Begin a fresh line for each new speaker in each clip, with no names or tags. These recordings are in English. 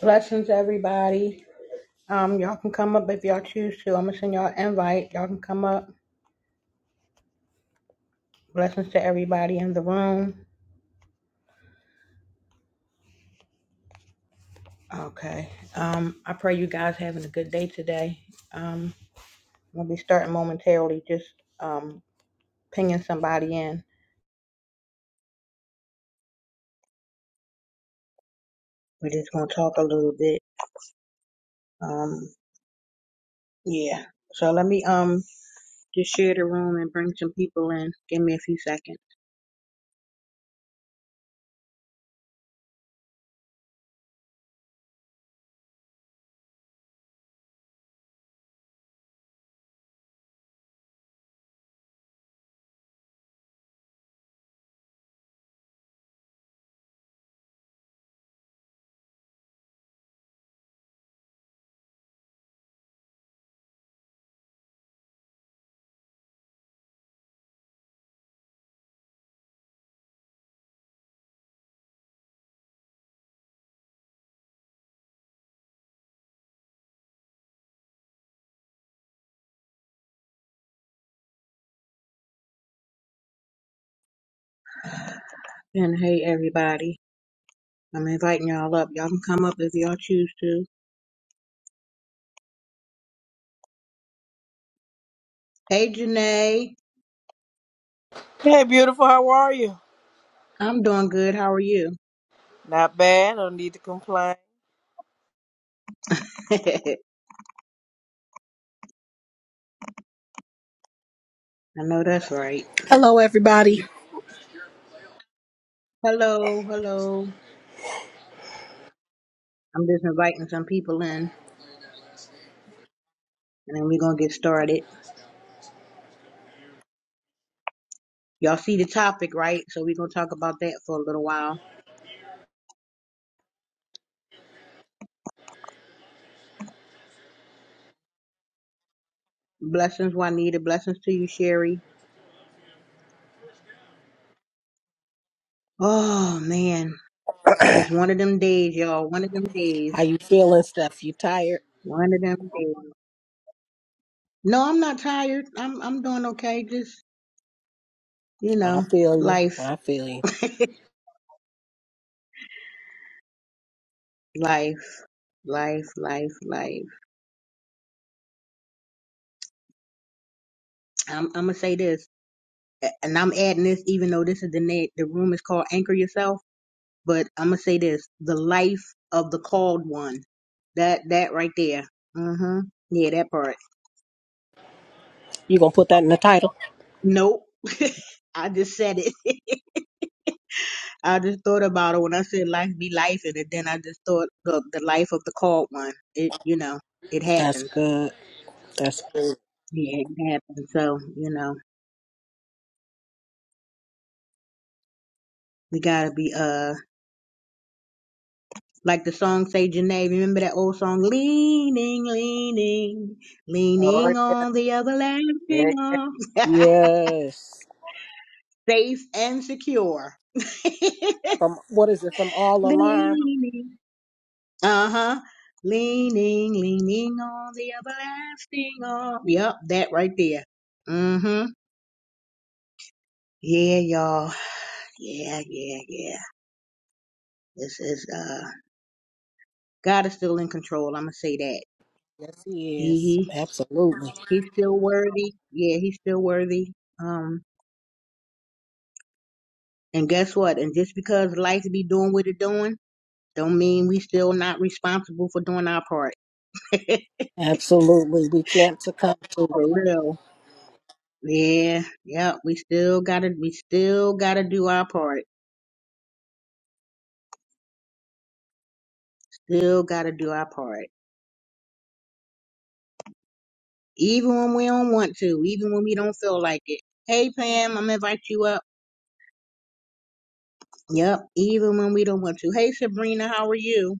Blessings, everybody. Um, y'all can come up if y'all choose to. I'm gonna send y'all an invite. Y'all can come up. Blessings to everybody in the room. Okay. Um, I pray you guys having a good day today. Um, we'll be starting momentarily. Just um, pinging somebody in. We're just gonna talk a little bit. Um, yeah. So let me um just share the room and bring some people in. Give me a few seconds. And hey, everybody, I'm inviting y'all up. Y'all can come up if y'all choose to. Hey, Janae.
Hey, beautiful. How are you?
I'm doing good. How are you?
Not bad. Don't need to complain.
I know that's right.
Hello, everybody.
Hello, hello. I'm just inviting some people in and then we're going to get started. Y'all see the topic, right? So we're going to talk about that for a little while. Blessings, Juanita. Blessings to you, Sherry. Oh, man. Just one of them days, y'all. One of them
How
days.
you feeling, Steph? You tired?
One of them days. No, I'm not tired. I'm I'm doing okay. Just, you
I
know,
feel you.
life,
I feel you.
life, life, life, life. I'm I'm gonna say this. a- and I'm adding this even though this is the net, the room is called Anchor Yourself, but I'm gonna say this: the life of the called one. That that right there. Mm-hmm. Yeah, that part.
You gonna put that in the title?
Nope. I just said it. I just thought about it when I said life be life, and then I just thought the the life of the called one. It you know it
That's
happens.
good. That's good.
Yeah, it happens. So you know we gotta be uh Like the song say, Janae, remember that old song, leaning, leaning,
Oh
leaning
yeah.
on the everlasting
yeah.
arm,
yes.
safe and secure.
From what is it? From all alarm?
leaning, uh huh, leaning, leaning on the everlasting arm. Yep, that right there. Mm-hmm. Yeah, y'all. Yeah, yeah, yeah. This is uh, God is still in control. I'm gonna say that.
Yes, he is.
He he
Absolutely,
he's still worthy. Yeah, he's still worthy. Um. And guess what? And just because life be doing what it doing, don't mean we still not responsible for doing our part.
absolutely. We can't succumb to
For
it.
real. Yeah. Yep. We still gotta we still gotta do our part. Still gotta do our part. Even when we don't want to, even when we don't feel like it. Hey Pam, I'm gonna invite you up. Yep, even when we don't want to. Hey Sabrina, how are you?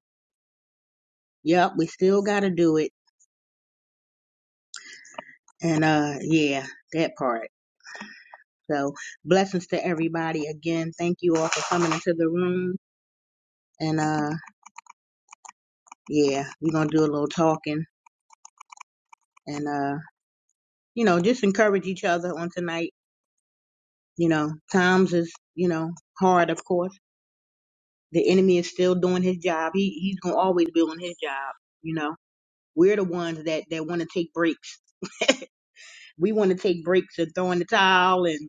Yep, we still gotta do it. And uh yeah, that part. So blessings to everybody again. Thank you all for coming into the room. And uh yeah, we're gonna do a little talking and uh, you know, just encourage each other on tonight. You know, times is, you know, hard of course. The enemy is still doing his job. He he's gonna always be on his job, you know. We're the ones that, that wanna take breaks. We wanna take breaks and throw in the towel and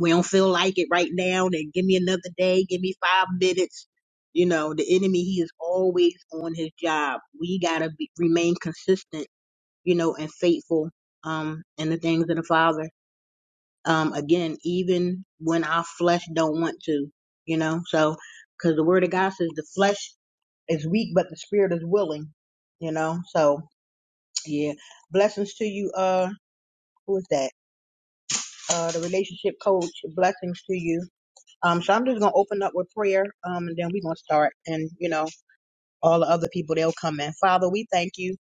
we don't feel like it right now and give me another day, give me five minutes. You know, the enemy he is always on his job. We gotta be, remain consistent you know, and faithful um in the things of the Father. Um again, even when our flesh don't want to, you know. So cuz the word of God says the flesh is weak but the spirit is willing, you know. So, yeah. Blessings to you uh who is that? Uh the relationship coach. Blessings to you. Um so I'm just going to open up with prayer um and then we're going to start and you know, all the other people they'll come in. Father, we thank you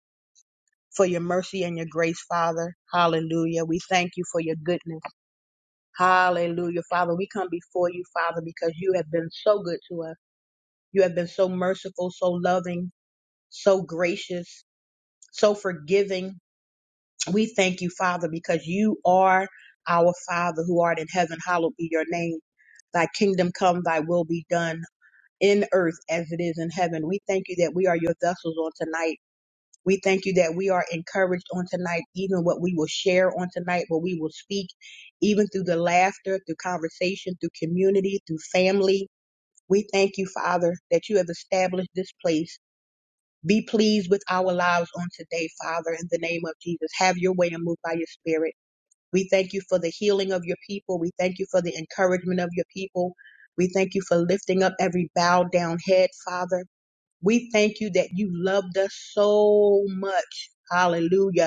for your mercy and your grace, Father. Hallelujah. We thank you for your goodness. Hallelujah. Father, we come before you, Father, because you have been so good to us. You have been so merciful, so loving, so gracious, so forgiving. We thank you, Father, because you are our Father who art in heaven. Hallowed be your name. Thy kingdom come, thy will be done in earth as it is in heaven. We thank you that we are your vessels on tonight. We thank you that we are encouraged on tonight, even what we will share on tonight, what we will speak, even through the laughter, through conversation, through community, through family. We thank you, Father, that you have established this place. Be pleased with our lives on today, Father, in the name of Jesus. Have your way and move by your spirit. We thank you for the healing of your people. We thank you for the encouragement of your people. We thank you for lifting up every bowed down head, Father. We thank you that you loved us so much. Hallelujah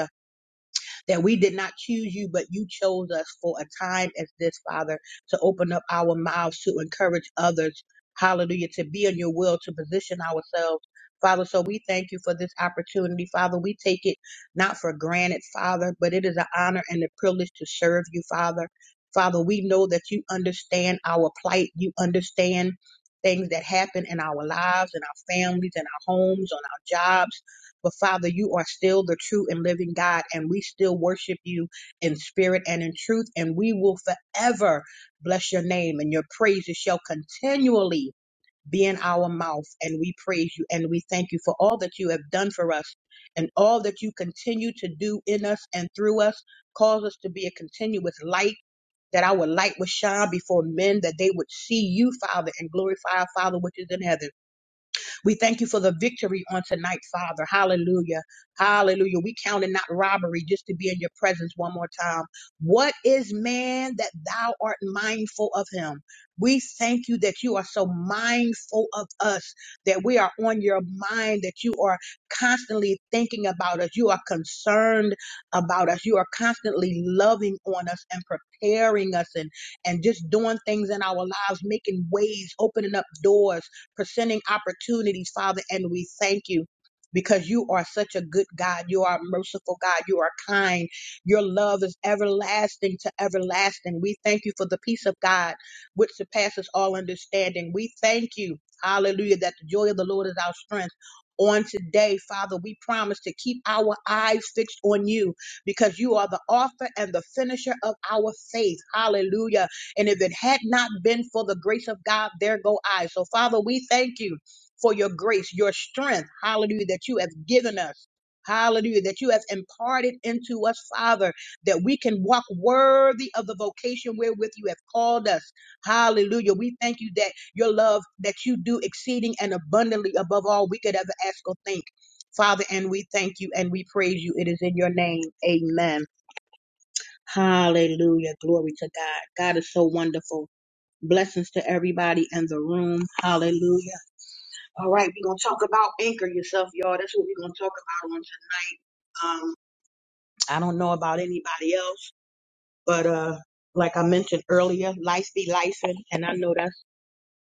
that we did not choose you, but you chose us for a time as this, Father, to open up our mouths to encourage others. Hallelujah. To be in your will, to position ourselves. Father, so we thank you for this opportunity. Father, we take it not for granted, Father, but it is an honor and a privilege to serve you, Father. Father, we know that you understand our plight. You understand things that happen in our lives, in our families, in our homes, on our jobs. But Father, you are still the true and living God, and we still worship you in spirit and in truth, and we will forever bless your name, and your praises shall continually be in our mouth. And we praise you and we thank you for all that you have done for us and all that you continue to do in us and through us. Cause us to be a continuous light that our light would shine before men, that they would see you, Father, and glorify our Father which is in heaven. We thank you for the victory on tonight, Father. Hallelujah. Hallelujah. We count it not robbery just to be in your presence one more time. What is man that thou art mindful of him? We thank you that you are so mindful of us, that we are on your mind, that you are constantly thinking about us. You are concerned about us. You are constantly loving on us and preparing us and, and just doing things in our lives, making ways, opening up doors presenting opportunities, Father, and we thank you. Because you are such a good God. You are a merciful God. You are kind. Your love is everlasting to everlasting. We thank you for the peace of God, which surpasses all understanding. We thank you, hallelujah, that the joy of the Lord is our strength. On today, Father, we promise to keep our eyes fixed on you because you are the author and the finisher of our faith. Hallelujah and if it had not been for the grace of God, there go I. So, Father, we thank you for your grace, your strength, hallelujah, that you have given us. Hallelujah, that you have imparted into us, Father, that we can walk worthy of the vocation wherewith you have called us. Hallelujah. We thank you that your love, that you do exceeding and abundantly above all we could ever ask or think. Father, and we thank you and we praise you. It is in your name. Amen. Hallelujah. Glory to God. God is so wonderful. Blessings to everybody in the room. Hallelujah. All right, we're going to talk about anchor yourself, y'all. That's what we're going to talk about on tonight. Um, I don't know about anybody else, but uh, like I mentioned earlier, life be life. And I know that's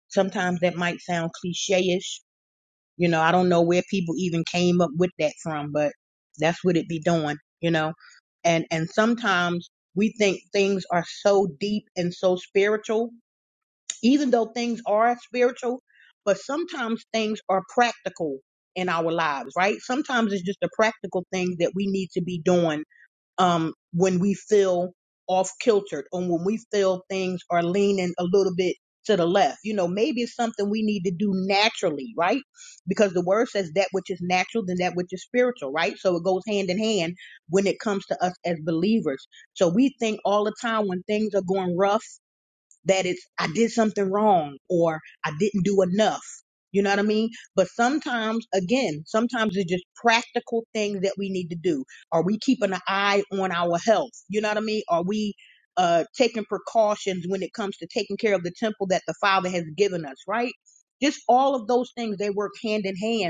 sometimes that might sound cliche ish. You know, I don't know where people even came up with that from, but that's what it be doing, you know. And, and sometimes we think things are so deep and so spiritual even though things are spiritual, but sometimes things are practical in our lives, right? Sometimes it's just a practical thing that we need to be doing um, when we feel off kiltered or when we feel things are leaning a little bit to the left. You know, maybe it's something we need to do naturally, right? Because the word says that which is natural, then that which is spiritual, right? So it goes hand in hand when it comes to us as believers. So we think all the time when things are going rough that it's I did something wrong or I didn't do enough. You know what I mean? But sometimes, again, sometimes it's just practical things that we need to do. Are we keeping an eye on our health? You know what I mean? Are we uh, taking precautions when it comes to taking care of the temple that the Father has given us, right? Just all of those things, they work hand in hand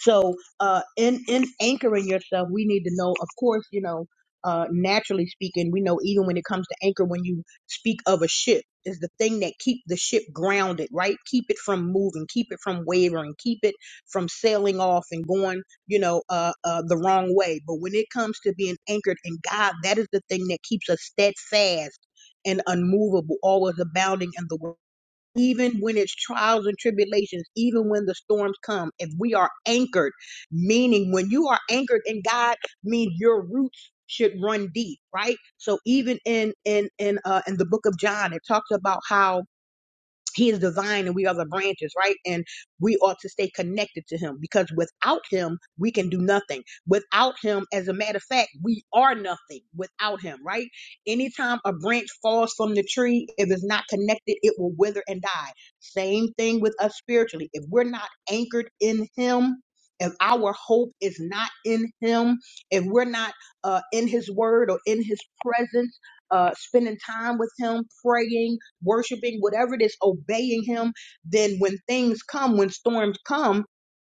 so, uh, in in anchoring yourself, we need to know, of course, you know, uh, naturally speaking, we know even when it comes to anchor, when you speak of a ship, is the thing that keep the ship grounded, right? Keep it from moving, keep it from wavering, keep it from sailing off and going, you know, uh, uh, the wrong way. But when it comes to being anchored in God, that is the thing that keeps us steadfast and unmovable, always abounding in the word even when it's trials and tribulations, even when the storms come, if we are anchored, meaning when you are anchored in God, means your roots should run deep, right? So even in in in uh in the book of John, it talks about how he is the vine and we are the branches, right? And we ought to stay connected to him because without him, we can do nothing. Without him, as a matter of fact, we are nothing without him, right? Anytime a branch falls from the tree, if it's not connected, it will wither and die. Same thing with us spiritually. If we're not anchored in him, if our hope is not in him, if we're not uh, in his word or in his presence, uh, spending time with him, praying, worshiping, whatever it is, obeying Him, then when things come, when storms come,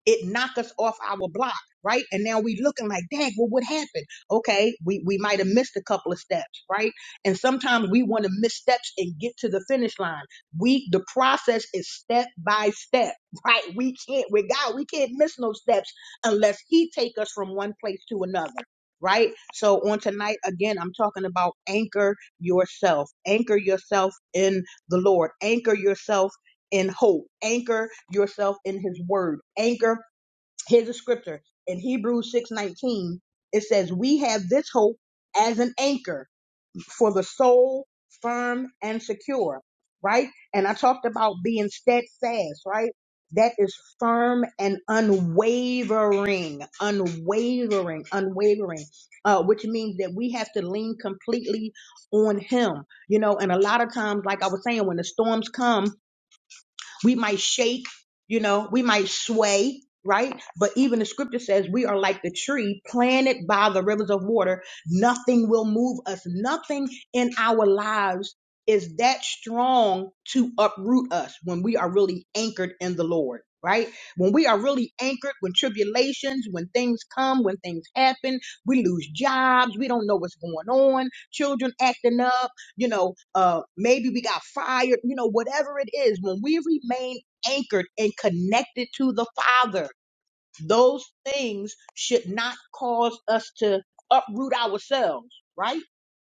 it knock us off our block, right? And now we looking like, dang, well, what happened? Okay, we, we might have missed a couple of steps, right? And sometimes we want to miss steps and get to the finish line. We the process is step by step, right? We can't with God, we can't miss no steps unless He take us from one place to another. Right. So on tonight, again, I'm talking about anchor yourself. Anchor yourself in the Lord. Anchor yourself in hope. Anchor yourself in his word. Anchor, here's a scripture. In Hebrews 6:19, it says, We have this hope as an anchor for the soul, firm and secure, right? And I talked about being steadfast, right? That is firm and unwavering, unwavering, unwavering, uh, which means that we have to lean completely on Him, you know. And a lot of times, like I was saying, when the storms come, we might shake, you know, we might sway, right? But even the scripture says we are like the tree planted by the rivers of water. Nothing will move us. Nothing in our lives is that strong to uproot us when we are really anchored in the Lord, right? When we are really anchored, when tribulations, when things come, when things happen, we lose jobs, we don't know what's going on, children acting up you know, uh, maybe we got fired, you know, whatever it is, when we remain anchored and connected to the Father, those things should not cause us to uproot ourselves, right?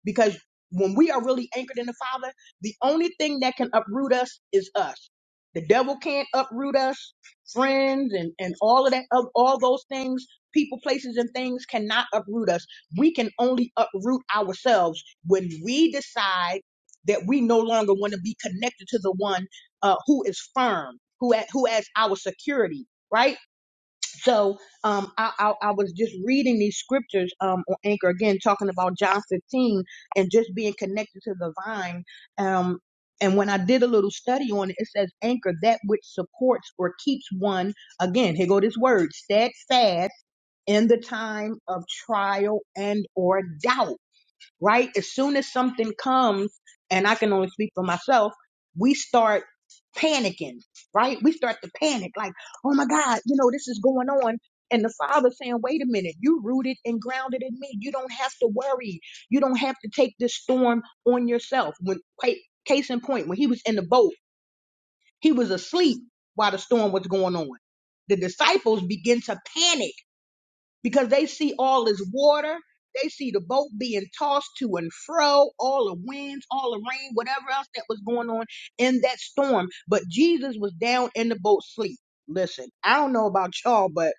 Because when we are really anchored in the Father, the only thing that can uproot us is us. The devil can't uproot us. Friends and, and all of that, of all those things, people, places, and things cannot uproot us. We can only uproot ourselves when we decide that we no longer want to be connected to the one uh, who is firm, who, ha- who has our security, right? So um, I, I, I was just reading these scriptures um, on Anchor again, talking about John 15 and just being connected to the vine. Um, and when I did a little study on it, it says anchor that which supports or keeps one. Again, here go this word steadfast in the time of trial and or doubt right? As soon as something comes, and I can only speak for myself, we start panicking, right? We start to panic, like, oh my God, you know, this is going on. And the father saying, wait a minute, you rooted and grounded in me. You don't have to worry. You don't have to take this storm on yourself. When ca- case in point, when he was in the boat, he was asleep while the storm was going on. The disciples begin to panic because they see all this water. They see the boat being tossed to and fro, all the winds, all the rain, whatever else that was going on in that storm. But Jesus was down in the boat sleep. Listen, I don't know about y'all, but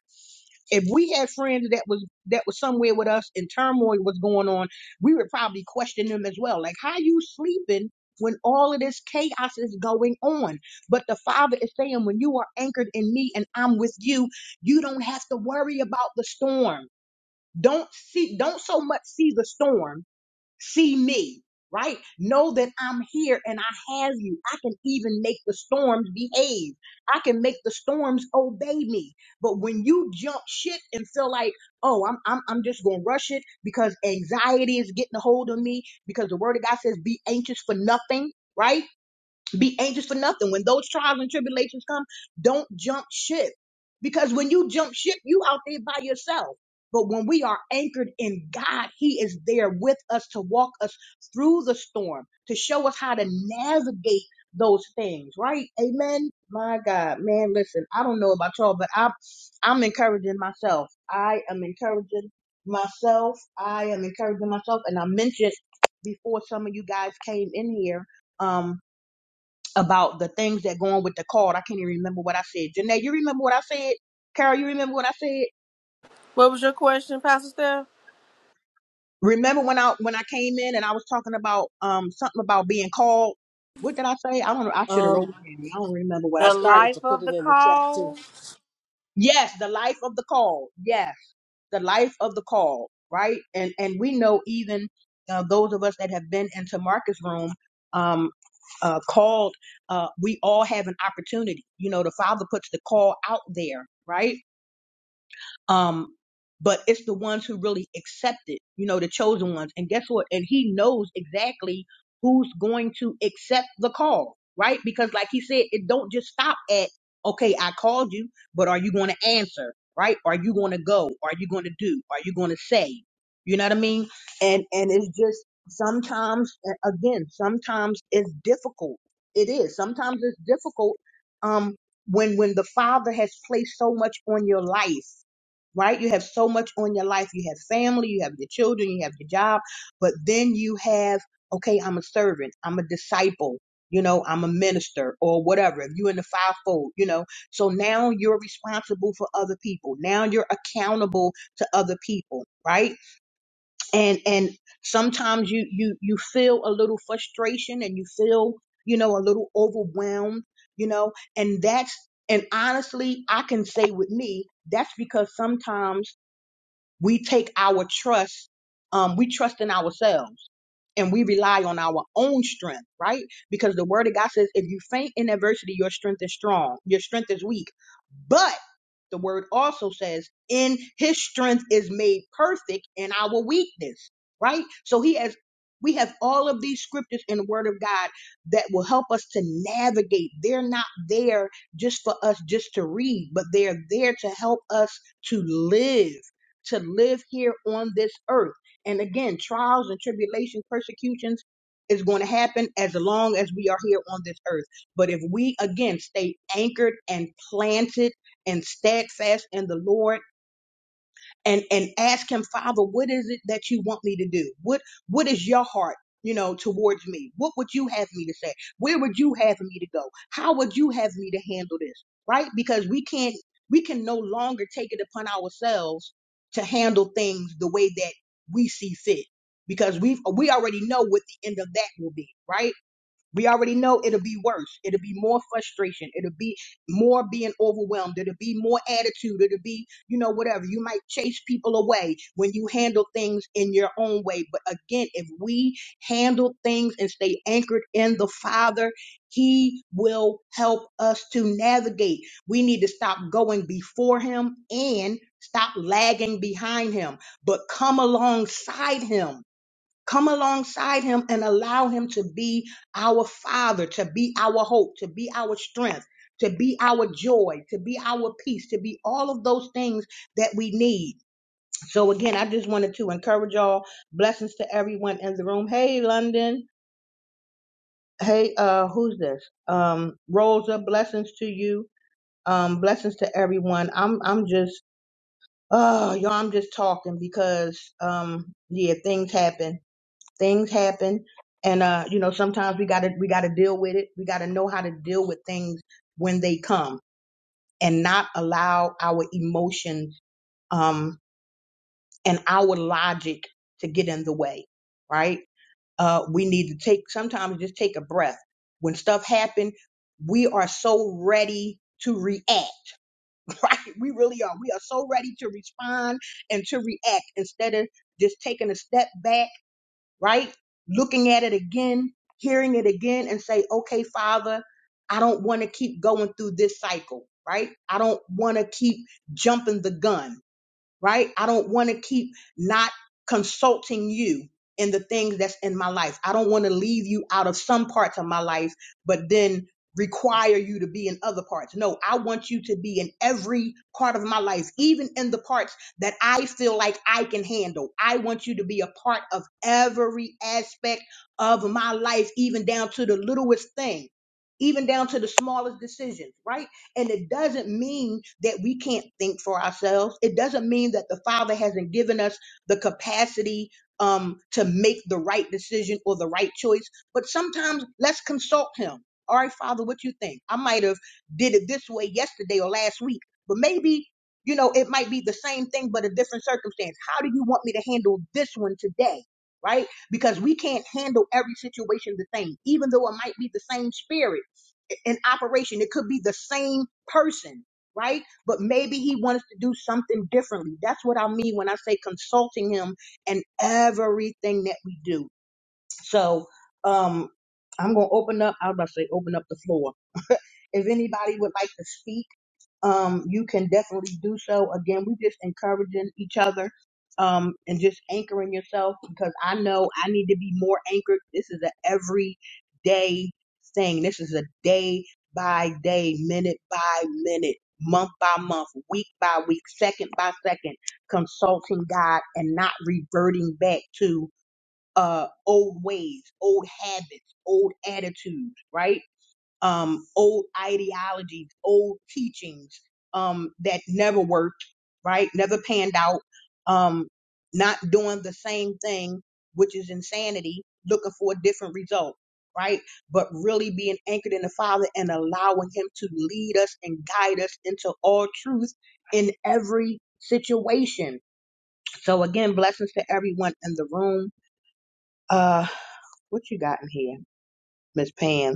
if we had friends that was that was somewhere with us and turmoil was going on, we would probably question them as well. Like, how you sleeping when all of this chaos is going on? But the Father is saying, when you are anchored in me and I'm with you, you don't have to worry about the storm. Don't see, don't so much see the storm, see me, right? Know that I'm here and I have you. I can even make the storms behave. I can make the storms obey me. But when you jump ship and feel like, oh, I'm I'm I'm just gonna rush it because anxiety is getting a hold of me, because the word of God says be anxious for nothing, right? Be anxious for nothing. When those trials and tribulations come, don't jump ship. Because when you jump ship, you out there by yourself. But when we are anchored in God, He is there with us to walk us through the storm, to show us how to navigate those things, right? Amen. My God, man, listen, I don't know about y'all, but I'm I'm encouraging myself. I am encouraging myself. I am encouraging myself. And I mentioned before some of you guys came in here. Um, about the things that go on with the card. I can't even remember what I said. Janae, you remember what I said? Carol, you remember what I said?
What was your question, Pastor Steph?
Remember when I when I came in and I was talking about um something about being called? What did I say? I don't know. I should have wrote
Um,
it down. I don't remember what I
I
The
said.
started
life
to put
of
it
the
in the chat too.
called.
Yes, the life of the call. Yes, the life of the call. Right, and and we know even uh, those of us that have been into Marcus' room, um, uh, called. Uh, we all have an opportunity. You know, the Father puts the call out there, right? um but it's the ones who really accept it you know the chosen ones and guess what and he knows exactly who's going to accept the call right because like he said it don't just stop at okay i called you but are you going to answer right are you going to go are you going to do are you going to say you know what i mean and and it's just sometimes a- again sometimes it's difficult it is sometimes it's difficult um when when the father has placed so much on your life right? You have so much on your life. You have family, you have your children, you have your job, but then you have, okay, I'm a servant, I'm a disciple, you know, I'm a minister or whatever. If you're in the fivefold, you know, so now you're responsible for other people. Now you're accountable to other people, right? And and sometimes you you you feel a little frustration and you feel, you know, a little overwhelmed, you know, and that's and honestly, I can say with me, that's because sometimes we take our trust, um, we trust in ourselves and we rely on our own strength, right? Because the word of God says, if you faint in adversity, your strength is strong, your strength is weak. But the word also says, in his strength is made perfect in our weakness, right? So he has, we have all of these scriptures in the word of God that will help us to navigate. They're not there just for us just to read, but they're there to help us to live to live here on this earth. And again, trials and tribulations, persecutions is going to happen as long as we are here on this earth. But if we again stay anchored and planted and steadfast in the Lord, and and ask him father what is it that you want me to do what what is your heart you know towards me what would you have me to say where would you have me to go how would you have me to handle this right because we can't we can no longer take it upon ourselves to handle things the way that we see fit because we've we already know what the end of that will be right we already know it'll be worse. It'll be more frustration. It'll be more being overwhelmed. It'll be more attitude. It'll be, you know, whatever. You might chase people away when you handle things in your own way. But again, if we handle things and stay anchored in the Father, He will help us to navigate. We need to stop going before Him and stop lagging behind Him, but come alongside Him Come alongside him and allow him to be our father, to be our hope, to be our strength, to be our joy, to be our peace, to be all of those things that we need. So again, I just wanted to encourage y'all. Blessings to everyone in the room. Hey, London. Hey, uh, who's this? Um, Rosa, blessings to you. Um, blessings to everyone. I'm I'm just oh y'all, I'm just talking because um yeah, things happen things happen and uh you know sometimes we got to we got to deal with it we got to know how to deal with things when they come and not allow our emotions um and our logic to get in the way right uh we need to take sometimes just take a breath when stuff happen we are so ready to react right we really are we are so ready to respond and to react instead of just taking a step back right? Looking at it again, hearing it again, and say, okay, Father, I don't want to keep going through this cycle, right? I don't want to keep jumping the gun right? I don't want to keep not consulting you in the things that's in my life. I don't want to leave you out of some parts of my life, but then require you to be in other parts. No, I want you to be in every part of my life, even in the parts that I feel like I can handle. I want you to be a part of every aspect of my life, even down to the littlest thing, even down to the smallest decisions, right? And it doesn't mean that we can't think for ourselves. It doesn't mean that the Father hasn't given us the capacity um, to make the right decision or the right choice. But sometimes let's consult Him. All right, Father, what you think? I might have did it this way yesterday or last week, but maybe you know it might be the same thing but a different circumstance. How do you want me to handle this one today? Right? Because we can't handle every situation the same, even though it might be the same spirit in operation. It could be the same person, right? But maybe he wants to do something differently. That's what I mean when I say consulting him and everything that we do. So um I'm gonna open up, I was about to say open up the floor. If anybody would like to speak um, you can definitely do so. Again, we just encouraging each other um, and just anchoring yourself because I know I need to be more anchored. This is an everyday thing. This is a day by day, minute by minute, month by month, week by week, second by second, consulting God and not reverting back to uh, old ways, old habits, old attitudes, right? um, old ideologies, old teachings um, that never worked, right? Never panned out, um, not doing the same thing, which is insanity, looking for a different result, right? But really being anchored in the Father and allowing Him to lead us and guide us into all truth in every situation. So, again, blessings to everyone in the room. Uh, what you got in here, Miss Pam?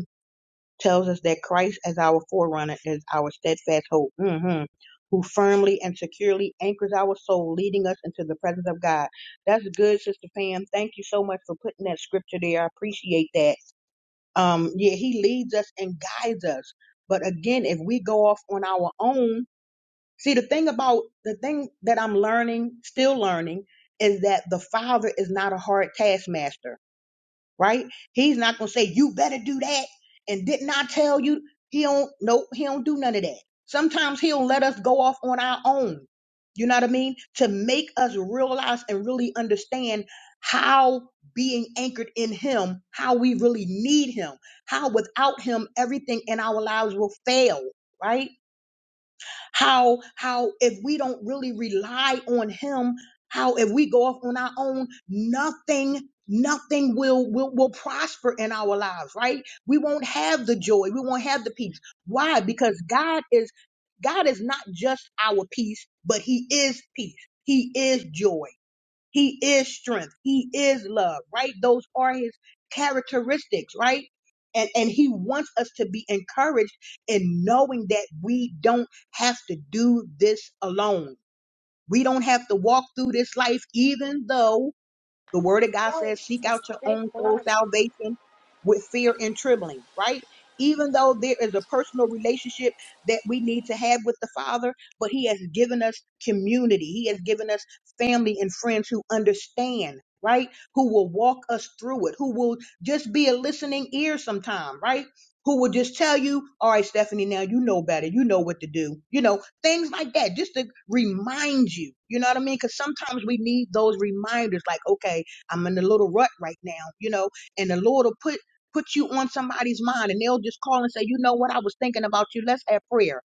tells us that Christ as our forerunner is our steadfast hope, hmm who firmly and securely anchors our soul, leading us into the presence of God. That's good, Sister Pam. Thank you so much for putting that scripture there. I appreciate that. Um, yeah, he leads us and guides us. But again, if we go off on our own, see the thing about the thing that I'm learning, still learning, is that the Father is not a hard taskmaster right? He's not gonna say you better do that. And didn't I tell you? He don't. Nope. He don't do none of that. Sometimes he'll let us go off on our own. You know what I mean? To make us realize and really understand how being anchored in him, how we really need him, how without him everything in our lives will fail, right? How how if we don't really rely on him, how if we go off on our own, nothing nothing will, will will prosper in our lives right we won't have the joy we won't have the peace why because god is god is not just our peace but he is peace he is joy he is strength. He is love, right? Those are his characteristics, right? And, and he wants us to be encouraged in knowing that we don't have to do this alone. We don't have to walk through this life, even though the word of God says, seek out your own soul salvation with fear and trembling, right? Even though there is a personal relationship that we need to have with the Father, but He has given us community. He has given us family and friends who understand, right? Who will walk us through it, who will just be a listening ear sometime, right? Who will just tell you, all right, Stephanie, now you know better. You know what to do. You know, things like that, just to remind you. You know what I mean? Because sometimes we need those reminders like, okay, I'm in a little rut right now, you know, and the Lord will put put you on somebody's mind and they'll just call and say, you know what, I was thinking about you. Let's have prayer.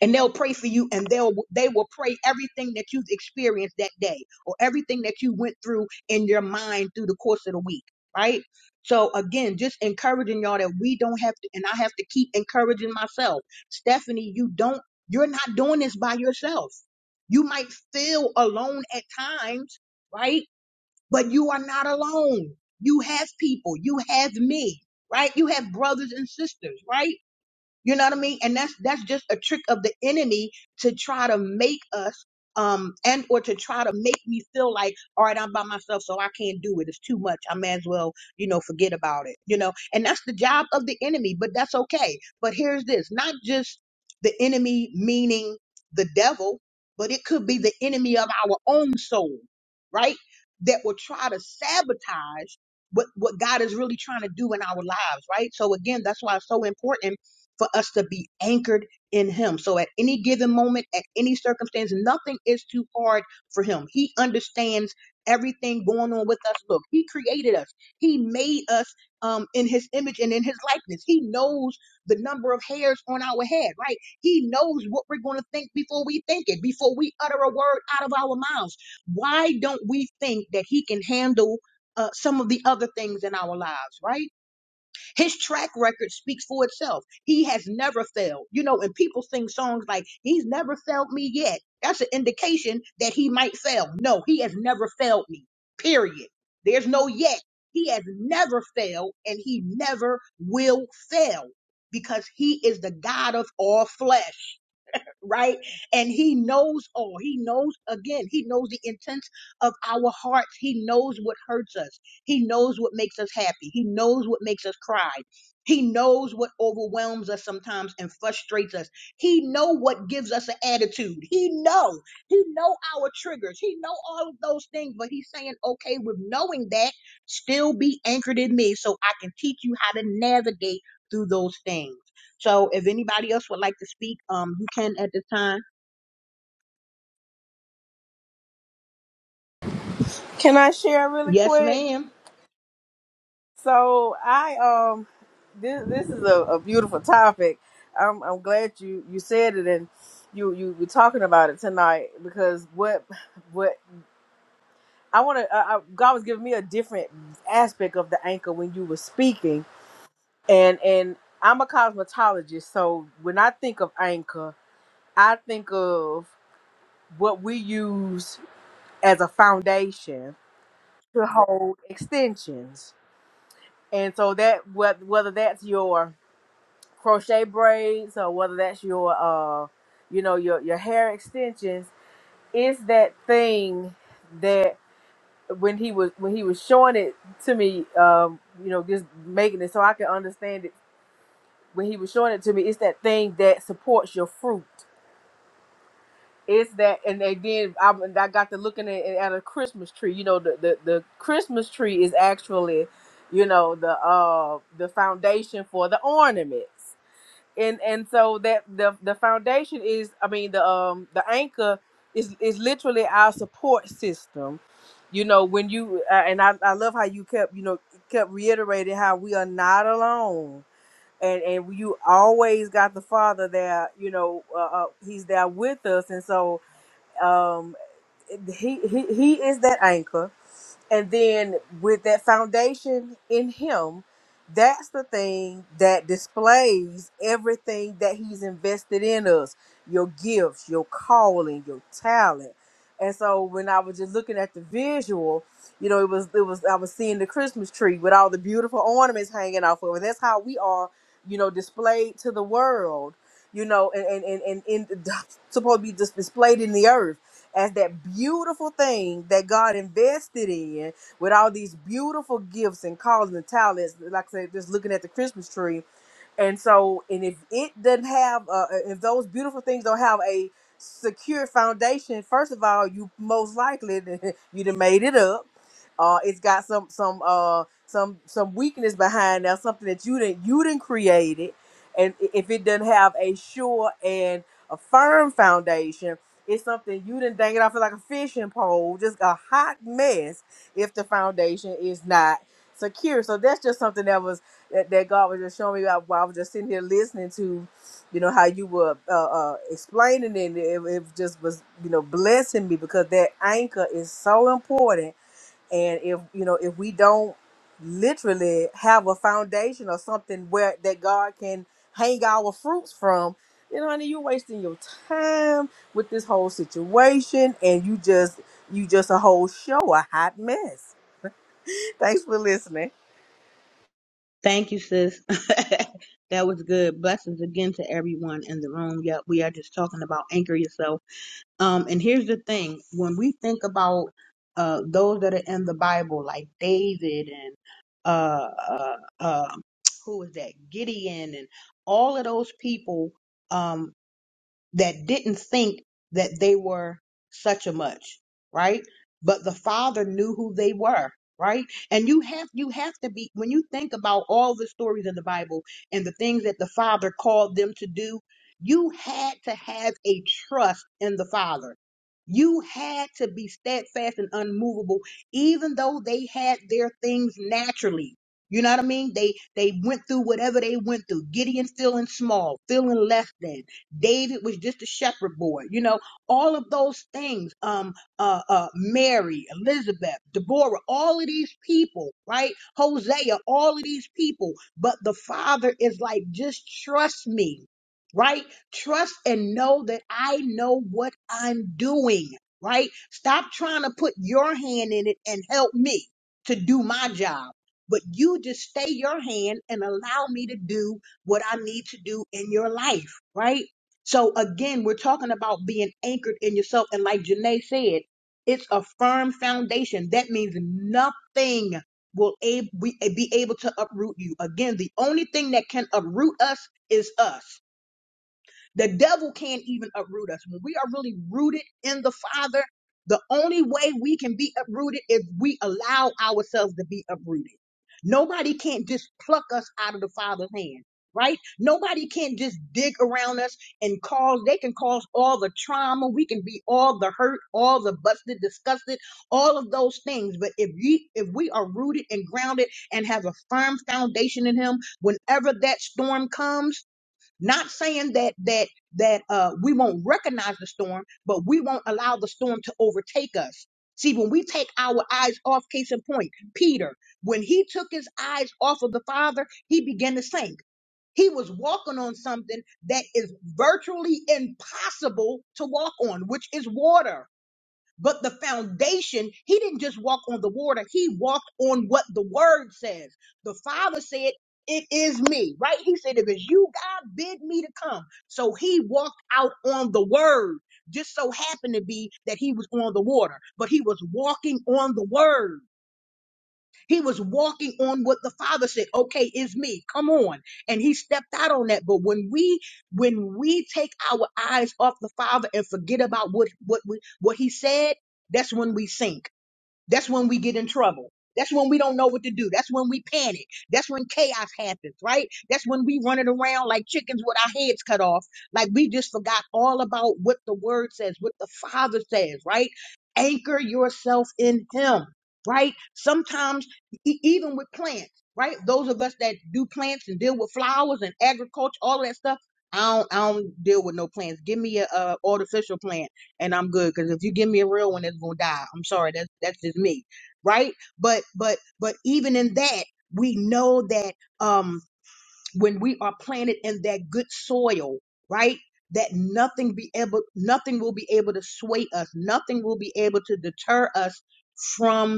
And they'll pray for you and they'll they will pray everything that you've experienced that day or everything that you went through in your mind through the course of the week. Right. So again, just encouraging y'all that we don't have to and I have to keep encouraging myself. Stephanie, you don't you're not doing this by yourself. You might feel alone at times, right? But you are not alone. You have people. You have me, right? You have brothers and sisters, right? You know what I mean? And that's that's just a trick of the enemy to try to make us um and or to try to make me feel like all right i'm by myself so i can't do it it's too much i may as well you know forget about it you know and that's the job of the enemy but that's okay but here's this not just the enemy meaning the devil but it could be the enemy of our own soul right that will try to sabotage what what god is really trying to do in our lives right so again that's why it's so important for us to be anchored in Him. So at any given moment, at any circumstance, nothing is too hard for Him. He understands everything going on with us. Look, He created us, He made us um, in His image and in His likeness. He knows the number of hairs on our head, right? He knows what we're going to think before we think it, before we utter a word out of our mouths. Why don't we think that He can handle? Uh, some of the other things in our lives, right? His track record speaks for itself. He has never failed. You know, and people sing songs like, He's never failed me yet. That's an indication that he might fail. No, he has never failed me, period. There's no yet. He has never failed and he never will fail because he is the God of all flesh right? And he knows all. He knows, again, he knows the intents of our hearts. He knows what hurts us. He knows what makes us happy. He knows what makes us cry. He knows what overwhelms us sometimes and frustrates us. He know what gives us an attitude. He know. He know our triggers. He know all of those things, but he's saying, "Okay, with knowing that, still be anchored in me so I can teach you how to navigate through those things." So if anybody else would like to speak, um, you can at this time.
Can I share really
Yes,
quick?
ma'am.
So I um, this this is a, a beautiful topic. I'm I'm glad you you said it and you you were talking about it tonight because what what I want to uh, I, God was giving me a different aspect of the anchor when you were speaking and and I'm a cosmetologist, so when I think of anchor, I think of what we use as a foundation to hold extensions. And so that wh- whether that's your crochet braids or whether that's your uh you know your your hair extensions, it's that thing that when he was when he was showing it to me, um, you know, just making it so I can understand it. When he was showing it to me, it's that thing that supports your fruit It's that, and they did. I, I got to looking at, at a Christmas tree. You know, the, the the Christmas tree is actually, you know, the uh the foundation for the ornaments, and and so that the the foundation is, I mean, the um the anchor is is literally our support system. You know, when you uh, and I, I love how you kept you know kept reiterating how we are not alone and and you always got the father there you know uh, uh, he's there with us and so um he he he is that anchor and then with that foundation in him that's the thing that displays everything that he's invested in us your gifts your calling your talent and so when i was just looking at the visual you know it was it was i was seeing the christmas tree with all the beautiful ornaments hanging off of it that's how we are you know displayed to the world you know and and and, and, and supposed to be just displayed in the earth as that beautiful thing that God invested in with all these beautiful gifts and calls and talents. Like I said, just looking at the Christmas tree and so, and if it doesn't have, uh, uh, if those beautiful things don't have a secure foundation, first of all, you most likely you done made it up. Uh, it's got some some uh some some weakness behind there, something that you didn't you didn't create it. And i- if it doesn't have a sure and a firm foundation, it's something you didn't dang it off like a fishing pole, just a hot mess. If the foundation is not secure, so that's just something that was that, that God was just showing me I, while I was just sitting here listening to, you know, how you were uh, uh, explaining it. it. It just was, you know, blessing me because that anchor is so important. And if you know, if we don't literally have a foundation or something where that God can hang our fruits from, then honey, you're wasting your time with this whole situation, and you just you just a whole show a hot mess. Thanks for listening.
Thank you, sis. that was good. Blessings again to everyone in the room. Yep, we are just talking about anchor yourself. Um, and here's the thing: when we think about uh those that are in the Bible, like David and uh uh, uh who is that Gideon and all of those people. um. that didn't think that they were such a much, right? But the father knew who they were, right? And you have you have to be when you think about all the stories in the Bible and the things that the father called them to do, you had to have a trust in the father. You had to be steadfast and unmovable, even though they had their things naturally. You know what I mean? They they went through whatever they went through. Gideon feeling small, feeling less than. David was just a shepherd boy, you know, all of those things. Um, uh, uh, Mary, Elizabeth, Deborah, all of these people, right? Hosea, all of these people. But the father is like, just trust me, right? Trust and know that I know what I'm doing, right? Stop trying to put your hand in it and help me to do my job. But you just stay your hand and allow me to do what I need to do in your life, right? So again, we're talking about being anchored in yourself. And like Janae said, it's a firm foundation. That means nothing will ab- we- be able to uproot you. Again, the only thing that can uproot us is us. The devil can't even uproot us. When we are really rooted in the Father, the only way we can be uprooted is we allow ourselves to be uprooted. Nobody can't just pluck us out of the Father's hand, right? Nobody can't just dig around us and cause, they can cause all the trauma. We can be all the hurt, all the busted, disgusted, all of those things. But if we, if we are rooted and grounded and have a firm foundation in Him, whenever that storm comes, not saying that that that uh, we won't recognize the storm, but we won't allow the storm to overtake us. See, when we take our eyes off, case in point, Peter, when he took his eyes off of the Father, he began to sink. He was walking on something that is virtually impossible to walk on, which is water. But the foundation, he didn't just walk on the water, he walked on what the word says. The Father said, It is me, right? He said, If it's you, God, bid me to come. So he walked out on the word. Just so happened to be that he was on the water, but he was walking on the word. He was walking on what the Father said, okay, it's me. Come on. And he stepped out on that. But when we when we take our eyes off the Father and forget about what what we what he said, that's when we sink. That's when we get in trouble. That's when we don't know what to do. That's when we panic. That's when chaos happens, right? That's when we running around like chickens with our heads cut off, like we just forgot all about what the word says, what the Father says, right? Anchor yourself in Him, right? Sometimes, e- even with plants, right? Those of us that do plants and deal with flowers and agriculture, all of that stuff. I don't, I don't deal with no plants. Give me a, uh artificial plant and I'm good. Because if you give me a real one, it's gonna die. I'm sorry, that's that's just me, right? But but but even in that, we know that um when we are planted in that good soil, right? That nothing be able, nothing will be able to sway us. Nothing will be able to deter us from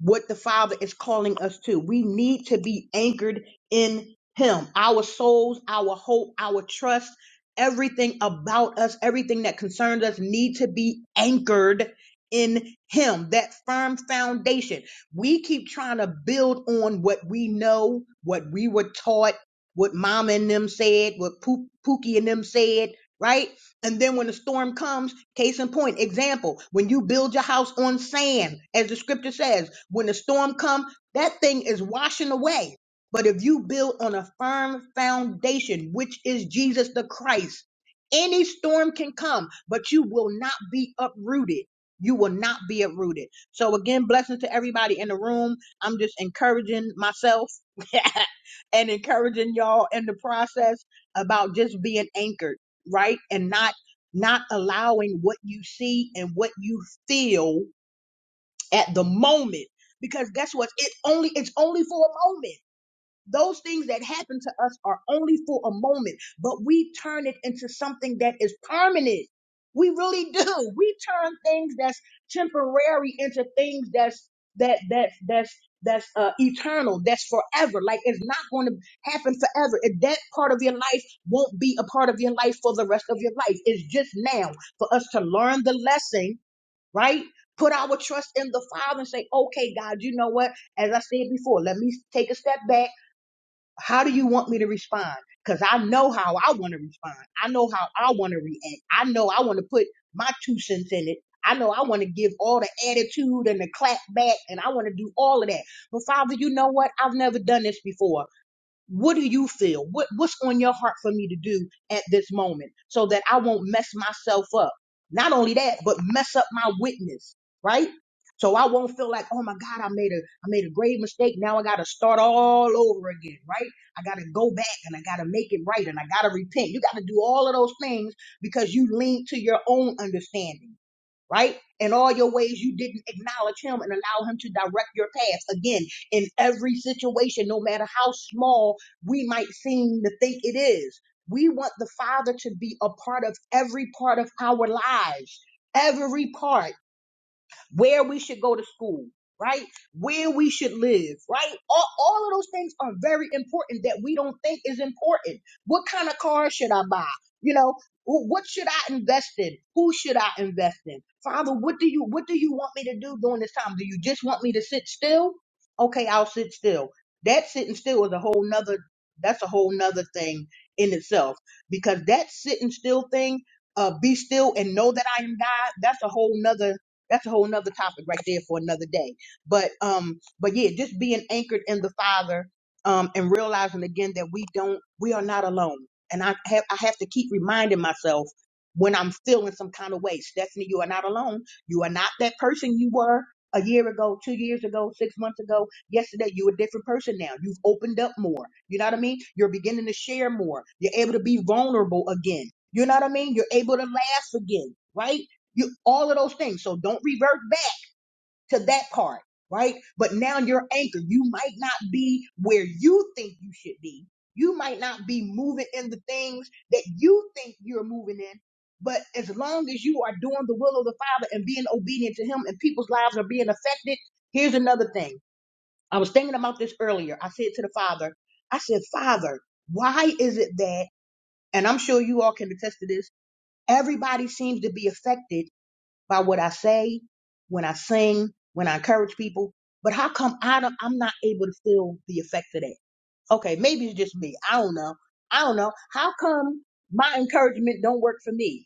what the Father is calling us to. We need to be anchored in Him. Our souls, our hope, our trust, everything about us, everything that concerns us need to be anchored in Him, that firm foundation. We keep trying to build on what we know, what we were taught, what Mama and them said, what Poo- Pookie and them said, right? And then when the storm comes, Case in point, example, when you build your house on sand, as the scripture says, when the storm comes, that thing is washing away. But if you build on a firm foundation, which is Jesus the Christ, any storm can come, but you will not be uprooted. You will not be uprooted. So again, blessings to everybody in the room. I'm just encouraging myself and encouraging y'all in the process about just being anchored, right? And not not allowing what you see and what you feel at the moment because guess what it only it's only for a moment those things that happen to us are only for a moment, but we turn it into something that is permanent. We really do. We turn things that's temporary into things that's that that that's that's uh, eternal. That's forever. Like it's not going to happen forever. And that part of your life won't be a part of your life for the rest of your life. It's just now for us to learn the lesson, right? Put our trust in the Father and say, okay, God, you know what? As I said before, let me take a step back how do you want me to respond? Because I know how I want to respond. I know how I want to react. I know I want to put my two cents in it. I know I want to give all the attitude and the clap back, and I want to do all of that. But Father, you know what? I've never done this before. What do you feel? What what's on your heart for me to do at this moment so that I won't mess myself up? Not only that, but mess up my witness, right? So I won't feel like, oh my God, I made a I made a grave mistake. Now I gotta start all over again, right? I gotta go back and I gotta make it right and I gotta repent. You gotta do all of those things because you lean to your own understanding right? In all your ways, you didn't acknowledge him and allow him to direct your paths. Again, in every situation, no matter how small we might seem to think it is, we want the Father to be a part of every part of our lives. Every part where we should go to school, right? Where we should live, right? All, all of those things are very important that we don't think is important. What kind of car should I buy? You know, wh- what should I invest in? Who should I invest in? Father, what do you what do you want me to do during this time? Do you just want me to sit still? Okay, I'll sit still. That sitting still is a whole nother that's a whole nother thing in itself because that sitting still thing uh, be still and know that I am God. That's a whole nother that's a whole nother topic right there for another day. But um, but yeah, just being anchored in the Father, um, and realizing again that we don't, we are not alone. And I have I have to keep reminding myself when I'm feeling some kind of way, Stephanie, you are not alone. You are not that person you were a year ago, two years ago, six months ago, yesterday. You're a different person now. You've opened up more. You know what I mean? You're beginning to share more. You're able to be vulnerable again. You know what I mean? You're able to laugh again, right? You all of those things. So don't revert back to that part, right? But now you're anchored. You might not be where you think you should be. You might not be moving in the things that you think you're moving in. But as long as you are doing the will of the Father and being obedient to Him and people's lives are being affected, here's another thing. I was thinking about this earlier. I said to the Father, I said, Father, why is it that, and I'm sure you all can attest to this, everybody seems to be affected by what I say, when I sing, when I encourage people. But how come I don't, I'm not able to feel the effect of that? Okay, maybe it's just me. I don't know. I don't know. How come my encouragement don't work for me?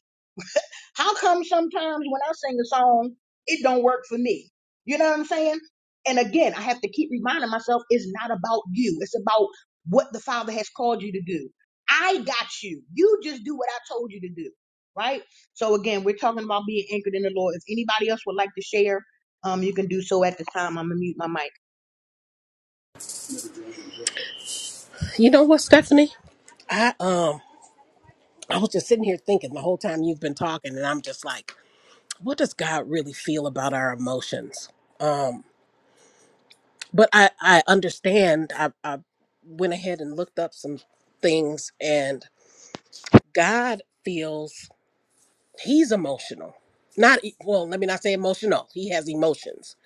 How come sometimes when I sing a song, it don't work for me? You know what I'm saying? And again, I have to keep reminding myself it's not about you. It's about what the Father has called you to do. I got you. You just do what I told you to do. Right? So again, we're talking about being anchored in the Lord. If anybody else would like to share, um, you can do so at the time. I'm gonna mute my mic.
You know what, Stephanie? I um I was just sitting here thinking the whole time you've been talking, and I'm just like, what does God really feel about our emotions? Um. but I I understand. I I went ahead and looked up some things, and God feels he's emotional. Not e- well. Let me not say emotional. He has emotions.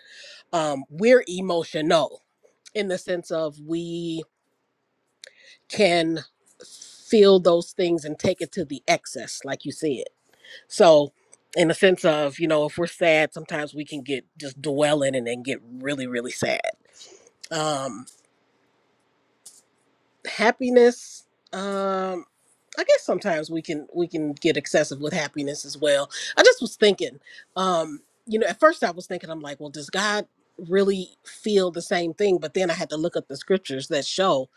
Um, we're emotional in the sense of we can feel those things and take it to the excess, like you said. So. In the sense of, you know, if we're sad, sometimes we can get just dwell in it and get really, really sad. Um, happiness, Um, I guess sometimes we can we can get excessive with happiness as well. I just was thinking, um, you know, at first I was thinking, I'm like, well, does God really feel the same thing? But then I had to look up the scriptures that show,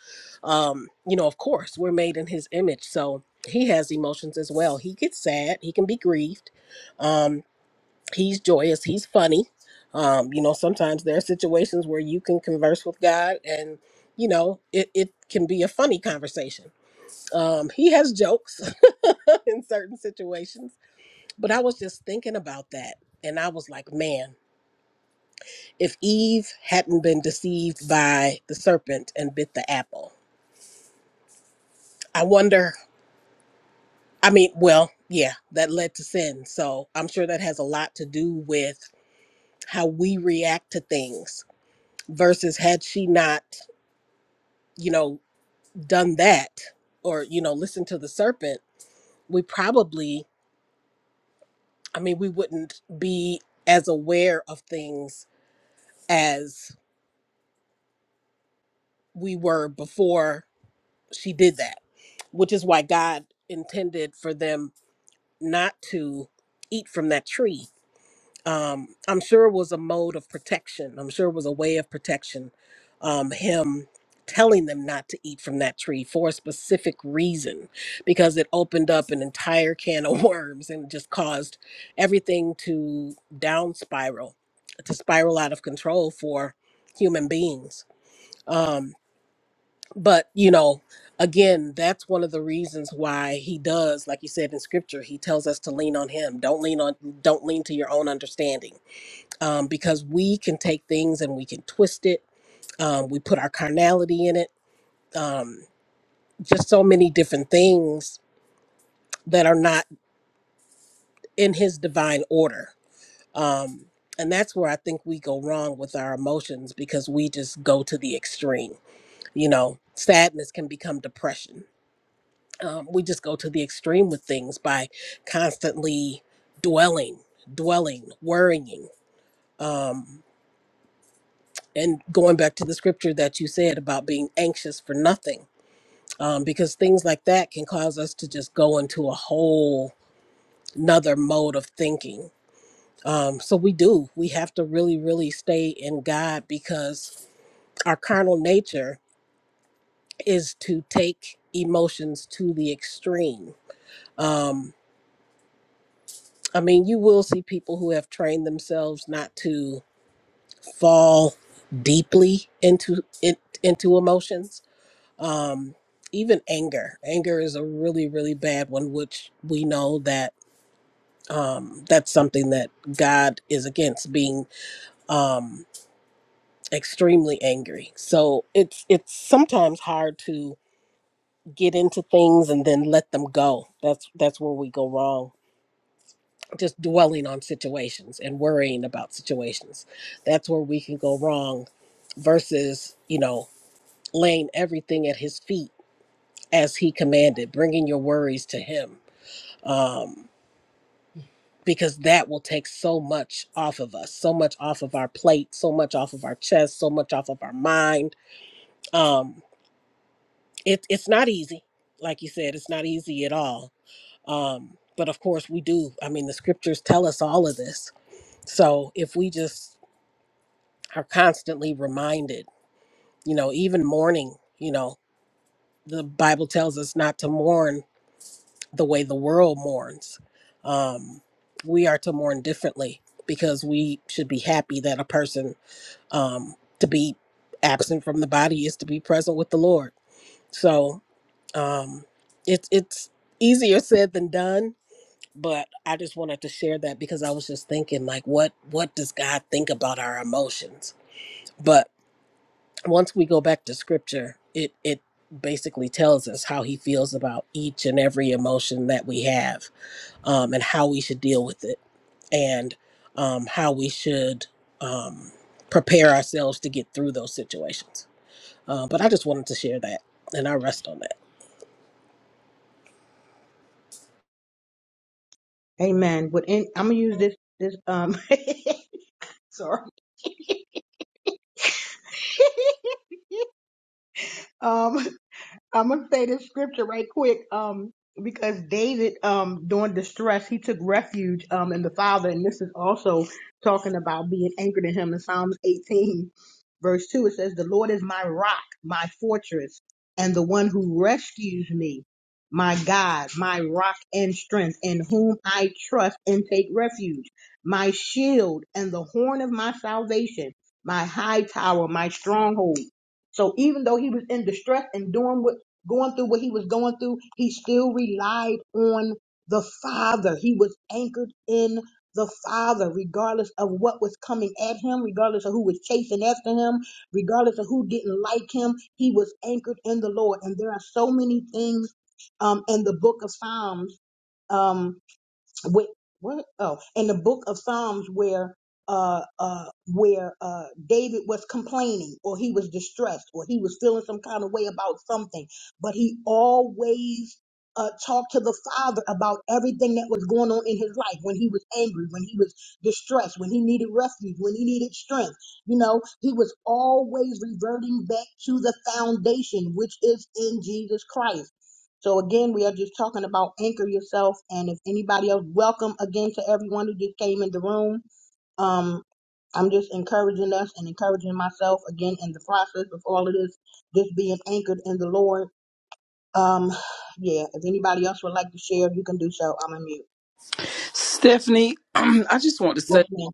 um, you know, of course, we're made in His image, so He has emotions as well. He gets sad, he can be grieved, um, he's joyous, he's funny. Um, you know, sometimes there are situations where you can converse with God and you know, it, it can be a funny conversation. Um, he has jokes in certain situations. But I was just thinking about that. And I was like, man, if Eve hadn't been deceived by the serpent and bit the apple, I wonder. I mean, well, yeah, that led to sin. So I'm sure that has a lot to do with how we react to things versus had she not, you know, done that or, you know, listened to the serpent, we probably, I mean, we wouldn't be as aware of things as. we were before she did that, which is why God intended for them not to eat from that tree. Um, I'm sure it was a mode of protection. I'm sure it was a way of protection. Um, him telling them not to eat from that tree for a specific reason, because it opened up an entire can of worms and just caused everything to down spiral, to spiral out of control for human beings. Um, but you know again that's one of the reasons why he does like you said in scripture he tells us to lean on him don't lean on don't lean to your own understanding um, because we can take things and we can twist it um, we put our carnality in it um, just so many different things that are not in his divine order um, and that's where i think we go wrong with our emotions because we just go to the extreme you know sadness can become depression um, we just go to the extreme with things by constantly dwelling, dwelling, worrying, um, and going back to the scripture that you said about being anxious for nothing, um, because things like that can cause us to just go into a whole another mode of thinking. Um, so we do. We have to really, really stay in God because our carnal nature is to take emotions to the extreme. Um, I mean, you will see people who have trained themselves not to fall deeply into it into emotions. Um, even anger. Anger is a really, really bad one, which we know that um, that's something that God is against being um, extremely angry. So it's it's sometimes hard to get into things and then let them go. That's that's where we go wrong just dwelling on situations and worrying about situations. That's where we can go wrong versus, you know, laying everything at his feet as he commanded, bringing your worries to him. Um, because that will take so much off of us, so much off of our plate, so much off of our chest, so much off of our mind. Um, it, it's not easy. Like you said, it's not easy at all. Um, but of course, we do. I mean, the scriptures tell us all of this. So if we just are constantly reminded. You know, even mourning, you know, the Bible tells us not to mourn the way the world mourns. Um, we are to mourn differently because we should be happy that a person um, to be absent from the body is to be present with the Lord. So um, it's it's easier said than done. But I just wanted to share that because I was just thinking, like, what what does God think about our emotions? But once we go back to scripture, it it basically tells us how he feels about each and every emotion that we have, um, and how we should deal with it, and um, how we should um, prepare ourselves to get through those situations. Uh, but I just wanted to share that, and I rest on that.
Amen. But in, I'm gonna use this this um sorry. um I'm gonna say this scripture right quick, um, because David, um, during distress, he took refuge, um, in the Father, and this is also talking about being anchored in Him in Psalms 18, verse two. It says, "The Lord is my rock, my fortress, and the one who rescues me, my God, my rock and strength, in whom I trust and take refuge, my shield and the horn of my salvation, my high tower, my stronghold." So even though he was in distress and doing what going through what he was going through, he still relied on the Father. He was anchored in the Father, regardless of what was coming at him, regardless of who was chasing after him, regardless of who didn't like him. He was anchored in the Lord. And there are so many things um, in the book of Psalms. um, with what oh in the book of psalms where uh uh where uh david was complaining or he was distressed or he was feeling some kind of way about something but he always uh talked to the father about everything that was going on in his life when he was angry when he was distressed when he needed refuge when he needed strength you know he was always reverting back to the foundation which is in jesus christ so again, we are just talking about anchor yourself. And if anybody else, welcome again to everyone who just came in the room. Um, I'm just encouraging us and encouraging myself again in the process of all of this, just being anchored in the Lord. Um, yeah, if anybody else would like to share, you can do so. I'm a mute.
Stephanie, I just want to
Yes,
say
ma'am.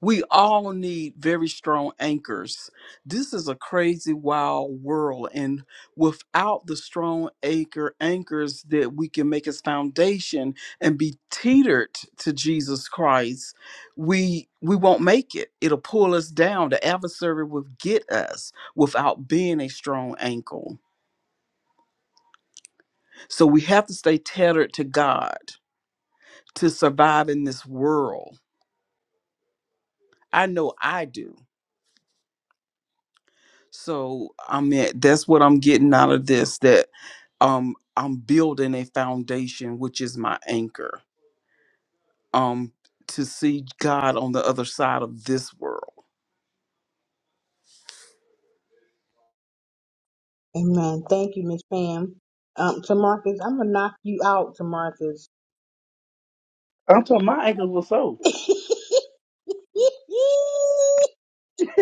we all need very strong anchors. This is a crazy, wild world, and without the strong anchor anchors that we can make as foundation and be teetered to Jesus Christ, we we won't make it. It'll pull us down. The adversary will get us without being a strong anchor. So we have to stay tethered to God to survive in this world I know I do. So I mean that's what I'm getting out of this that um I'm building a foundation which is my anchor um to see God on the other side of this world.
Amen. Thank you, Miss Pam. Um, Tamarcus, I'm gonna knock you out, Tamarcus.
I'm talking my ankles were sore.
oh,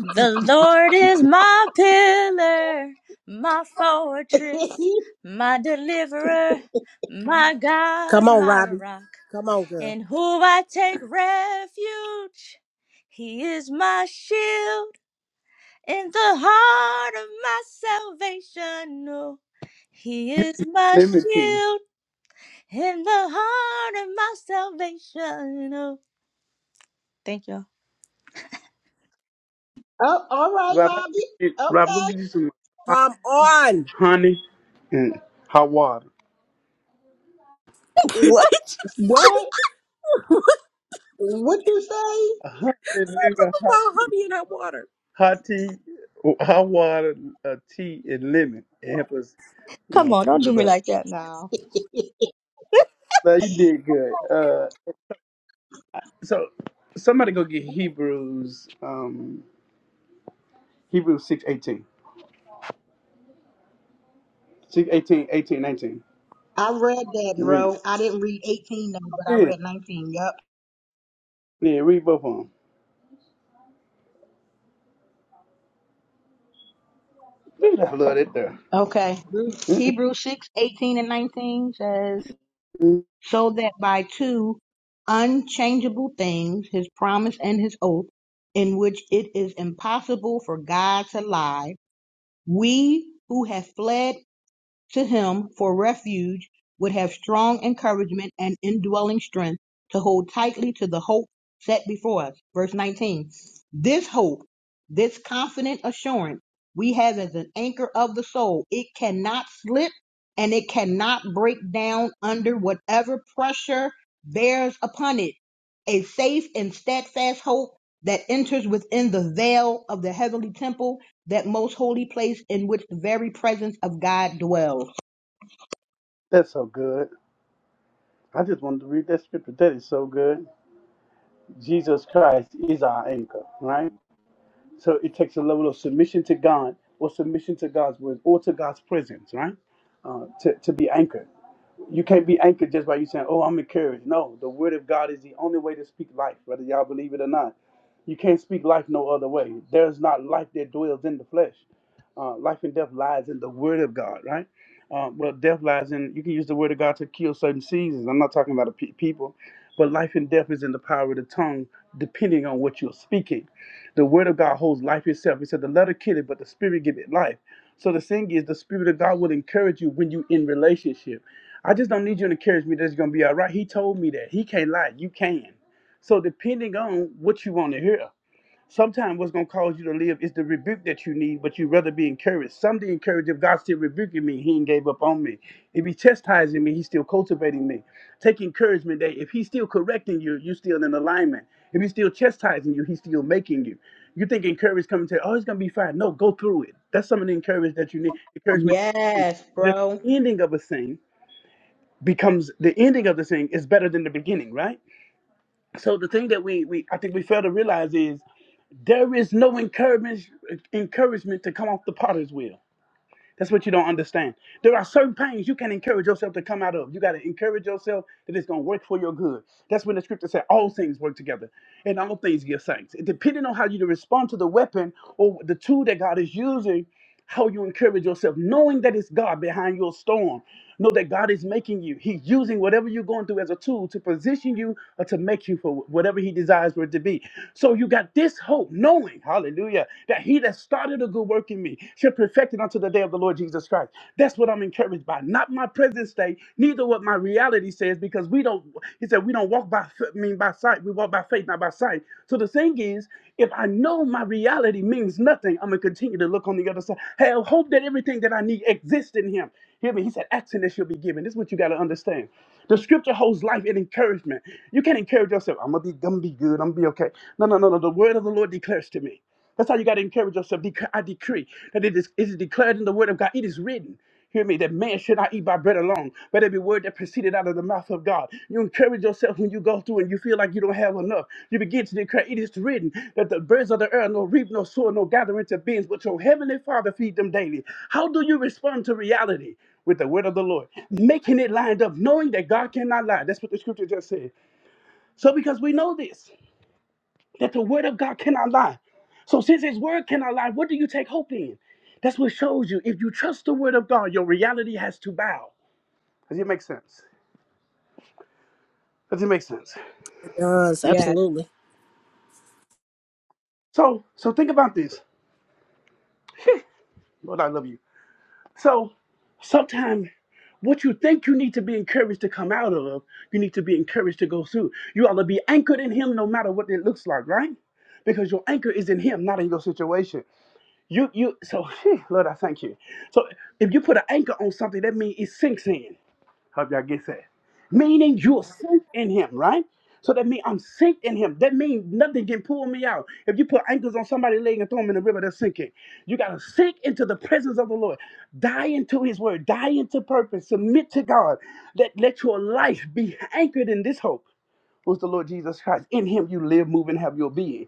The Lord is my pillar, my fortress, my deliverer, my
Come
God,
on,
my
Robbie.
rock,
Come on, girl.
in whom I take refuge. He is my shield in the heart of my salvation. No, He is my
Let me tell you.
shield in the heart of my salvation. Oh, thank y'all.
all right,
Rob, I think
Lobby.
you need- Rob, go
Okay.
get you some hot
Come
tea,
on.
honey and hot water.
What?
What? What you say?
A honey and lemon
Something
hot
about
tea.
honey in that water.
Hot tea, hot water, uh, tea, and lemon. It helps us, you
Come
know,
on, don't
do
do me
better.
like that now.
Now, you did good. Uh, so, somebody go get Hebrews, um, Hebrews six eighteen, six eighteen, eighteen nineteen.
I read that,
You read it.
bro. I didn't read 18 though, but I
Yeah,
read 19. Yep.
yeah, read both of them. Read it. I love that there.
Okay. Hebrew- Hebrews 6, eighteen and 19 says,
Mm,
So that by two unchangeable things, his promise and his oath, in which it is impossible for God to lie, we who have fled to him for refuge would have strong encouragement and indwelling strength to hold tightly to the hope set before us. Verse 19. This hope, this confident assurance we have as an anchor of the soul, it cannot slip and it cannot break down under whatever pressure bears upon it. A safe and steadfast hope that enters within the veil of the heavenly temple that most holy place in which the very presence of God dwells.
That's so good. I just wanted to read that scripture. That is so good. Jesus Christ is our anchor, right? So it takes a level of submission to God or submission to God's word or to God's presence, right? Uh, to, to be anchored. You can't be anchored just by you saying, "Oh, I'm encouraged." No, the word of God is the only way to speak life, whether y'all believe it or not. You can't speak life no other way. There is not life that dwells in the flesh. Uh, life and death lies in the word of God, right? Um, well, death lies in. You can use the word of God to kill certain seasons. I'm not talking about a pe- people, but life and death is in the power of the tongue, depending on what you're speaking. The word of God holds life itself. He said, "The letter kill it, but the spirit give it life." So the thing is, the spirit of God will encourage you when you're in relationship. I just don't need you to encourage me that it's gonna be all right. He told me that. He can't lie, you can. So depending on what you want to hear, sometimes what's gonna cause you to live is the rebuke that you need, but you'd rather be encouraged. Some the encourage if God's still rebuking me, he ain't gave up on me. If He's chastising me, he's still cultivating me. Take encouragement that if he's still correcting you, you're still in alignment. If he's still chastising you, he's still making you. You think encouragement coming to, oh, it's gonna be fine. No, go through it. That's some of the encouragement that you need. Encouragement.
Yes,
But at
bro.
the ending of a thing, becomes the ending of the thing is better than the beginning, right? So the thing that we, we I think we fail to realize is there is no encouragement encouragement to come off the potter's wheel. That's what you don't understand. There are certain pains you can encourage yourself to come out of. You got to encourage yourself that it's going to work for your good. That's when the scripture said all things work together and all things give thanks. It, depending on how you respond to the weapon or the tool that God is using, how you encourage yourself, knowing that it's God behind your storm. Know that God is making you. He's using whatever you're going through as a tool to position you or to make you for whatever He desires for it to be. So you got this hope, knowing, hallelujah, that He that started a good work in me shall perfect it unto the day of the Lord Jesus Christ. That's what I'm encouraged by. Not my present state, neither what my reality says, because we don't, He said, we don't walk walk by f- mean by sight. We walk by faith, not by sight. So the thing is, if I know my reality means nothing, I'm gonna continue to look on the other side. Have hope that everything that I need exists in Him. Hear me? He said, "Action that shall be given." This is what you gotta understand. The Scripture holds life and encouragement. You can't encourage yourself. I'm gonna be, I'm gonna be good. I'm gonna be okay. No, no, no, no. The word of the Lord declares to me. That's how you got to encourage yourself. Dec- I decree that it is, it is declared in the word of God. It is written. Hear me, that man should not eat by bread alone, but every word that proceeded out of the mouth of God. You encourage yourself when you go through and you feel like you don't have enough. You begin to declare, it is written that the birds of the earth no reap, no sow, no gather into bins, but your heavenly Father feed them daily. How do you respond to reality? With the word of the Lord, making it lined up, knowing that God cannot lie. That's what the scripture just said. So, because we know this, that the word of God cannot lie. So since his word cannot lie, what do you take hope in? That's what shows you. If you trust the word of God, your reality has to bow. Does it make sense? Does it make sense?
It does
Yes,
absolutely.
So so think about this. Lord, I love you. So sometimes what you think you need to be encouraged to come out of, you need to be encouraged to go through. You ought to be anchored in him no matter what it looks like, right? Because your anchor is in him, not in your situation. You you so phew, Lord, I thank you. So if you put an anchor on something, that means it sinks in. Hope y'all get that. Meaning you'll sink in him, right? So that means I'm sink in him. That means nothing can pull me out. If you put anchors on somebody's leg and throw them in the river, they're sinking. You gotta sink into the presence of the Lord. Die into his word, die into purpose, submit to God. That let let your life be anchored in this hope. Was the Lord Jesus Christ. In him you live, move, and have your being.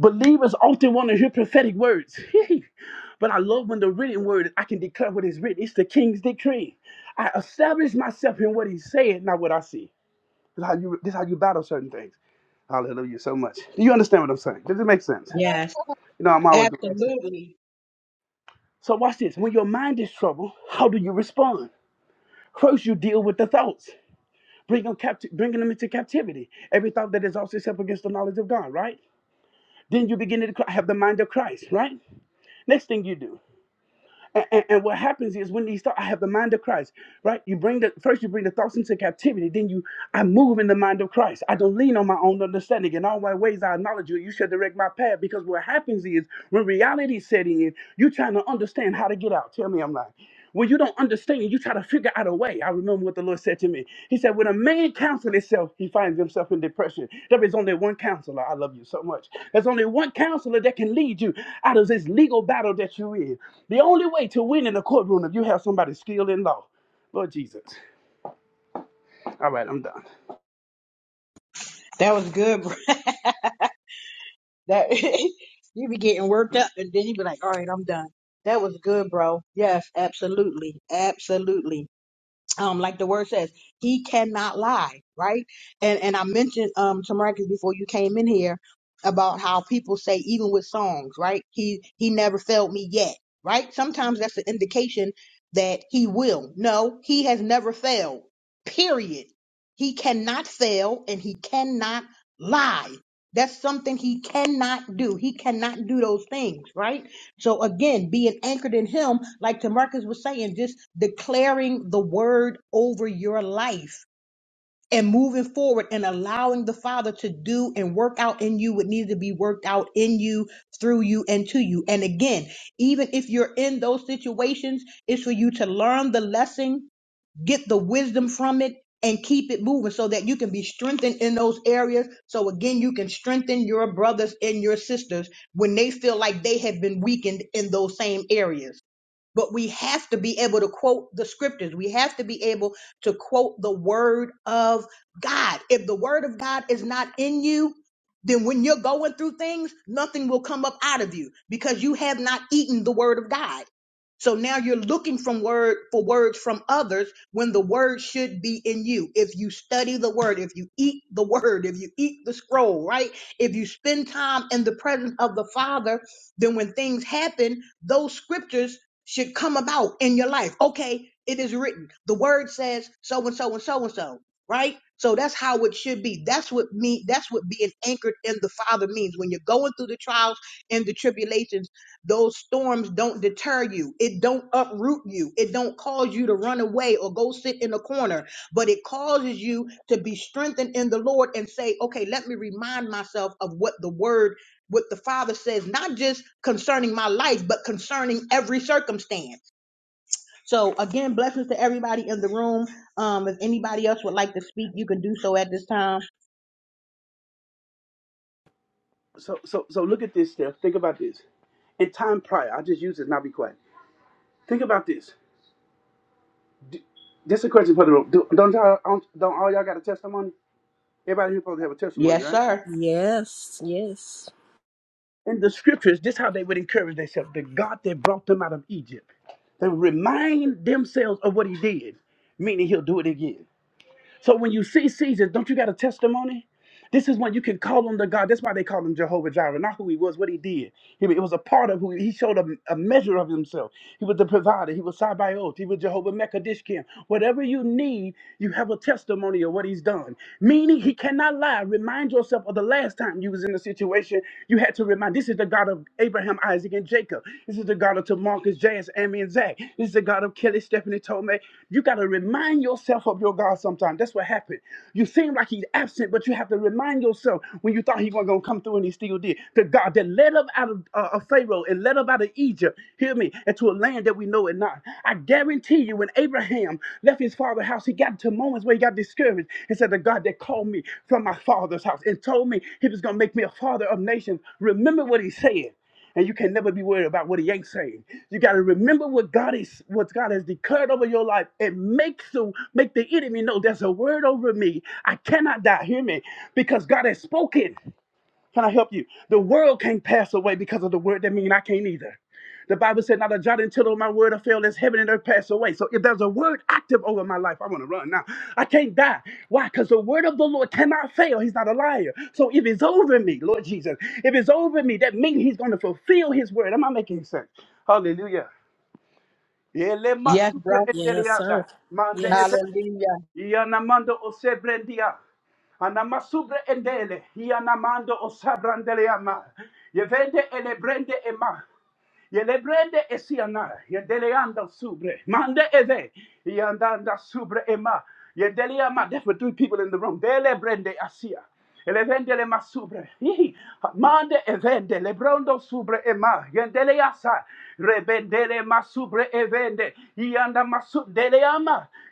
Believers often want to hear prophetic words. but I love when the written word, I can declare what is written. It's the king's decree. I establish myself in what he said, not what I see. This is how you, this is how you battle certain things. Hallelujah so much. Do you understand what I'm saying? Does it make sense?
yes,
You know, I'm always going to ask that.
absolutely.
So watch this. When your mind is troubled, how do you respond? First, you deal with the thoughts, bring them capti- bringing them into captivity. Every thought that is also set up against the knowledge of God, right? Then you begin to cry- have the mind of Christ, right? Next thing you do. And, and, and what happens is when these thoughts, I have the mind of Christ, right? You bring the first, you bring the thoughts into captivity. Then you, I move in the mind of Christ. I don't lean on my own understanding. In all my ways, I acknowledge you. You shall direct my path. Because what happens is when reality is setting in, you're trying to understand how to get out. Tell me I'm lying. When you don't understand, you try to figure out a way. I remember what the Lord said to me. He said, When a man counsels himself, he finds himself in depression. There is only one counselor. I love you so much. There's only one counselor that can lead you out of this legal battle that you're in. The only way to win in the courtroom if you have somebody skilled in law. Lord Jesus. All right, I'm done.
That was good, bro. That you be getting worked up, and then you be like, "All right, I'm done." That was good, bro. Yes, absolutely, absolutely. um, like the word says, he cannot lie, right? And and I mentioned um to Marcus before you came in here about how people say even with songs, right? He he never failed me yet, right? Sometimes that's an indication that he will. No, he has never failed. Period. He cannot fail and he cannot lie. That's something he cannot do. He cannot do those things, right? So again, being anchored in him, like Tamarcus was saying, just declaring the word over your life and moving forward and allowing the Father to do and work out in you what needs to be worked out in you, through you, and to you. And again, even if you're in those situations, it's for you to learn the lesson get the wisdom from it and keep it moving so that you can be strengthened in those areas so again you can strengthen your brothers and your sisters when they feel like they have been weakened in those same areas but we have to be able to quote the scriptures. We have to be able to quote the word of God. If the word of God is not in you, then when you're going through things, nothing will come up out of you because you have not eaten the word of God. So now you're looking from word for words from others when the word should be in you. If you study the word, if you eat the word, if you eat the scroll, right? If you spend time in the presence of the Father, then when things happen, those scriptures should come about in your life. Okay, it is written. The word says so and so and so and so, right? So that's how it should be. That's what me that's what being anchored in the Father means. When you're going through the trials and the tribulations, those storms don't deter you. It don't uproot you. It don't cause you to run away or go sit in a corner, but it causes you to be strengthened in the Lord and say, "Okay, let me remind myself of what the word what the Father says, not just concerning my life, but concerning every circumstance. So, again, blessings to everybody in the room. Um, if anybody else would like to speak, you can do so at this time.
So so so look at this, Steph. Think about this. In time prior, I just use this, not be quiet. Think about this. This is a question for the room. Do, don't y'all don't, don't all y'all got a testimony? Everybody here supposed to have a testimony,
Yes,
right?
sir.
Yes. Yes.
in the scriptures, this how they would encourage themselves. The God that brought them out of Egypt. They would remind themselves of what he did, meaning he'll do it again. So when you see Caesar, don't you got a testimony? This is when you can call on the God. That's why they call him Jehovah Jireh, not who he was, what he did. He, it was a part of who he showed a, a measure of himself. He was the provider. He was Sabaoth. He was Jehovah Mekadishkim. Whatever you need, you have a testimony of what he's done. Meaning he cannot lie. Remind yourself of the last time you was in a situation you had to remind. This is the God of Abraham, Isaac, and Jacob. This is the God of Tamarcus, Jas, Amy, and Zach. This is the God of Kelly, Stephanie, Tome somewhere. You got to remind yourself of your God sometimes. That's what happened. You seem like he's absent, but you have to remind yourself when you thought he wasn't going to come through and he still did. The God that led up out of, uh, of Pharaoh and led up out of Egypt, hear me, into a land that we know it not. I guarantee you, when Abraham left his father's house, he got to moments where he got discouraged and said, The God that called me from my father's house and told me he was going to make me a father of nations. Remember what he said and you can never be worried about what he ain't saying. You got to remember what God is, what God has declared over your life, and make so make the enemy know there's a word over me. I cannot die. Hear me, because God has spoken. Can I help you? The world can't pass away because of the word. That means I can't either. The Bible said, Not a jot and tittle of my word will fail as heaven and earth pass away. So if there's a word active over my life, I want to run now. I can't die. Why? Because the word of the Lord cannot fail. He's not a liar. So if it's over me, Lord Jesus, if it's over me, that means he's going to fulfill his word. Am I making sense? Hallelujah. Yeah, let my
Yes, bro.
Yes, sir.
super-
Yes.
Hallelujah.
Yanamando Osebrendia. Anamasubra endele. Yanamando Osabrandeleama. Yevende elebrende ema. Yelebrende esiana. Yendeleanda subre. Mande eve. Yandanda subre ema. Yendeleama. That's for three people in the room. Delebrende asia. Elevende le masubre. Hihi. Mande evende. Lebrondo subre ema. Yendelea sa. Rebendele Subre evende yanda masundele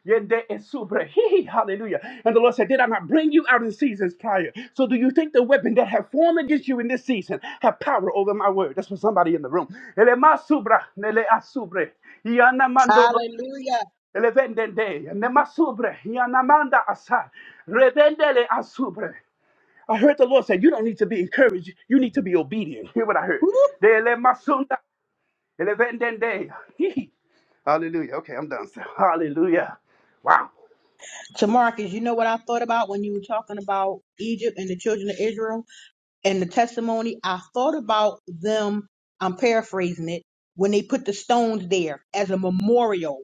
yende esubre. Hallelujah. And the Lord said, Did I not bring you out in seasons prior? So do you think the weapon that have formed against you in this season have power over my word? That's for somebody in the room. Ele masubra nele asubre yanda mando
Hallelujah.
ele vendende masubre yanda manda asa revendele asubre. I heard the Lord say, You don't need to be encouraged. You need to be obedient. Hear what I heard.
Woo.
Dele masunda ele Okay, I'm done. So, hallelujah. Wow.
To you know what I thought about when you were talking about Egypt and the children of Israel? And the testimony, I thought about them, I'm paraphrasing it, when they put the stones there as a memorial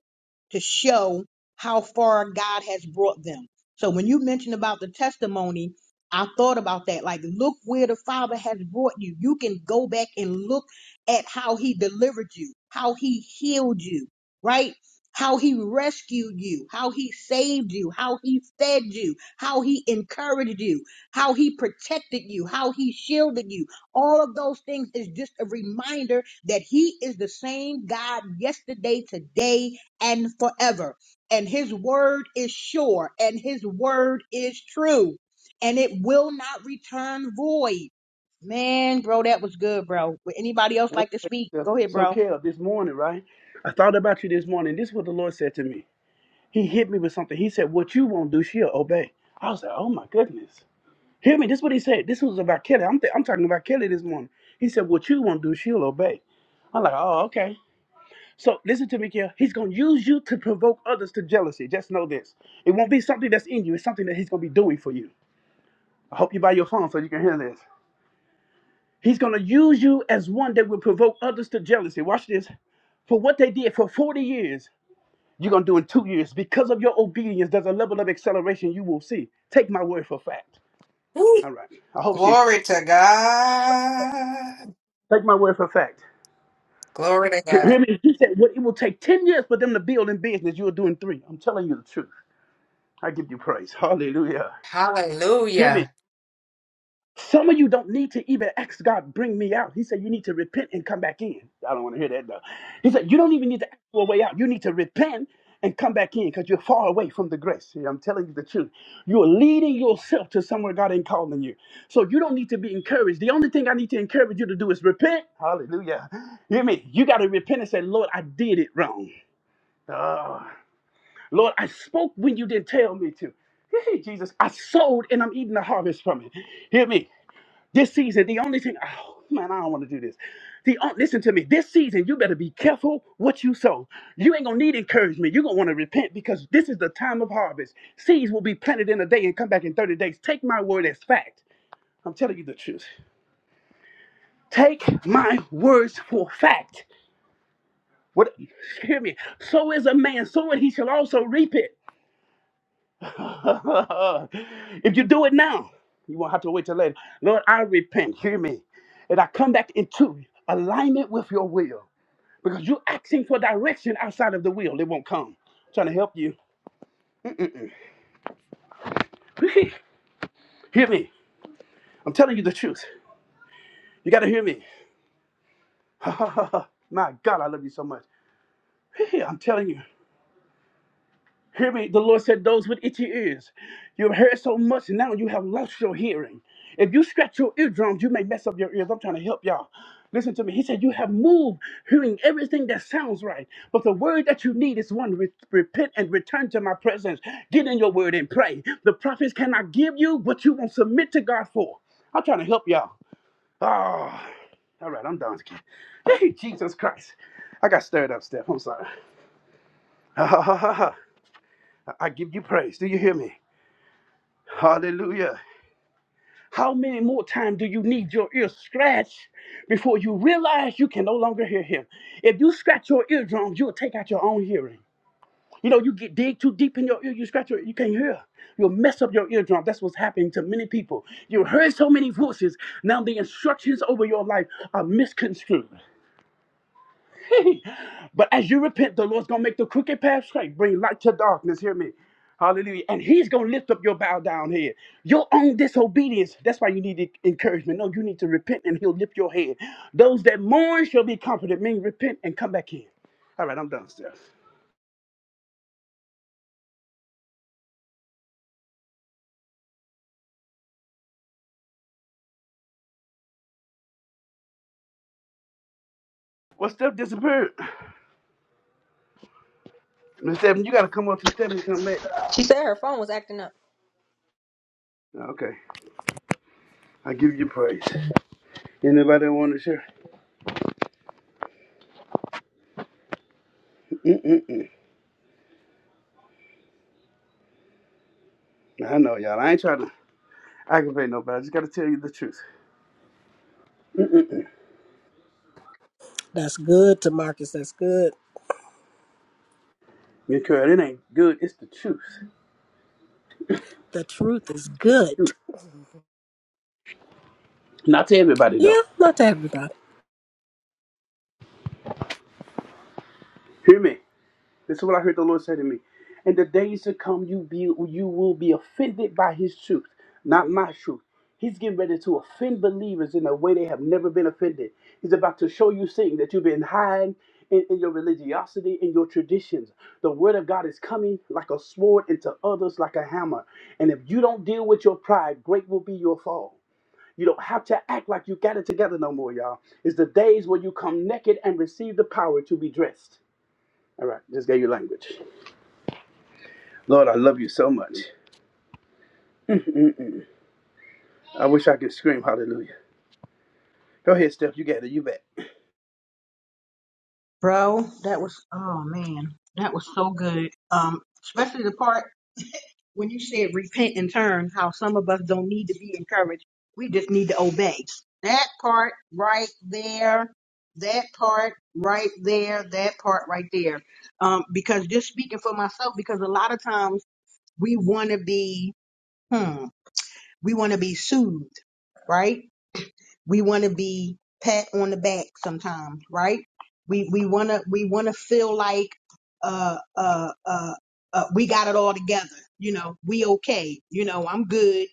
to show how far God has brought them. So when you mentioned about the testimony, I thought about that. Like, look where the Father has brought you. You can go back and look at how He delivered you, how He healed you, right? How He rescued you, how He saved you, how He fed you, how He encouraged you how he protected you, how he shielded you. All of those things is just a reminder that he is the same God yesterday, today, and forever. And his word is sure and his word is true and it will not return void. Man, bro, that was good, bro. Would anybody else like to speak?
So,
Go ahead,
so
bro.
this morning, right? I thought about you this morning. This is what the Lord said to me. He hit me with something. He said, What you won't do, she'll obey. I was like, Oh my goodness. Hear me. This is what he said. This was about Kelly. I'm, th- I'm talking about Kelly this morning. He said, What you won't do, she'll obey. I'm like, Oh, okay. So listen to me, Kelly. He's going to use you to provoke others to jealousy. Just know this. It won't be something that's in you, it's something that he's going to be doing for you. I hope you buy your phone so you can hear this. He's going to use you as one that will provoke others to jealousy. Watch this. For what they did for 40 years, you're going to do in two years. Because of your obedience, there's a level of acceleration you will see. Take my word for fact.
Woo.
All right. I hope she.
Glory to God.
Take my word for fact.
Glory to
Hear
God.
hear me? He said, what it will take 10 years for them to build in business, you'll do in three. I'm telling you the truth. I give you praise. Hallelujah. Hear me?
Hallelujah.
Some of you don't need to even ask God, bring me out. He said, You need to repent and come back in. I don't want to hear that though. He said, You don't even need to ask for a way out. You need to repent and come back in because you're far away from the grace. See, I'm telling you the truth. You're leading yourself to somewhere God ain't calling you. So you don't need to be encouraged. The only thing I need to encourage you to do is repent. Hallelujah. hear me? You got to repent and say, Lord, I did it wrong. Lord, I spoke when you didn't tell me to. Jesus, I sowed and I'm eating the harvest from it. Hear me? This season, the only thing, oh man, I don't want to do this. The on- listen to me. This season, you better be careful what you sow. You ain't gonna need encouragement. You're gonna want to repent because this is the time of harvest. Seeds will be planted in a day and come back in 30 days. Take my word as fact. I'm telling you the truth. Take my words for fact. What hear me. So is a man, so and he shall also reap it. if you do it now, you won't have to wait till later. Lord, I repent. Hear me. And I come back into alignment with your will. Because you're asking for direction outside of the will. It won't come. I'm trying to help you. hear me. I'm telling you the truth. You got to hear me. My God, I love you so much. I'm telling you. Hear me, the Lord said, those with itchy ears. You've heard so much, now you have lost your hearing. If you scratch your eardrums, you may mess up your ears. I'm trying to help y'all. Listen to me. He said, You have moved, hearing everything that sounds right. But the word that you need is one re- repent and return to my presence. Get in your word and pray. The prophets cannot give you what you won't submit to God for. I'm trying to help y'all. Ah, all right, I'm done. Hey, Jesus Christ. I got stirred up, Steph. I'm sorry. I give you praise. Do you hear me? Hallelujah. How many more times do you need your ear scratched before you realize you can no longer hear him? If you scratch your eardrums, you'll take out your own hearing. You know, you get dig too deep in your ear, you scratch your you can't hear. You'll mess up your eardrum. That's what's happening to many people. You heard so many voices. Now the instructions over your life are misconstrued. but as you repent, the Lord's gonna make the crooked path straight, bring light to darkness. Hear me. Hallelujah. And he's gonna lift up your bow down head. Your own disobedience. That's why you need the encouragement. No, you need to repent and he'll lift your head. Those that mourn shall be comforted. Mean repent and come back in. All right, I'm done, Steph. Well, Steph disappeared. Miss Stephanie, you gotta come up to Stephanie to come back.
She said her phone was acting up.
Okay. I give you praise. Anybody want to share? Mm-mm. I know y'all. I ain't trying to aggravate nobody. I just gotta tell you the truth.
That's good, to Marcus. That's good.
Because it ain't good. It's the truth.
The truth is good.
Not to everybody
Yeah,
though.
not to everybody.
Hear me. This is what I heard the Lord say to me. In the days to come, you be you will be offended by His truth, not my truth. He's getting ready to offend believers in a way they have never been offended. He's about to show you things that you've been hiding in, in your religiosity, in your traditions. The word of God is coming like a sword into others like a hammer. And if you don't deal with your pride, great will be your fall. You don't have to act like you got it together no more, y'all. It's the days where you come naked and receive the power to be dressed. All right, just gave you language. Lord, I love you so much. Mm, I wish I could scream hallelujah. Go ahead, Steph. You got it. You back.
Bro, that was, oh man, that was so good. Um, especially the part when you said repent and turn, how some of us don't need to be encouraged. We just need to obey. That part right there, that part right there, that part right there. Um, because just speaking for myself, because a lot of times we want to be, hmm, we want to be soothed, right? we want to be pat on the back sometimes, right? We we want to we want to feel like uh, uh uh uh we got it all together. You know, we okay. You know, I'm good.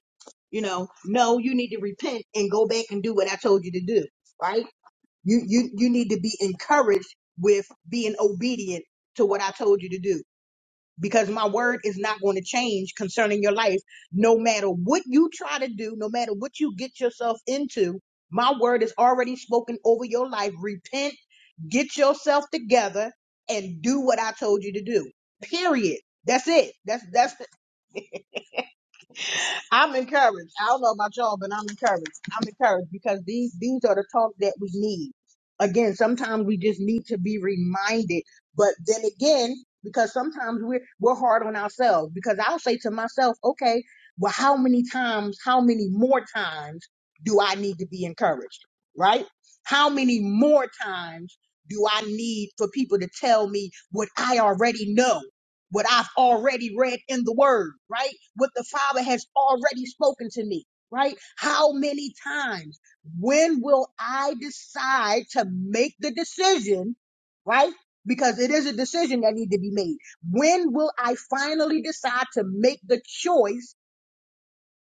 You know, no, you need to repent and go back and do what I told you to do, right? You you you need to be encouraged with being obedient to what I told you to do because my word is not going to change concerning your life. No matter what you try to do, no matter what you get yourself into, my word is already spoken over your life. Repent, get yourself together, and do what I told you to do. Period. That's it. That's that's I'm encouraged. I don't know about y'all, but I'm encouraged. I'm encouraged because these these are the talk that we need. Again, sometimes we just need to be reminded. But then again, because sometimes we're we're hard on ourselves. Because I'll say to myself, okay, well, how many times, how many more times do I need to be encouraged? Right? How many more times do I need for people to tell me what I already know? what I've already read in the word, right? What the Father has already spoken to me, right? How many times? When will I decide to make the decision, right? Because it is a decision that needs to be made. When will I finally decide to make the choice?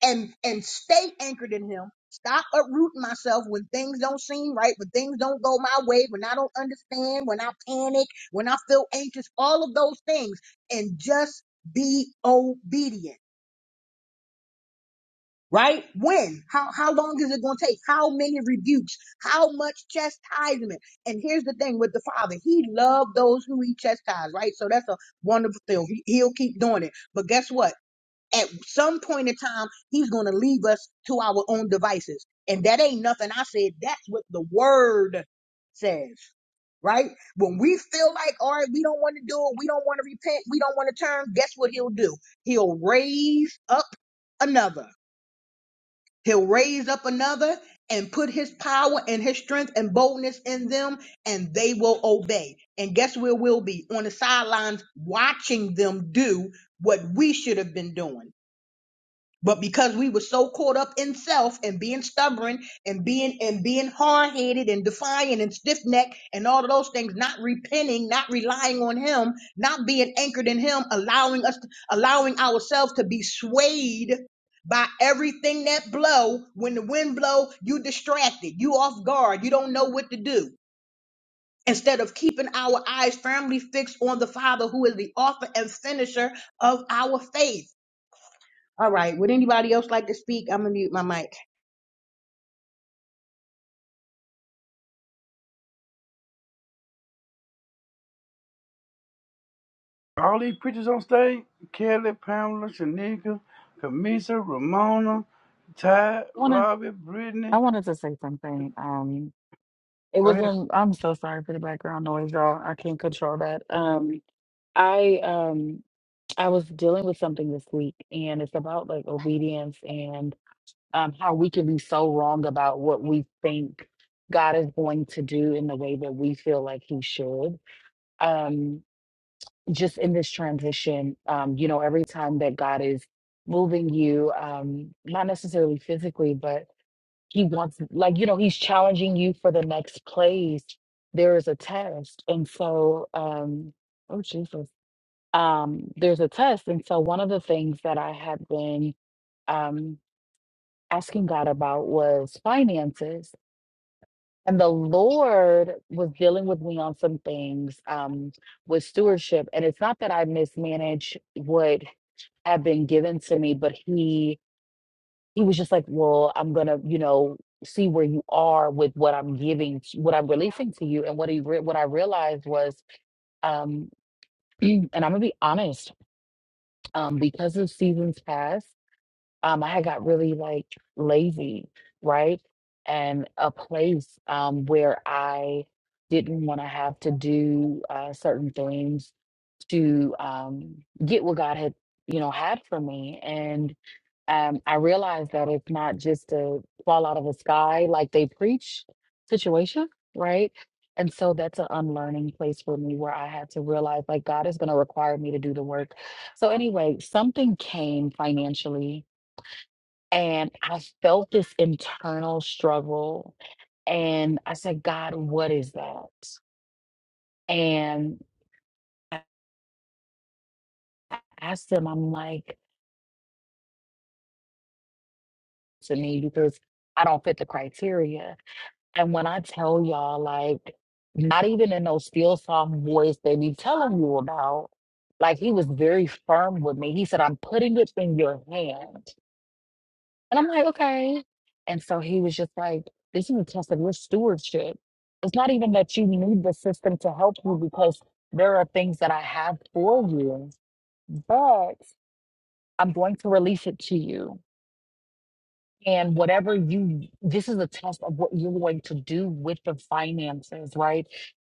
and and stay anchored in him stop uprooting myself when things don't seem right when things don't go my way when i don't understand when i panic when i feel anxious all of those things and just be obedient right when how how long is it going to take how many rebukes how much chastisement and here's the thing with the father he loved those who he chastised right so that's a wonderful thing he, he'll keep doing it but guess what at some point in time, he's going to leave us to our own devices. And that ain't nothing I said. That's what the word says, right? When we feel like, all right, we don't want to do it, we don't want to repent, we don't want to turn, guess what he'll do? He'll raise up another. He'll raise up another and put his power and his strength and boldness in them, and they will obey. And guess where we'll be? On the sidelines, watching them do what we should have been doing. But because we were so caught up in self and being stubborn and being and being hard headed and defiant and stiff necked and all of those things, not repenting, not relying on Him, not being anchored in Him, allowing us, allowing ourselves to be swayed by everything that blow. When the wind blow, you distracted, you off guard, you don't know what to do. Instead of keeping our eyes firmly fixed on the Father, who is the author and finisher of our faith. All right. Would anybody else like to speak? I'm gonna mute my mic.
All these preachers on stage Kelly, Pamela, Shanika, Camisa, Ramona, Ty,
wanna
Robbie,
I
Brittany.
wanted to say something. Um it
Go
was
ahead.
in I'm so sorry for the background noise, y'all. I can't control that. Um I um I was dealing with something this week and it's about like obedience and um how we can be so wrong about what we think God is going to do in the way that we feel like he should. Um just in this transition, um, you know, every time that God is moving you, um, not necessarily physically, but he wants like you know he's challenging you for the next place there is a test and so um oh jesus um there's a test and so one of the things that i had been um asking god about was finances and the lord was dealing with me on some things um with stewardship and it's not that i mismanage what had been given to me but he he was just like, Well, I'm gonna, you know, see where you are with what I'm giving, t- what I'm releasing to you. And what he re- what I realized was, um, and I'm gonna be honest, um, because of seasons past, um, I had got really like lazy, right? And a place um where I didn't want to have to do uh, certain things to um, get what God had, you know, had for me um, I realized that it's not just a fall out of the sky like they preach situation, right? And so that's an unlearning place for me where I had to realize like God is going to require me to do the work. So, anyway, something came financially, and I felt this internal struggle. And I said, God, what is that? And I asked him, I'm like, to me, because I don't fit the criteria. And when I tell y'all, like, not even in those still soft voice they be telling you about, like, he was very firm with me. He said, I'm putting it in your hand. And I'm like, okay. And so he was just like, this is a test of your stewardship. It's not even that you need the system to help you because there are things that I have for you, but I'm going to release it to you. And whatever you, this is a test of what you're going to do with the finances, right?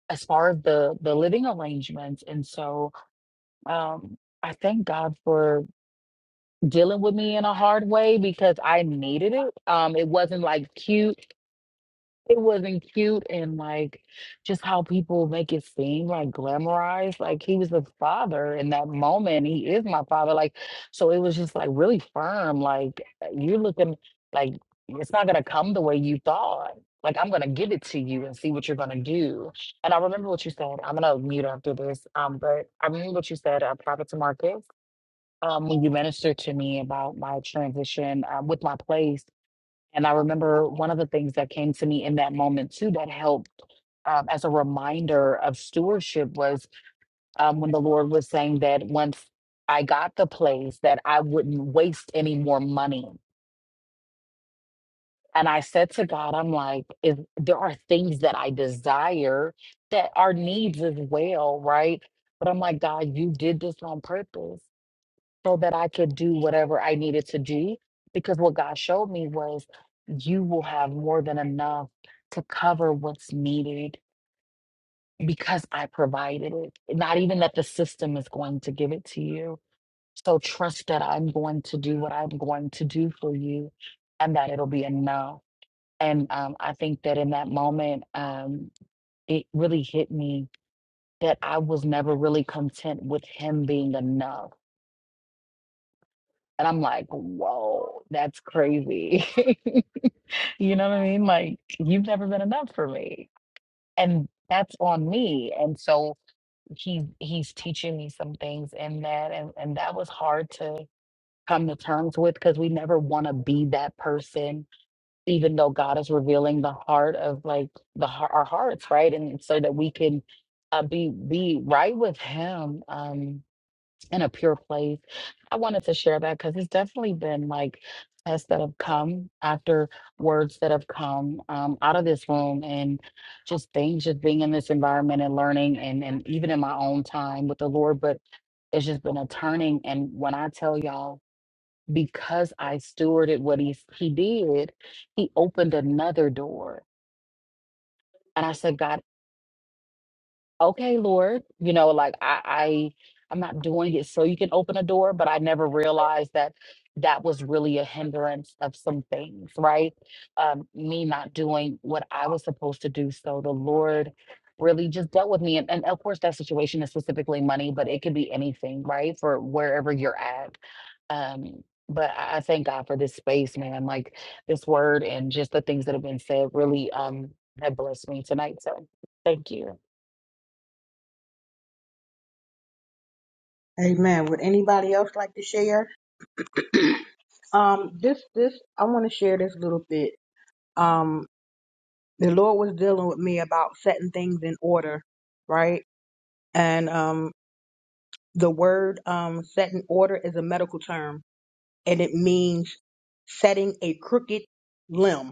As far as the the living arrangements. And so um I thank God for dealing with me in a hard way because I needed it. Um it wasn't like cute. It wasn't cute and like just how people make it seem like glamorized. Like he was the father in that moment. He is my father. Like, so it was just like really firm. Like, uh, you're looking like it's not going to come the way you thought. Like, I'm going to give it to you and see what you're going to do. And I remember what you said. I'm going to mute after this. Um, but I remember what you said, uh, private to market. Um, when you ministered to me about my transition uh, with my place and I remember one of the things that came to me in that moment too that helped um, as a reminder of stewardship was um, when the Lord was saying that once I got the place that I wouldn't waste any more money. And I said to God, I'm like, if there are things that I desire that are needs as well, right? But I'm like, God, you did this on purpose so that I could do whatever I needed to do. Because what God showed me was you will have more than enough to cover what's needed because I provided it. Not even that the system is going to give it to you. So trust that I'm going to do what I'm going to do for you and that it'll be enough. And um, I think that in that moment, um, it really hit me that I was never really content with him being enough And I'm like, whoa, that's crazy. You know what I mean? Like, you've never been enough for me. And that's on me. And so he he's teaching me some things in that. And and that was hard to come to terms with because we never want to be that person, even though God is revealing the heart of like the har- our hearts, right? And so that we can uh, be be right with him. Um in a pure place. I wanted to share that because it's definitely been like tests that have come after words that have come um, out of this room and just things, just being in this environment and learning and, and even in my own time with the Lord. But it's just been a turning. And when I tell y'all, because I stewarded what he, he did, he opened another door. And I said, God, okay, Lord, you know, like I, I I'm not doing it so you can open a door, but I never realized that that was really a hindrance of some things, right? Um, me not doing what I was supposed to do. So the Lord really just dealt with me. And, and of course that situation is specifically money, but it could be anything, right? For wherever you're at. Um, but I I thank God for this space, man. Like this word and just the things that have been said really um have blessed me tonight. So thank you.
Amen. Would anybody else like to share? Um, this this I want to share this little bit. Um, the Lord was dealing with me about setting things in order, right? And um, the word um, set in order is a medical term, and it means setting a crooked limb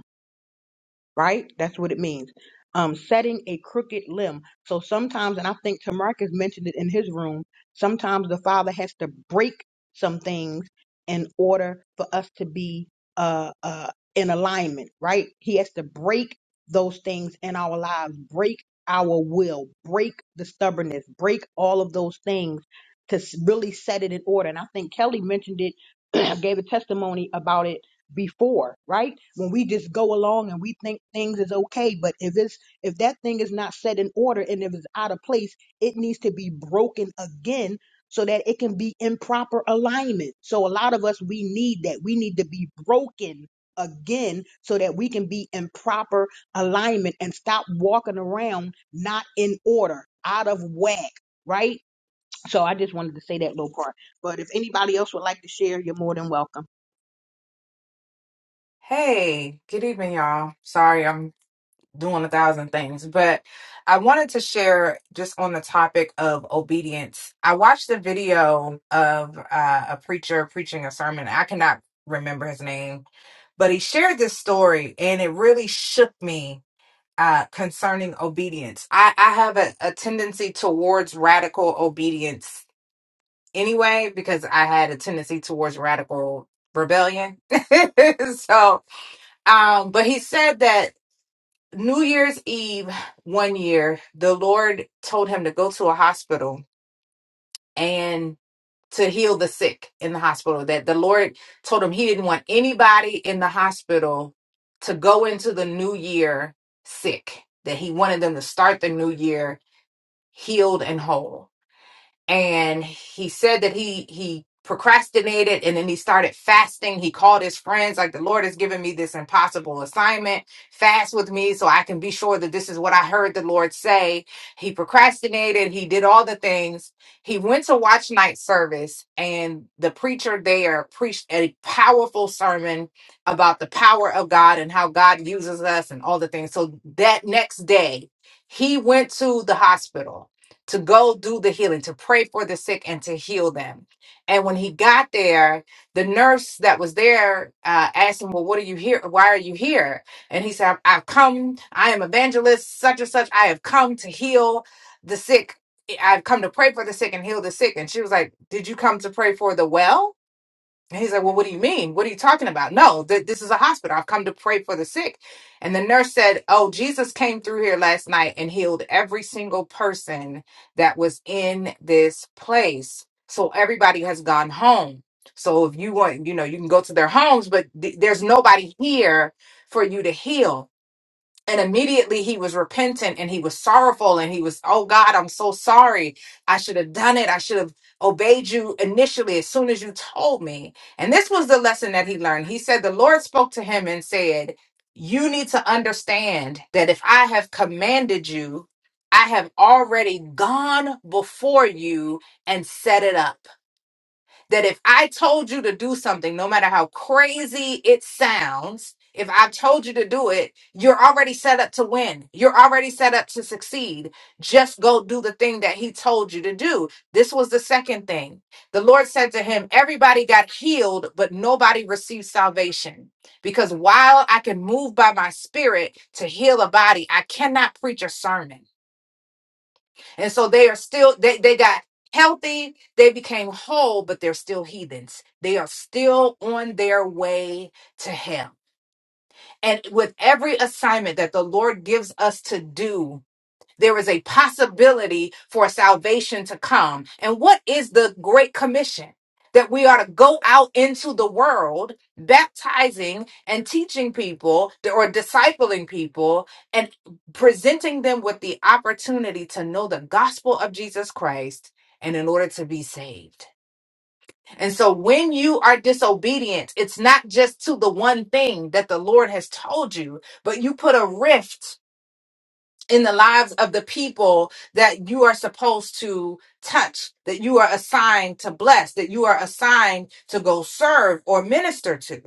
right? That's what it means. Um, setting a crooked limb. So sometimes, and I think Tamarcus mentioned it in his room, sometimes the Father has to break some things in order for us to be uh, uh, in alignment, right? He has to break those things in our lives, break our will, break the stubbornness, break all of those things to s- really set it in order. And I think Kelly mentioned it, gave a testimony about it before, right? when we just go along and we think things is okay but if it's if that thing is not set in order and if it's out of place it needs to be broken again so that it can be in proper alignment so a lot of us we need that we need to be broken again so that we can be in proper alignment and stop walking around not in order out of whack right so i just wanted to say that little part but if anybody else would like to share you're more than welcome
Hey, good evening, y'all. Sorry, I'm doing a thousand things, but I wanted to share just on the topic of obedience. I watched a video of uh, a preacher preaching a sermon. I cannot remember his name, but he shared this story and it really shook me. Uh, concerning obedience, I, I have a, a tendency towards radical obedience anyway because I had a tendency towards radical rebellion. so, um, but he said that New Year's Eve one year, the Lord told him to go to a hospital and to heal the sick in the hospital. That the Lord told him he didn't want anybody in the hospital to go into the new year sick, that he wanted them to start the new year healed and whole and he said that he he procrastinated and then he started fasting he called his friends like the lord has given me this impossible assignment fast with me so i can be sure that this is what i heard the lord say he procrastinated he did all the things he went to watch night service and the preacher there preached a powerful sermon about the power of god and how god uses us and all the things so that next day he went to the hospital to go do the healing, to pray for the sick and to heal them. And when he got there, the nurse that was there uh, asked him, Well, what are you here? Why are you here? And he said, I've I've come, I am evangelist, such and such. I have come to heal the sick. I've come to pray for the sick and heal the sick. And she was like, Did you come to pray for the well? And he's like, Well, what do you mean? What are you talking about? No, th- this is a hospital. I've come to pray for the sick. And the nurse said, Oh, Jesus came through here last night and healed every single person that was in this place. So everybody has gone home. So if you want, you know, you can go to their homes, but th- there's nobody here for you to heal and immediately he was repentant and he was sorrowful and he was oh god i'm so sorry i should have done it i should have obeyed you initially as soon as you told me and this was the lesson that he learned he said the lord spoke to him and said you need to understand that if i have commanded you i have already gone before you and set it up that if I told you to do something, no matter how crazy it sounds, if I told you to do it, you're already set up to win. You're already set up to succeed. Just go do the thing that he told you to do. This was the second thing. The Lord said to him, Everybody got healed, but nobody received salvation. Because while I can move by my spirit to heal a body, I cannot preach a sermon. And so they are still, they, they got healthy, they became whole, but they're still heathens. They are still on their way to hell. And with every assignment that the Lord gives us to do, there is a possibility for salvation to come. And what is the Great Commission? That we are to go out into the world, baptizing and teaching people or discipling people and presenting them with the opportunity to know the gospel of Jesus Christ and in order to be saved. And so when you are disobedient, it's not just to the one thing that the Lord has told you, but you put a rift in the lives of the people that you are supposed to touch, that you are assigned to bless, that you are assigned to go serve or minister to.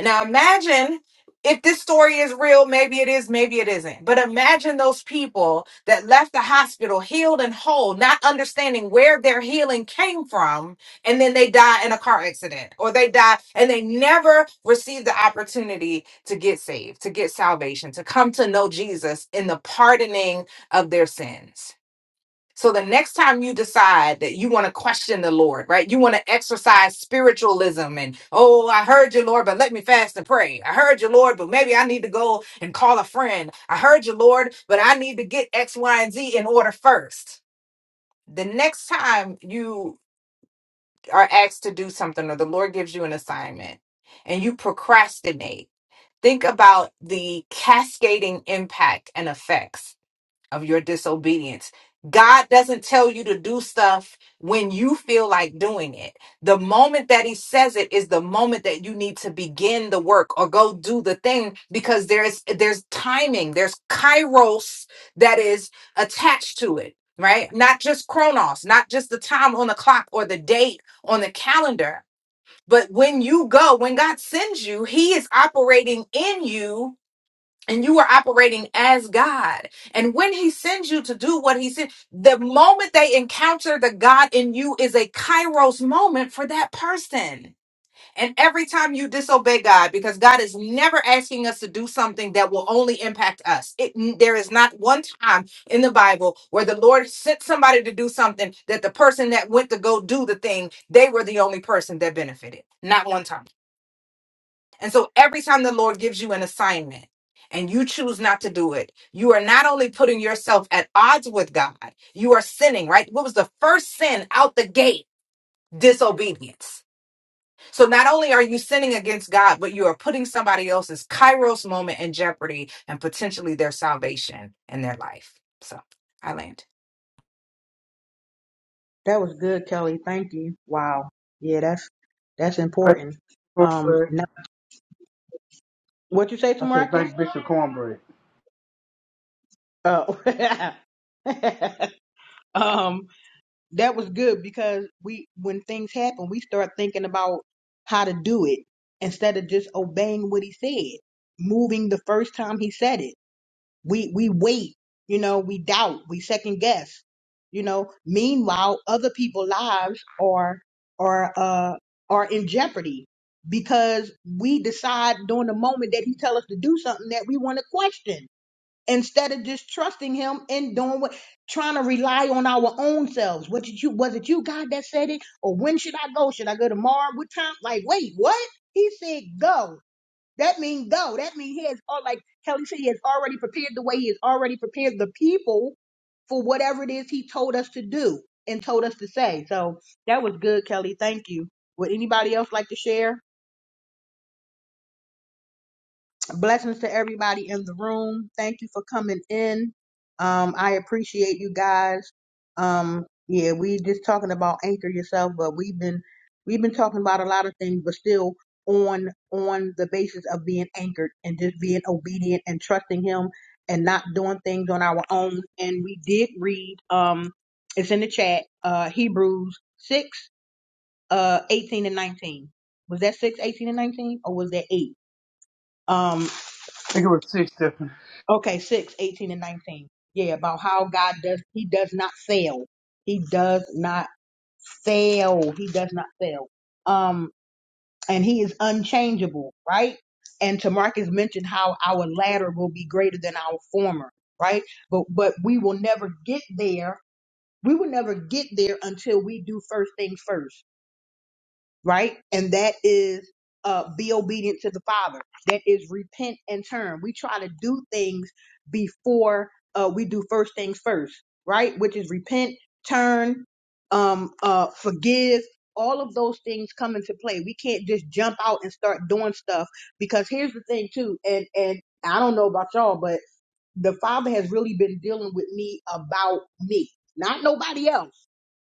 Now imagine if this story is real, maybe it is, maybe it isn't. But imagine those people that left the hospital healed and whole, not understanding where their healing came from, and then they die in a car accident or they die and they never receive the opportunity to get saved, to get salvation, to come to know Jesus in the pardoning of their sins. So the next time you decide that you want to question the Lord, right? You want to exercise spiritualism and, oh, I heard you, Lord, but let me fast and pray. I heard you, Lord, but maybe I need to go and call a friend. I heard you, Lord, but I need to get X, Y, and Z in order first. The next time you are asked to do something or the Lord gives you an assignment and you procrastinate, think about the cascading impact and effects of your disobedience. God doesn't tell you to do stuff when you feel like doing it. The moment that He says it is the moment that you need to begin the work or go do the thing because there's there's timing, there's kairos that is attached to it, right? Not just chronos, not just the time on the clock or the date on the calendar, but when you go, when God sends you, He is operating in you and you are operating as God. And when He sends you to do what He said, the moment they encounter the God in you is a kairos moment for that person. And every time you disobey God, because God is never asking us to do something that will only impact us. It, there is not one time in the Bible where the Lord sent somebody to do something that the person that went to go do the thing, they were the only person that benefited. Not one time. And so every time the Lord gives you an assignment and you choose not to do it, you are not only putting yourself at odds with God, you are sinning, right? What was the first sin out the gate? Disobedience. So not only are you sinning against God, but you are putting somebody else's kairos moment in jeopardy and potentially their salvation and their life. So I land.
That was good, Kelly. Thank you. Wow. Yeah, that's that's
Thank
important.
you,
Um,
Cornbread.
now, what you say to
I said,
Marcus?
thank Bishop Cornbread. I
Oh, um, that was good because we, when things happen, we start thinking about how to do it instead of just obeying what he said, moving the first time he said it. We we wait, you know, we doubt, we second guess, you know. Meanwhile, other people's lives are are uh are in jeopardy because we decide during the moment that he tell us to do something that we want to question instead of just trusting him and doing what trying to rely on our own selves. What did you was it you God that said it? Or when should I go? Should I go tomorrow? What time? Like, wait, what? He said go. That means go. That means he has all like Kelly said, he has already prepared the way. He has already prepared the people for whatever it is he told us to do and told us to say. So that was good, Kelly. Thank you. Would anybody else like to share? Blessings to everybody in the room. Thank you for coming in. Um, I appreciate you guys. Um, yeah, we just talking about anchor yourself, but we've been we've been talking about a lot of things, but still on on the basis of being anchored and just being obedient and trusting him and not doing things on our own. And we did read um it's in the chat, uh Hebrews six, uh eighteen and nineteen. Was that six, eighteen and nineteen, or was that eight? Um,
think it was six, Stephen.
Okay, 6, 18, and 19. Yeah, about how God does, he does not fail. He does not fail. He does not fail. Um, and he is unchangeable, right? And Tamarcus mentioned how our latter will be greater than our former, right? But, but we will never get there. We will never get there until we do first things first right? And that is uh, be obedient to the Father. That is repent and turn. We try to do things before uh, we do first things first, right? Which is repent, turn, um, uh, forgive. All of those things come into play. We can't just jump out and start doing stuff because here's the thing too, and and I don't know about y'all, but the Father has really been dealing with me about me, not nobody else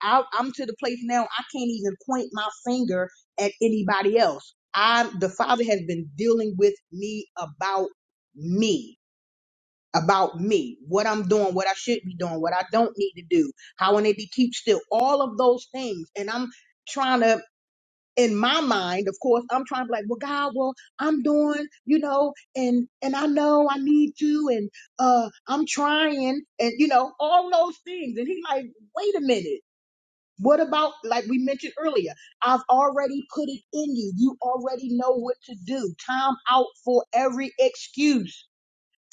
I, I'm to the place now I can't even point my finger at anybody else. I the Father has been dealing with me about me, about me, what I'm doing, what I should be doing, what I don't need to do, how I need to keep still, all of those things. And I'm trying to, in my mind, of course, I'm trying to be like, well, God, well, I'm doing, you know, and and I know I need to, and uh, I'm trying, and you know, all those things. And he like, wait a minute what about, like we mentioned earlier, I've already put it in you. You already know what to do. Time out for every excuse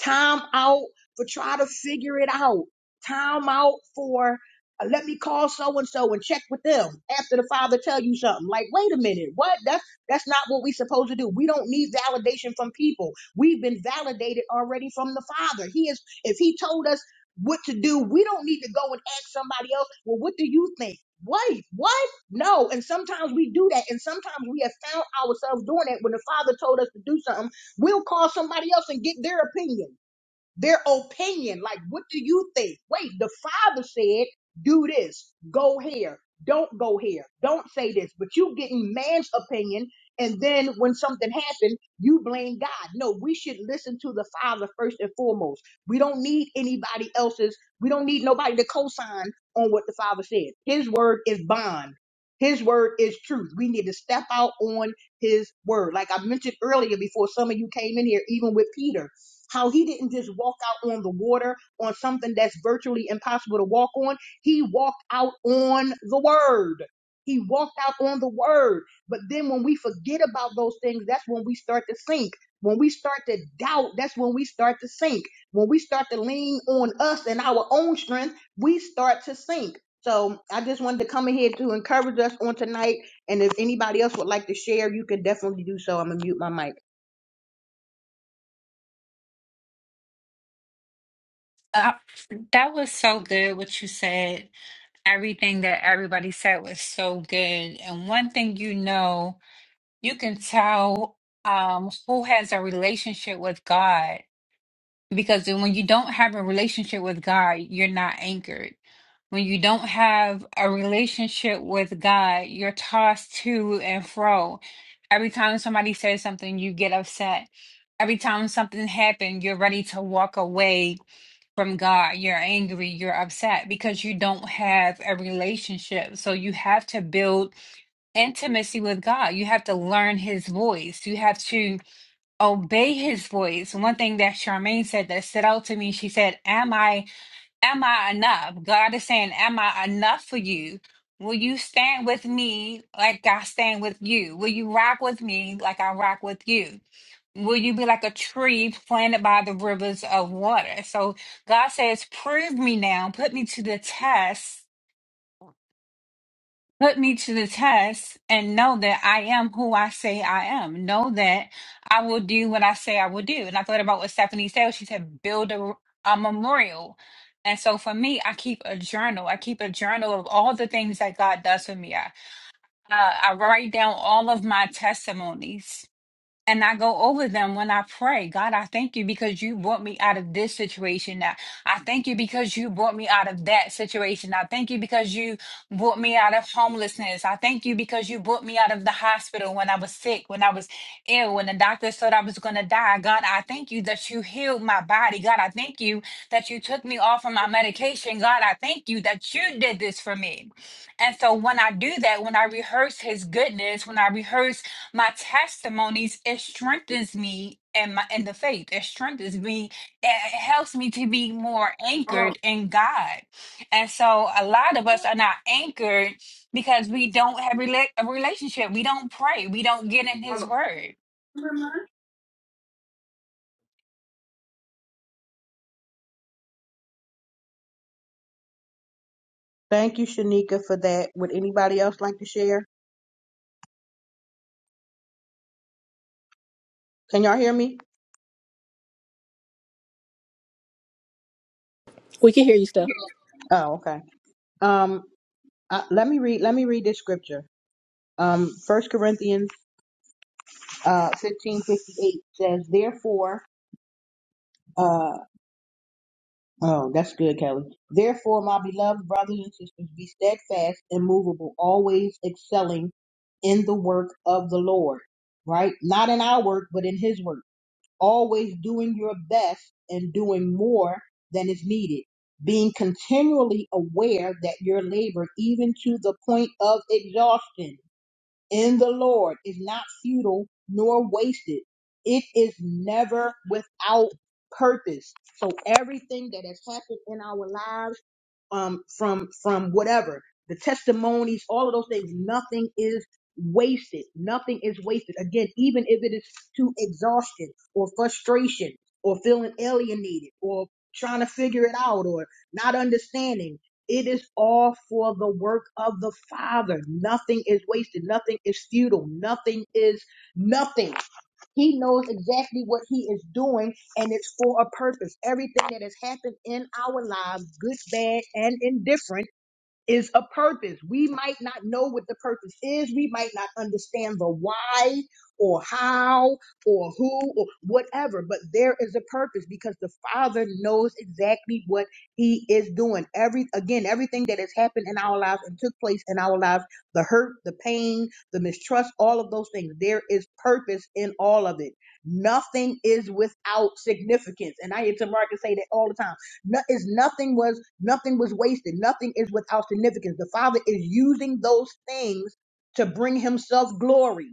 time out for try to figure it out time out for uh, let me call so and so and check with them after the father tell you something like wait a minute what that's that's not what we supposed to do we don't need validation from people we've been validated already from the father he is if he told us what to do we don't need to go and ask somebody else well what do you think wait what no and sometimes we do that and sometimes we have found ourselves doing that when the father told us to do something We'll call somebody else and get their opinion their opinion. Like, what do you think? Wait, the father said, do this, go here, don't go here, don't say this. But you getting man's opinion, and then when something happened, you blame God. No, we should listen to the father first and foremost. We don't need anybody else's, we don't need nobody to co-sign on what the father said. His word is bond. His word is truth. We need to step out on his word. Like I mentioned earlier before some of you came in here, even with Peter. How he didn't just walk out on the water on something that's virtually impossible to walk on. He walked out on the word. He walked out on the word. But then when we forget about those things, that's when we start to sink. When we start to doubt, that's when we start to sink. When we start to lean on us and our own strength, we start to sink. So I just wanted to come in here to encourage us on tonight. And if anybody else would like to share, you can definitely do so. I'm gonna mute my mic.
Uh, that was so good what you said. Everything that everybody said was so good. And one thing you know, you can tell um, who has a relationship with God because when you don't have a relationship with God, you're not anchored. When you don't have a relationship with God, you're tossed to and fro. Every time somebody says something, you get upset. Every time something happens, you're ready to walk away from God. You're angry, you're upset because you don't have a relationship. So you have to build intimacy with God. You have to learn his voice. You have to obey his voice. One thing that Charmaine said that stood out to me, she said, Am I am I enough? God is saying, Am I enough for you? Will you stand with me like I stand with you? Will you rock with me like I rock with you? Will you be like a tree planted by the rivers of water? So God says, Prove me now, put me to the test, put me to the test, and know that I am who I say I am. Know that I will do what I say I will do. And I thought about what Stephanie said. She said, Build a, a memorial. And so for me, I keep a journal. I keep a journal of all the things that God does for me. I, uh, I write down all of my testimonies and I go over them when I pray. God, I thank you because you brought me out of this situation. Now, I thank you because you brought me out of that situation. I thank you because you brought me out of homelessness. I thank you because you brought me out of the hospital when I was sick, when I was ill, when the doctor thought I was going to die. God, I thank you that you healed my body. God, I thank you that you took me off of my medication. God, I thank you that you did this for me. And so when I do that, when I rehearse his goodness, when I rehearse my testimonies it strengthens me in my in the faith it strengthens me it it helps me to be more
Hold on,
anchored in god and so a lot of us are not anchored because we don't have rela- a relationship we don't pray we don't get in
hold
his
on.
word
Thank you, Shanika, for that. Would anybody else like to share? Can y'all hear me?
We can hear you, Steph.
Oh, okay. Um, uh, let me read. Let me read this scripture. Um, First Corinthians, uh, fifteen fifty eight says, "Therefore, uh, oh, that's good, Kelly. Therefore, my beloved brothers and sisters, be steadfast, immovable, always excelling in the work of the Lord. Right? Not in our work, but in His work." always doing your best and doing more than is needed, being continually aware that your labor, even to the point of exhaustion, in the Lord is not futile nor wasted. It is never without purpose. So everything that has happened in our lives um, from from whatever the testimonies, all of those things. Nothing is wasted. Nothing is wasted. Again, even if it is to exhaustion or frustration or feeling alienated or trying to figure it out or not understanding. It is all for the work of the Father. Nothing is wasted. Nothing is futile. Nothing is nothing. He knows exactly what he is doing, and it's for a purpose. Everything that has happened in our lives, good, bad, and indifferent is a purpose. We might not know what the purpose is. We might not understand the why or how or who or whatever, but there is a purpose because the Father knows exactly what He is doing. Every again, everything that has happened in our lives and took place in our lives, the hurt, the pain, the mistrust, all of those things, there is purpose in all of it. Nothing is without significance. And I hear Tamar say that all the time no, it's nothing was nothing was wasted. Nothing is without significance. The Father is using those things to bring Himself glory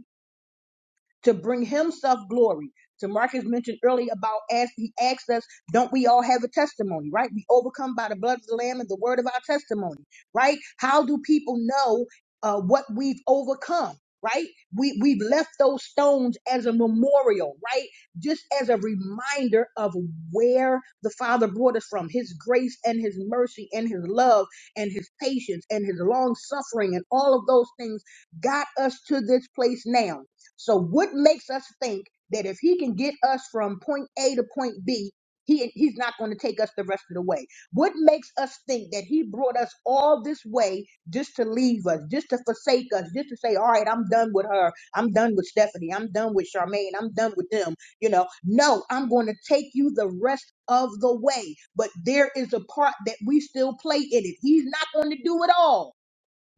to bring himself glory. To Marcus mentioned earlier about as he asked us, don't we all have a testimony, right? We overcome by the blood of the Lamb and the word of our testimony, right? How do people know uh, what we've overcome? Right? We we've left those stones as a memorial, right? Just as a reminder of where the Father brought us from, his grace and his mercy and his love and his patience and his long suffering and all of those things got us to this place now so what makes us think that if he can get us from point A to point B, he he's not going to take us the rest of the way? What makes us think that he brought us all this way just to leave us, just to forsake us, just to say, all right, I'm done with her. I'm done with Stephanie. I'm done with Charmaine. I'm done with them. You know, no, I'm going to take you the rest of the way. But there is a part that we still play in it. He's not going to do it all.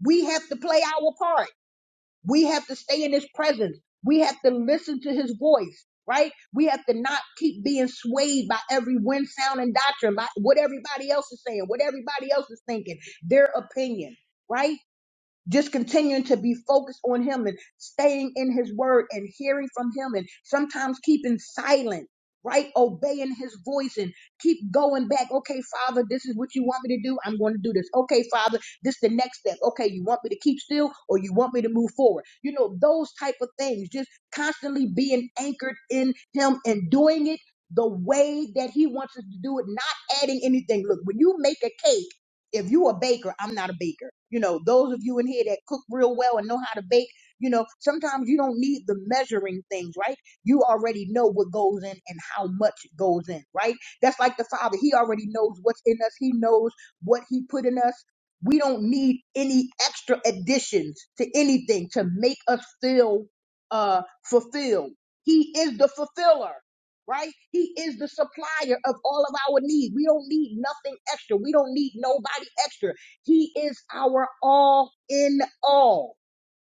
We have to play our part. We have to stay in his presence. We have to listen to his voice, right? We have to not keep being swayed by every wind, sound, and doctrine, by what everybody else is saying, what everybody else is thinking, their opinion, right? just continuing to be focused on him and staying in his word and hearing from him and sometimes keeping silent right obeying his voice and keep going back okay father this is what you want me to do i'm going to do this okay father this is the next step okay you want me to keep still or you want me to move forward you know those type of things just constantly being anchored in him and doing it the way that he wants us to do it not adding anything look when you make a cake if you a baker, I'm not a baker. You know, those of you in here that cook real well and know how to bake, you know, sometimes you don't need the measuring things, right? You already know what goes in and how much goes in, right? That's like the Father. He already knows what's in us. He knows what he put in us. We don't need any extra additions to anything to make us feel uh fulfilled. He is the fulfiller right? He is the supplier of all of our needs. We don't need nothing extra. We don't need nobody extra. He is our all in all.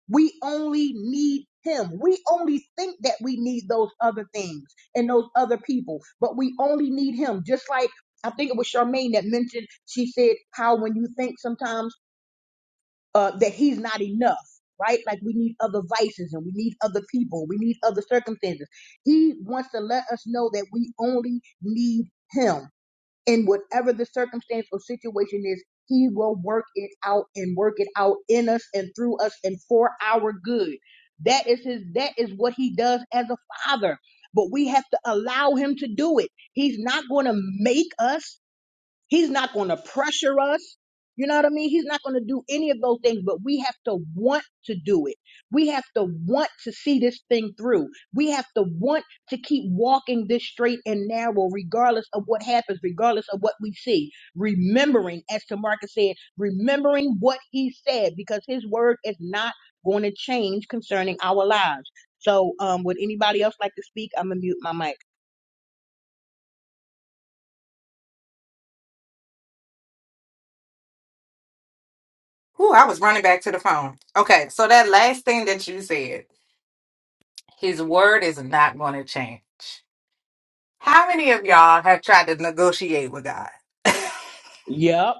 We only need him. We only think that we need those other things and those other people, but we only need him. Just like I think it was Charmaine that mentioned, she said how when you think sometimes uh, that he's not enough, right? Like we need other vices and we need other people, we need other circumstances. He wants to let us know that we only need him. And whatever the circumstance or situation is, he will work it out and work it out in us and through us and for our good. That is his that is what he does as a father. But we have to allow him to do it. He's not going to make us. He's not going to pressure us. You know what I mean? He's not going to do any of those things, but we have to want to do it. We have to want to see this thing through. We have to want to keep walking this straight and narrow, regardless of what happens, regardless of what we see. Remembering, as Tamarcus said, remembering what he said, because his word is not going to change concerning our lives. So, um, would anybody else like to speak? I'm going to mute my mic.
Ooh, I was running back to the phone. Okay, so that last thing that you said, his word is not going to change. How many of y'all have tried to negotiate with God?
Yep.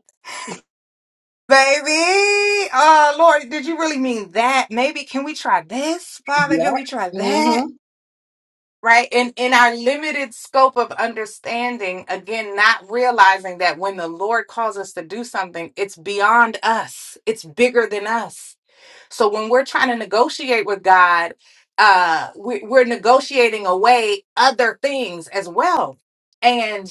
Baby, uh, Lord, did you really mean that? Maybe can we try this? Father,
Yep.
can we try that?
Mm-hmm.
Right? And in our limited scope of understanding, again, not realizing that when the Lord calls us to do something, it's beyond us. It's bigger than us. So when we're trying to negotiate with God, uh, we, we're negotiating away other things as well. and.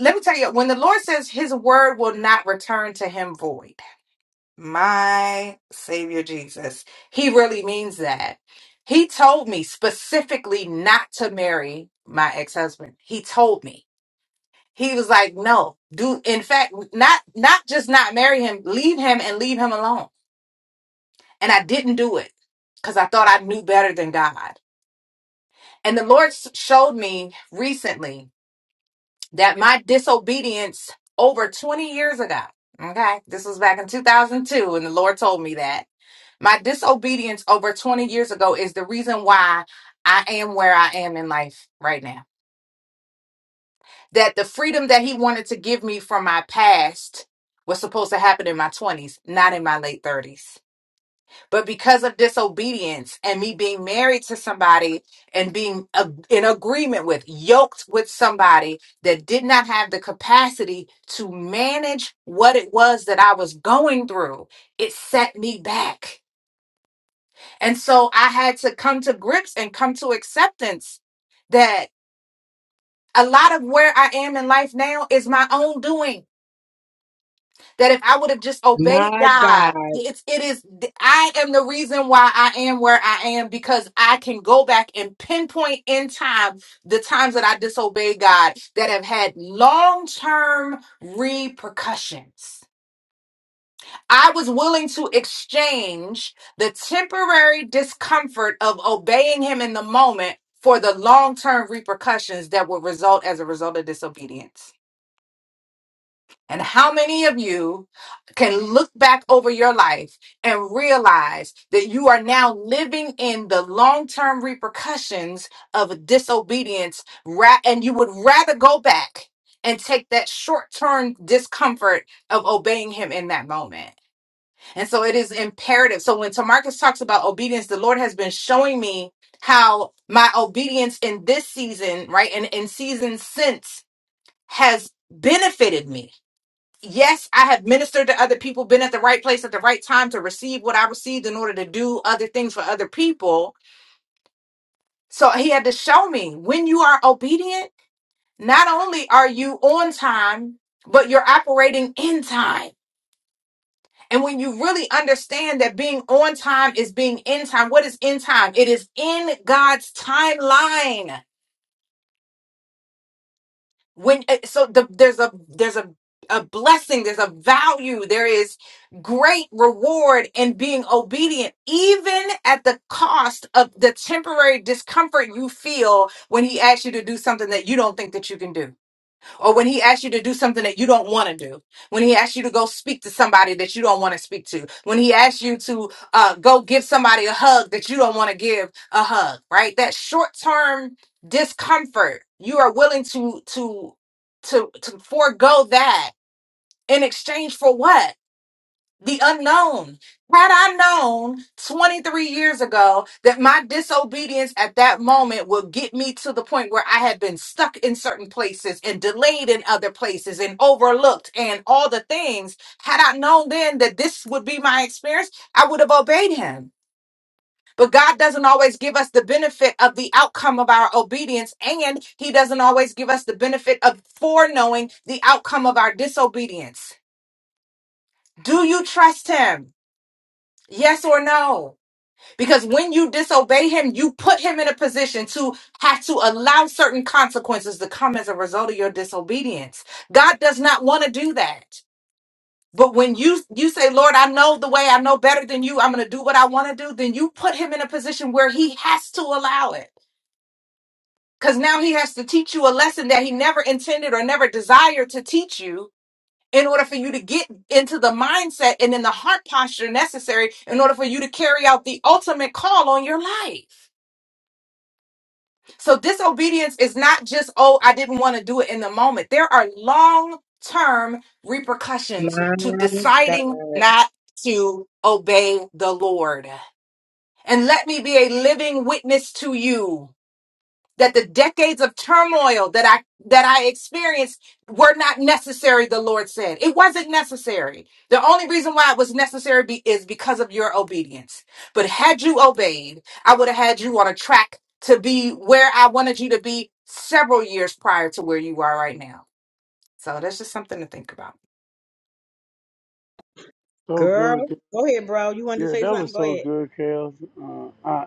let me tell you, when the Lord says his word will not return to him void, my Savior Jesus, he really means that. He told me specifically not to marry my ex-husband. He told me. He was like, no, do in fact, not not just not marry him, leave him and leave him alone. And I didn't do it because I thought I knew better than God. And the Lord s- showed me recently that my disobedience over 20 years ago, okay, this was back in 2002, and the Lord told me that my disobedience over 20 years ago is the reason why I am where I am in life right now. That the freedom that He wanted to give me from my past was supposed to happen in my 20s, not in my late 30s. But because of disobedience and me being married to somebody and being a- in agreement with, yoked with somebody that did not have the capacity to manage what it was that I was going through, it set me back. And so I had to come to grips and come to acceptance that a lot of where I am in life now is my own doing. that if I would have just obeyed
My God.
God, it's it is I am the reason why I am where I am because I can go back and pinpoint in time the times that I disobeyed God that have had long-term repercussions. I was willing to exchange the temporary discomfort of obeying him in the moment for the long-term repercussions that would result as a result of disobedience. And how many of you can look back over your life and realize that you are now living in the long term repercussions of disobedience? ra- And you would rather go back and take that short term discomfort of obeying Him in that moment. And so it is imperative. So when Tamarcus talks about obedience, the Lord has been showing me how my obedience in this season, right, and in seasons since has benefited me yes, I have ministered to other people, been at the right place at the right time to receive what I received in order to do other things for other people. So he had to show me when you are obedient, not only are you on time, but you're operating in time. And when you really understand that being on time is being in time, what is in time? It is in God's timeline. when uh, so the, there's a there's a a blessing there's a value there is great reward in being obedient even at the cost of the temporary discomfort you feel when he asks you to do something that you don't think that you can do or when he asks you to do something that you don't want to do, when he asks you to go speak to somebody that you don't want to speak to, when he asks you to uh, go give somebody a hug that you don't want to give a hug, right? That short term discomfort, you are willing to to to to forego that in exchange for what? the unknown. Had I known 23 years ago that my disobedience at that moment would get me to the point where I had been stuck in certain places and delayed in other places and overlooked and all the things, had I known then that this would be my experience, I would have obeyed him. But God doesn't always give us the benefit of the outcome of our obedience, and He doesn't always give us the benefit of foreknowing the outcome of our disobedience. Do you trust Him? Yes or no? Because when you disobey him, you put him in a position to have to allow certain consequences to come as a result of your disobedience. God does not want to do that. But when you you say, "Lord, I know the way. I know better than you. I'm going to do what I want to do," then you put him in a position where he has to allow it. Cuz now he has to teach you a lesson that he never intended or never desired to teach you in order for you to get into the mindset and in the heart posture necessary in order for you to carry out the ultimate call on your life. So, disobedience is not just, oh, I didn't want to do it in the moment. There are long term repercussions
My
to
God.
deciding not to obey the Lord. And let me be a living witness to you that the decades of turmoil that I that I experienced were not necessary, the Lord said. It wasn't necessary. The only reason why it was necessary be, is because of your obedience. But had you obeyed, I would have had you on a track to be where I wanted you to be several years prior to where you are right now. So that's just something to think about.
So
Girl,
good. Kel.
go ahead, bro. You wanted to
Yeah,
say
that
something?
was
Go
so
ahead.
good, Kels. Uh,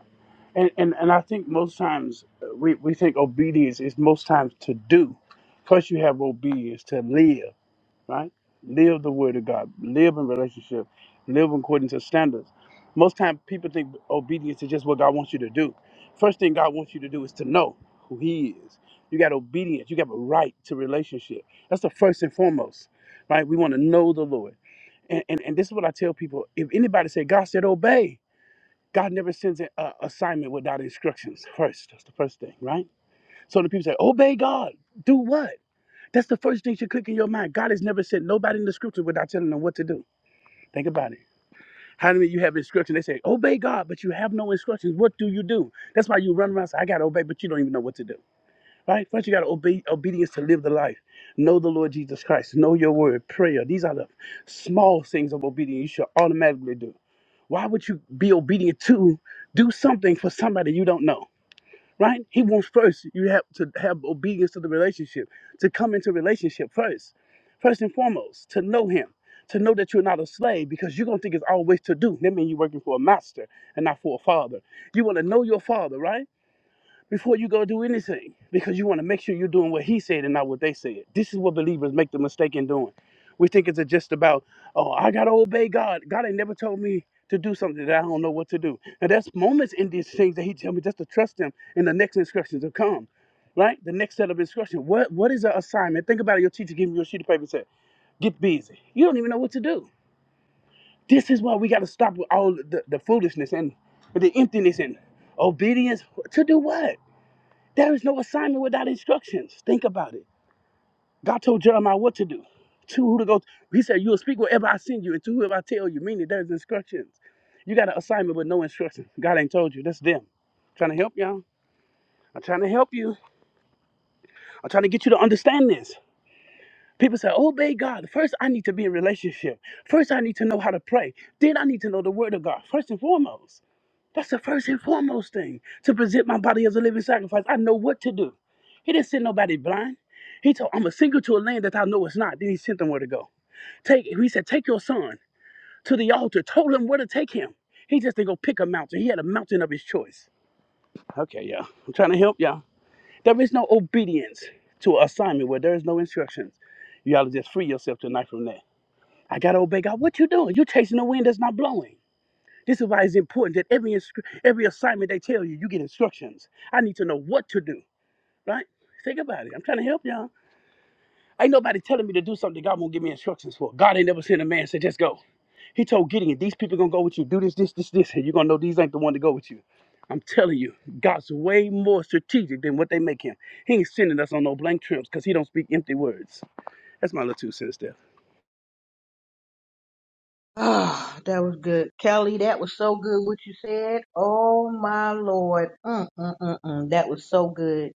And, and and I think most times uh, we, we think obedience is most times to do. First, you have obedience to live, right? Live the word of God, live in relationship, live according to standards. Most times, people think obedience is just what God wants you to do. First thing God wants you to do is to know who He is. You got obedience. You got a right to relationship. That's the first and foremost, right? We want to know the Lord, and and, and this is what I tell people: If anybody say God said obey, God never sends an uh, assignment without instructions first. That's the first thing, right? So the people say, obey God. Do what? That's the first thing should click in your mind. God has never sent nobody in the scripture without telling them what to do. Think about it. How many of you have instruction? They say, obey God, but you have no instructions. What do you do? That's why you run around and say, I got to obey, but you don't even know what to do, right? First, you got to obey obedience to live the life. Know the Lord Jesus Christ. Know your word, prayer. These are the small things of obedience you should automatically do. Why would you be obedient to do something for somebody you don't know? Right? He wants first you have to have obedience to the relationship, to come into relationship first. First and foremost, to know him, to know that you're not a slave because you're gonna think it's always to do. That means you're working for a master and not for a father. You wanna know your father, right? before you go do anything because you want to make sure you're doing what he said and not what they said. This is what believers make the mistake in doing. We think it's just about, oh, I got to obey God. God ain't never told me to do something that I don't know what to do. Now, there's moments in these things that he tell me just to trust him and the next instructions will come, right? The next set of instruction. What, what is the assignment? Think about it. Your teacher giving you a sheet of paper and said, get busy. You don't even know what to do. This is why we got to stop with all the, the foolishness and the emptiness and obedience. To do what? There is no assignment without instructions. Think about it. God told Jeremiah what to do, to who to go. to. He said, You'll speak wherever I send you and to whoever I tell you, meaning there's instructions. You got an assignment with no instructions. God ain't told you. That's them. trying to help y'all. I'm trying to help you. I'm trying to get you to understand this. People say, Obey God. First, I need to be in relationship. First, I need to know how to pray. Then, I need to know the word of God, first and foremost. That's the first and foremost thing to present my body as a living sacrifice. I know what to do. He didn't send nobody blind. He told, I'm a single to a land that I know it's not. Then he sent them where to go. Take, he said, take your son to the altar. Told him where to take him. He just didn't go pick a mountain. He had a mountain of his choice. Okay, y'all. I'm trying to help y'all. There is no obedience to an assignment where there is no instructions. You gotta just free yourself tonight from that. I gotta obey God. What you doing? You chasing the wind that's not blowing. This is why it's important that every inscri- every assignment they tell you, you get instructions. I need to know what to do, right? Think about it. I'm trying to help y'all. Ain't nobody telling me to do something God won't give me instructions for. God ain't never sent a man say just go. He told Gideon, these people gonna go with you. Do this, this, this, this, and you're gonna know these ain't the one to go with you. I'm telling you, God's way more strategic than what they make him. He ain't sending us on no blank trips because he don't speak empty words. That's my little two cents there.
Ah, that was good. Kelly, that was so good what you said. Oh my Lord. Mm, mm, mm, mm. That was so good.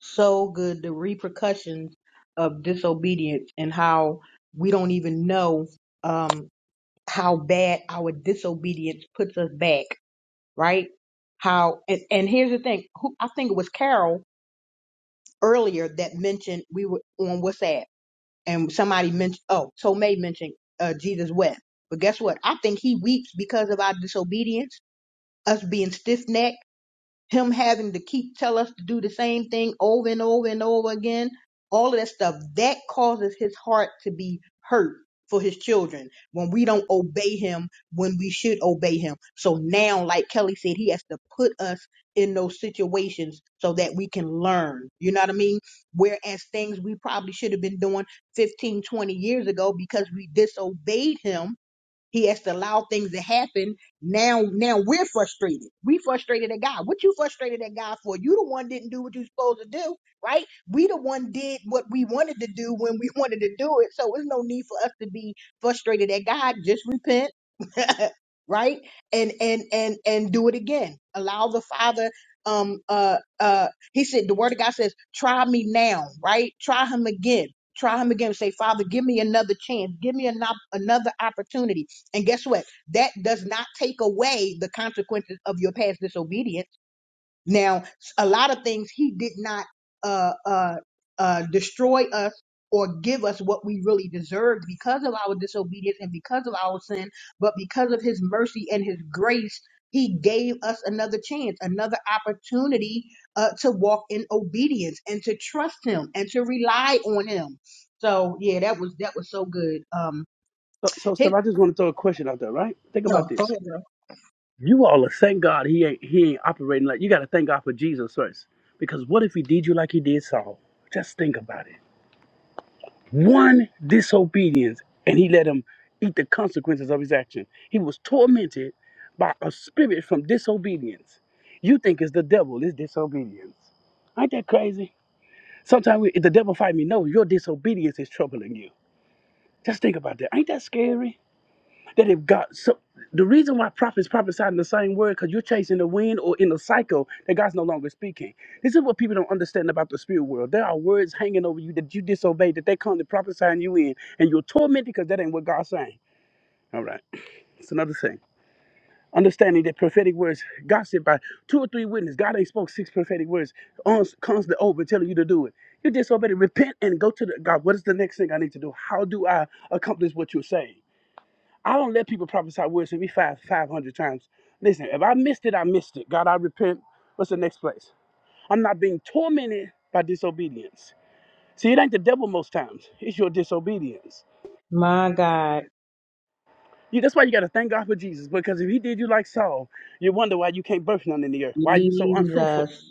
So good. The repercussions of disobedience and how we don't even know um how bad our disobedience puts us back, right? How and, and here's the thing. Who I think it was Carol earlier that mentioned we were on WhatsApp and somebody mentioned oh Tomei mentioned uh, Jesus wept, but guess what? I think he weeps because of our disobedience, us being stiff necked him having to keep tell us to do the same thing over and over and over again, all of that stuff, that causes his heart to be hurt for his children when we don't obey him when we should obey him. So now, like Kelly said, he has to put us in those situations so that we can learn. You know what I mean? Whereas things we probably should have been doing 15, 20 years ago because we disobeyed him he has to allow things to happen. Now, now we're frustrated. We frustrated at God. What you frustrated at God for? You the one didn't do what you supposed to do, right? We the one did what we wanted to do when we wanted to do it. So there's no need for us to be frustrated at God. Just repent, right? And and and and do it again. Allow the Father. Um. Uh. Uh. He said the Word of God says, "Try me now," right? Try Him again. Try Him again. Say, Father, give me another chance. Give me an op- another opportunity and guess what? That does not take away the consequences of your past disobedience. Now, a lot of things he did not uh, uh, uh, destroy us or give us what we really deserved because of our disobedience and because of our sin, but because of his mercy and his grace, he gave us another chance, another opportunity uh, to walk in obedience and to trust him and to rely on him. So yeah, that was that was so good. Um,
So, so Steph,
Hick,
I just want to throw a question out there, right? Think
oh,
about
go
this.
ahead.
You all are thank God he ain't he ain't operating like you gotta thank God for Jesus first. Because what if he did you like he did Saul? Just think about it. One disobedience and he let him eat the consequences of his action. He was tormented by a spirit from disobedience. You think it's the devil, it's disobedience. Ain't that crazy? Sometimes we, if the devil fight me, no, your disobedience is troubling you. Just think about that. Ain't that scary? that if God, so the reason why prophets prophesy in the same word, because you're chasing the wind or in a cycle that God's no longer speaking. This is what people don't understand about the spirit world. There are words hanging over you that you disobey, that they come to prophesy in you in, and you're tormented because that ain't what God's saying. All right, it's another thing. Understanding that prophetic words, God said by two or three witnesses, God ain't spoke six prophetic words on constantly over telling you to do it. You disobey, repent, and go to the God. What is the next thing I need to do? How do I accomplish what you're saying? I don't let people prophesy words to me five five hundred times. Listen, if I missed it, I missed it. God, I repent. What's the next place? I'm not being tormented by disobedience. See, it ain't the devil most times. It's your disobedience.
My God.
You, that's why you got to thank God for Jesus, because if He did you like Saul, you wonder why you can't birth none in the earth. Why you so unfruitful?
Jesus.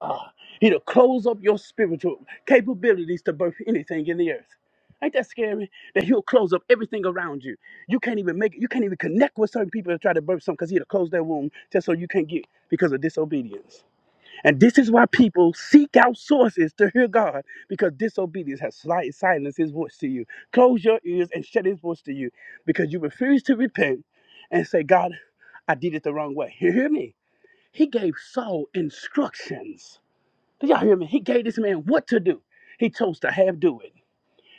Ah, he'll close up your spiritual capabilities to birth anything in the earth. Ain't that scary? That he'll close up everything around you. You can't even make it. you can't even connect with certain people to try to birth something because he'll close their womb just so you can't get because of disobedience. And this is why people seek out sources to hear God because disobedience has slight silenced his voice to you. Close your ears and shut his voice to you because you refuse to repent and say, God, I did it the wrong way. You hear me? He gave Saul instructions do y'all hear me? He gave this man what to do. He chose to have do it.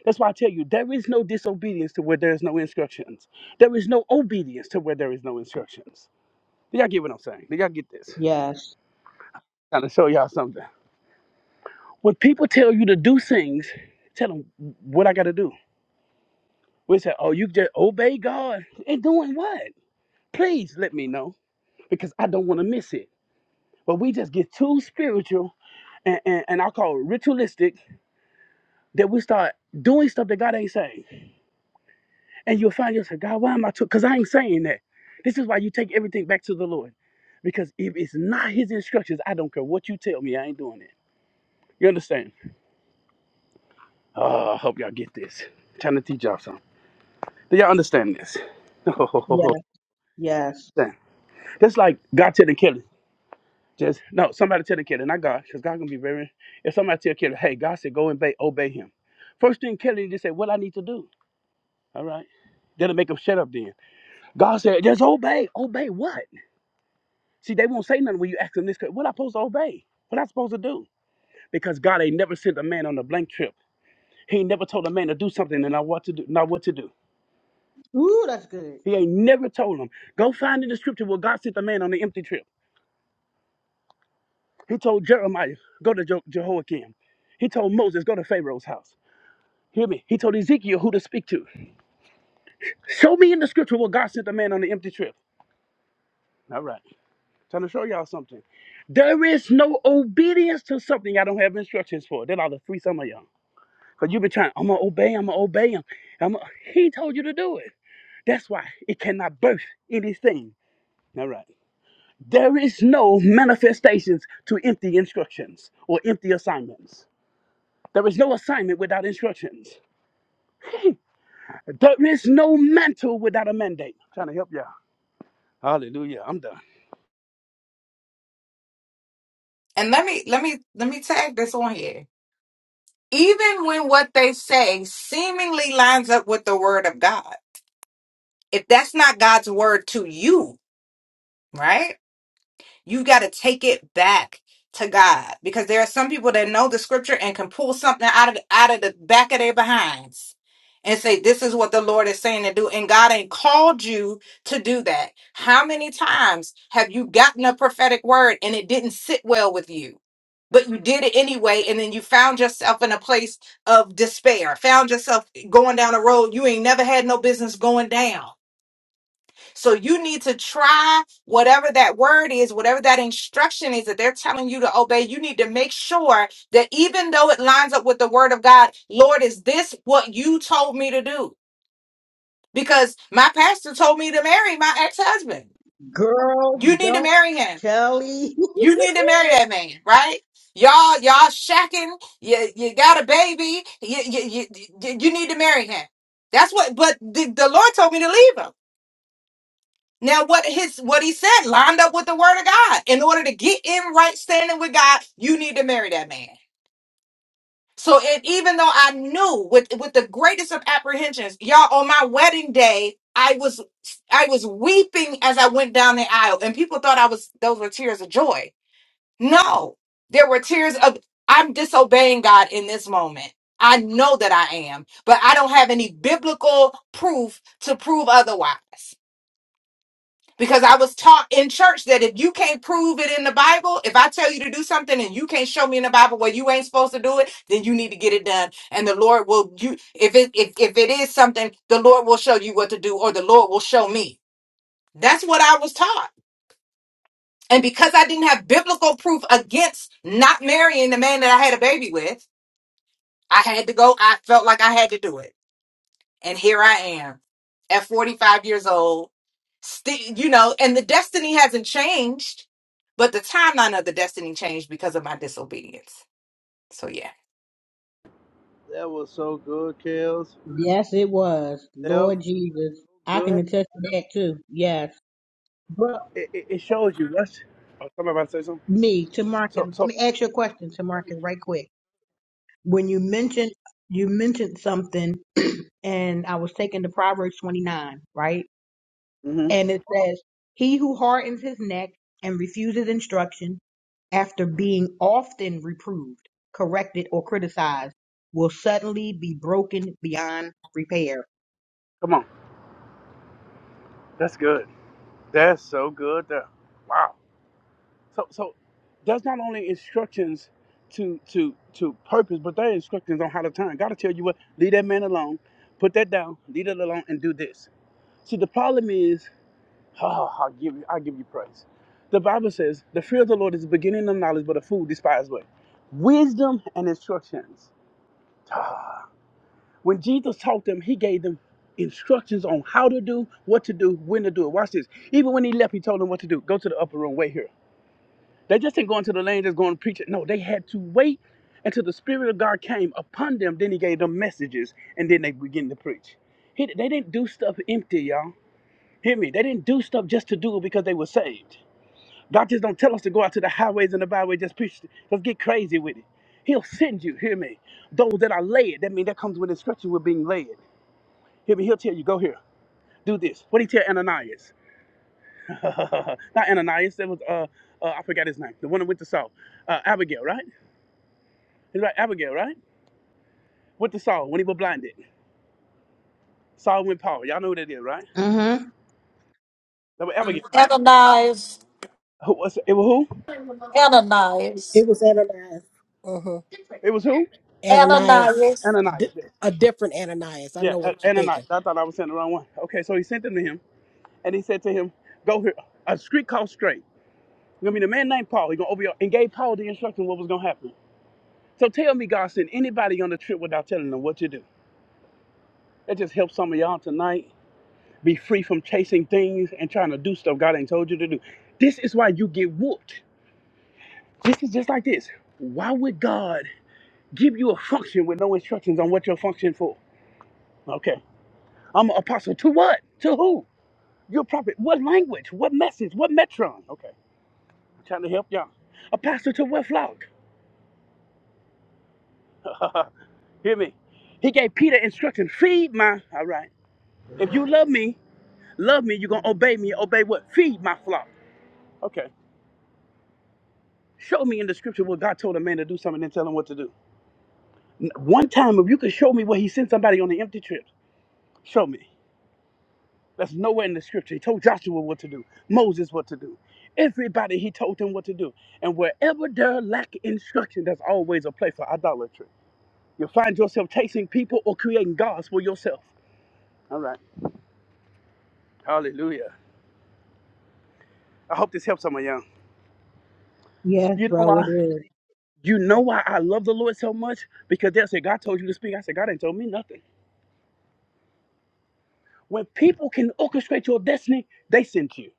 That's why I tell you, there is no disobedience to where there is no instructions. There is no obedience to where there is no instructions. Do y'all get what I'm saying? Do y'all get this?
Yes.
Trying to show y'all something. When people tell you to do things, tell them what I got to do. We say, oh, you just obey God. And doing what? Please let me know because I don't want to miss it. But we just get too spiritual and, and, and I call it ritualistic that we start doing stuff that God ain't saying. And you'll find yourself, God, why am I? took? Because I ain't saying that. This is why you take everything back to the Lord. Because if it's not His instructions, I don't care what you tell me, I ain't doing it. You understand? Oh, I hope y'all get this. I'm trying to teach y'all something. Do y'all understand this? Understand?
Yes. Yes.
That's like God telling Kelly, just no, somebody telling Kelly, not God, because God gonna be very. If somebody tell Kelly, hey, God said go and obey, obey Him. First thing Kelly just said, what I need to do. All right, that'll make him shut up. Then God said, just obey, obey what? See, they won't say nothing when you ask them this. que- What am I supposed to obey? What am I supposed to do? Because God ain't never sent a man on a blank trip. He ain't never told a man to do something and not what to do. Not what to do.
Ooh, that's good.
He ain't never told him. Go find in the scripture where God sent a man on an empty trip. He told Jeremiah, go to Je- Jehoiakim. He told Moses, go to Pharaoh's house. Hear me. He told Ezekiel who to speak to. Show me in the scripture where God sent a man on an empty trip. All right. Trying to show y'all something. There is no obedience to something I don't have instructions for. That ought to free some of y'all. Because you've been trying, I'm going to obey, him, I'm going to obey him. I'm gonna-" He told you to do it. That's why it cannot birth anything. All right. There is no manifestations to empty instructions or empty assignments. There is no assignment without instructions. There is no mantle without a mandate. trying to help y'all. Hallelujah. I'm done.
And let me let me let me tag this on here. Even when what they say seemingly lines up with the word of God, if that's not God's word to you, right? You've got to take it back to God because there are some people that know the scripture and can pull something out of out of the back of their behinds and say this is what the Lord is saying to do and God ain't called you to do that. How many times have you gotten a prophetic word and it didn't sit well with you? But you did it anyway, and then you found yourself in a place of despair. Found yourself going down a road you ain't never had no business going down so you need to try whatever that word is, whatever that instruction is that they're telling you to obey. You need to make sure that even though it lines up with the word of God, Lord, is this what you told me to do? Because my pastor told me to marry my ex-husband.
Girl,
You need to
don't
marry him.
Kelly.
You need to marry that man, right? Y'all, y'all shacking. You, you got a baby. You, you, you, you you need to marry him. That's what, but the, the Lord told me to leave him. Now, what his what he said lined up with the word of God. In order to get in right standing with God, you need to marry that man. So, it, even though I knew with with the greatest of apprehensions, y'all, on my wedding day, I was I was weeping as I went down the aisle, and people thought I was those were tears of joy. No, there were tears of I'm disobeying God in this moment. I know that I am, but I don't have any biblical proof to prove otherwise because I was taught in church that if you can't prove it in the Bible, if I tell you to do something and you can't show me in the Bible where you ain't supposed to do it, then you need to get it done. And the Lord will you if it if, if it is something, the Lord will show you what to do, or the Lord will show me. That's what I was taught. And because I didn't have biblical proof against not marrying the man that I had a baby with, I had to go. I felt like I had to do it. and here I am at 45 years old. Sti you know, and the destiny hasn't changed, but the timeline of the destiny changed because of my disobedience. So yeah.
yes, it was.
Sound
Lord Jesus. I can
good?
attest to that too. Yes. But
It, it, it shows you. That's, oh, somebody about to say something?
me, to Marcus,
So,
let
so,
me ask you a question to Marcus right quick. When you mentioned you mentioned something and I was taking the Proverbs twenty nine, right?
hmm
And it says, He who hardens his neck and refuses instruction after being often reproved, corrected, or criticized will suddenly be broken beyond repair.
come on. That's good. That's so good. There. Wow. So so that's not only instructions to to to purpose, but they're instructions on how to turn. Gotta tell you what, leave that man alone, put that down, leave it alone, and do this. See the problem is, oh, I'll give you I'll give you praise. The Bible says, the fear of the Lord is the beginning of knowledge, but a fool despises what? Wisdom and instructions. Ah. When Jesus taught them, he gave them instructions on how to do, what to do, when to do it. Watch this. Even when he left, he told them what to do. Go to the upper room, wait here. They just didn't go into the land just going to preach it. No, they had to wait until the Spirit of God came upon them. Then He gave them messages, and then they begin to preach. He- They didn't do stuff empty, y'all. Hear me? They didn't do stuff just to do it because they were saved. God just don't tell us to go out to the highways and the byways just preach. Let's get crazy with it. He'll send you. Hear me? Those that are led. That means that comes with instruction. We're being led. Hear me? He'll tell you go here, do this. What did he tell Ananias? Not Ananias. That was uh, uh I forgot his name. The one that went to Saul. Uh, Abigail, right? It's about Abigail, right? What the Saul when he was blinded. Saul went Paul. Y'all know who that is, right?
Mm-hmm.
That was Abigail, right?
Ananias,
Who was it? Was who?
It
Ananias,
was Ananias. Uh-huh.
It was who?
Ananias.
Ananias,
A,
Ananias.
di-
Yeah,
a different Ananias. I
Yeah,
know what
A-
you're
Ananias.
thinking.
I thought I was saying the wrong one. Okay, so he sent them to him, and he said to him, "Go here, a street called Straight. It's Gonna be the man named Paul. He's gonna open your, and gave Paul the instruction what was gonna happen. So tell me, God sent anybody on the trip without telling them what to do. That just helps some of y'all tonight be free from chasing things and trying to do stuff God ain't told you to do. This is why you get whooped This is just like this. Why would God give you a function with no instructions on what your function for? Okay. I'm an apostle to what? To who? You're a prophet. What language? What message? What metron? Okay. I'm trying to help y'all. A pastor to what flock? Hear me. He gave Peter instructions. Feed my all right. If you love me, love me, you're gonna obey me. Obey what? Feed my flock. Okay. Show me in the scripture what God told a man to do something and tell him what to do. N- One time, if you could show me where he sent somebody on an empty trip, show me. That's nowhere in the scripture. He told Joshua what to do, Moses what to do. Everybody, he told them what to do. And wherever there lack instruction, there's always a place for idolatry. You'll find yourself chasing people or creating gods for yourself. All right. Hallelujah. I hope this helps someone young.
Yes,
You know
bro, it
why?
is.
You know why I love the Lord so much? Because they'll say, God told you to speak. I said, God ain't told me nothing. When people can orchestrate your destiny, they sent you.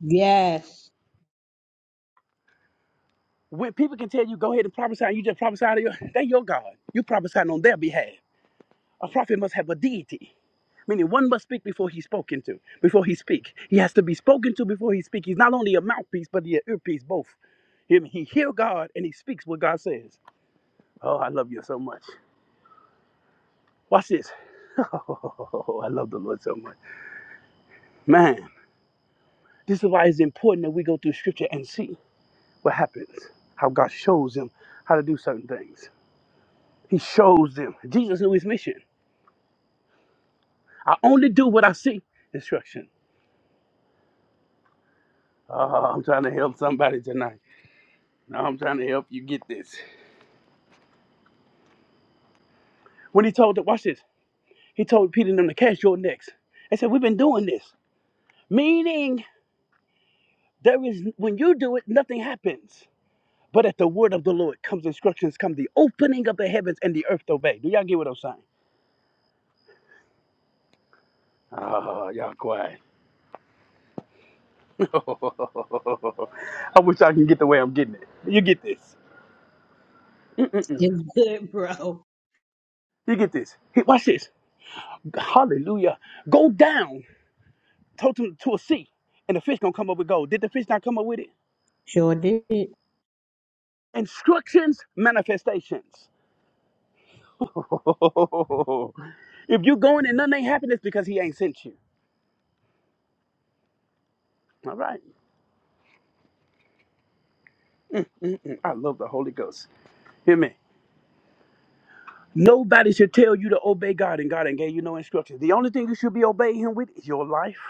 Yes.
When people can tell you, go ahead and prophesy, and you just prophesy to your, they your God. You prophesying on their behalf. A prophet must have a deity. Meaning one must speak before he's spoken to, before he speak. He has to be spoken to before he speak. He's not only a mouthpiece, but he an earpiece both. Hear me? He hear God and he speaks what God says. Oh, I love you so much. Watch this. Oh, I love the Lord so much. Man, this is why it's important that we go through scripture and see what happens, how God shows them how to do certain things. He shows them. Jesus knew his mission. I only do what I see. Instruction. Oh, I'm trying to help somebody tonight. Now I'm trying to help you get this. When he told, watch this. He told Peter and them to cast your nets. They said, we've been doing this, meaning there is when you do it, nothing happens. But at the word of the Lord comes instructions, come the opening of the heavens and the earth to obey. Do y'all get what I'm saying? Oh, y'all quiet. I wish I can get the way I'm getting it. You get this. Mm-mm-mm.
It's good, bro.
You get this. Hey, Watch this. Hallelujah. Go down to, to, to a sea, and the fish gonna come up with gold. Did the fish not come up with it?
Sure did.
Instructions, manifestations. if you going and nothing ain't happening, it's because he ain't sent you. All right. Mm-mm. I love the Holy Ghost. Hear me. Nobody should tell you to obey God and God ain't gave you no instructions. The only thing you should be obeying him with is your life,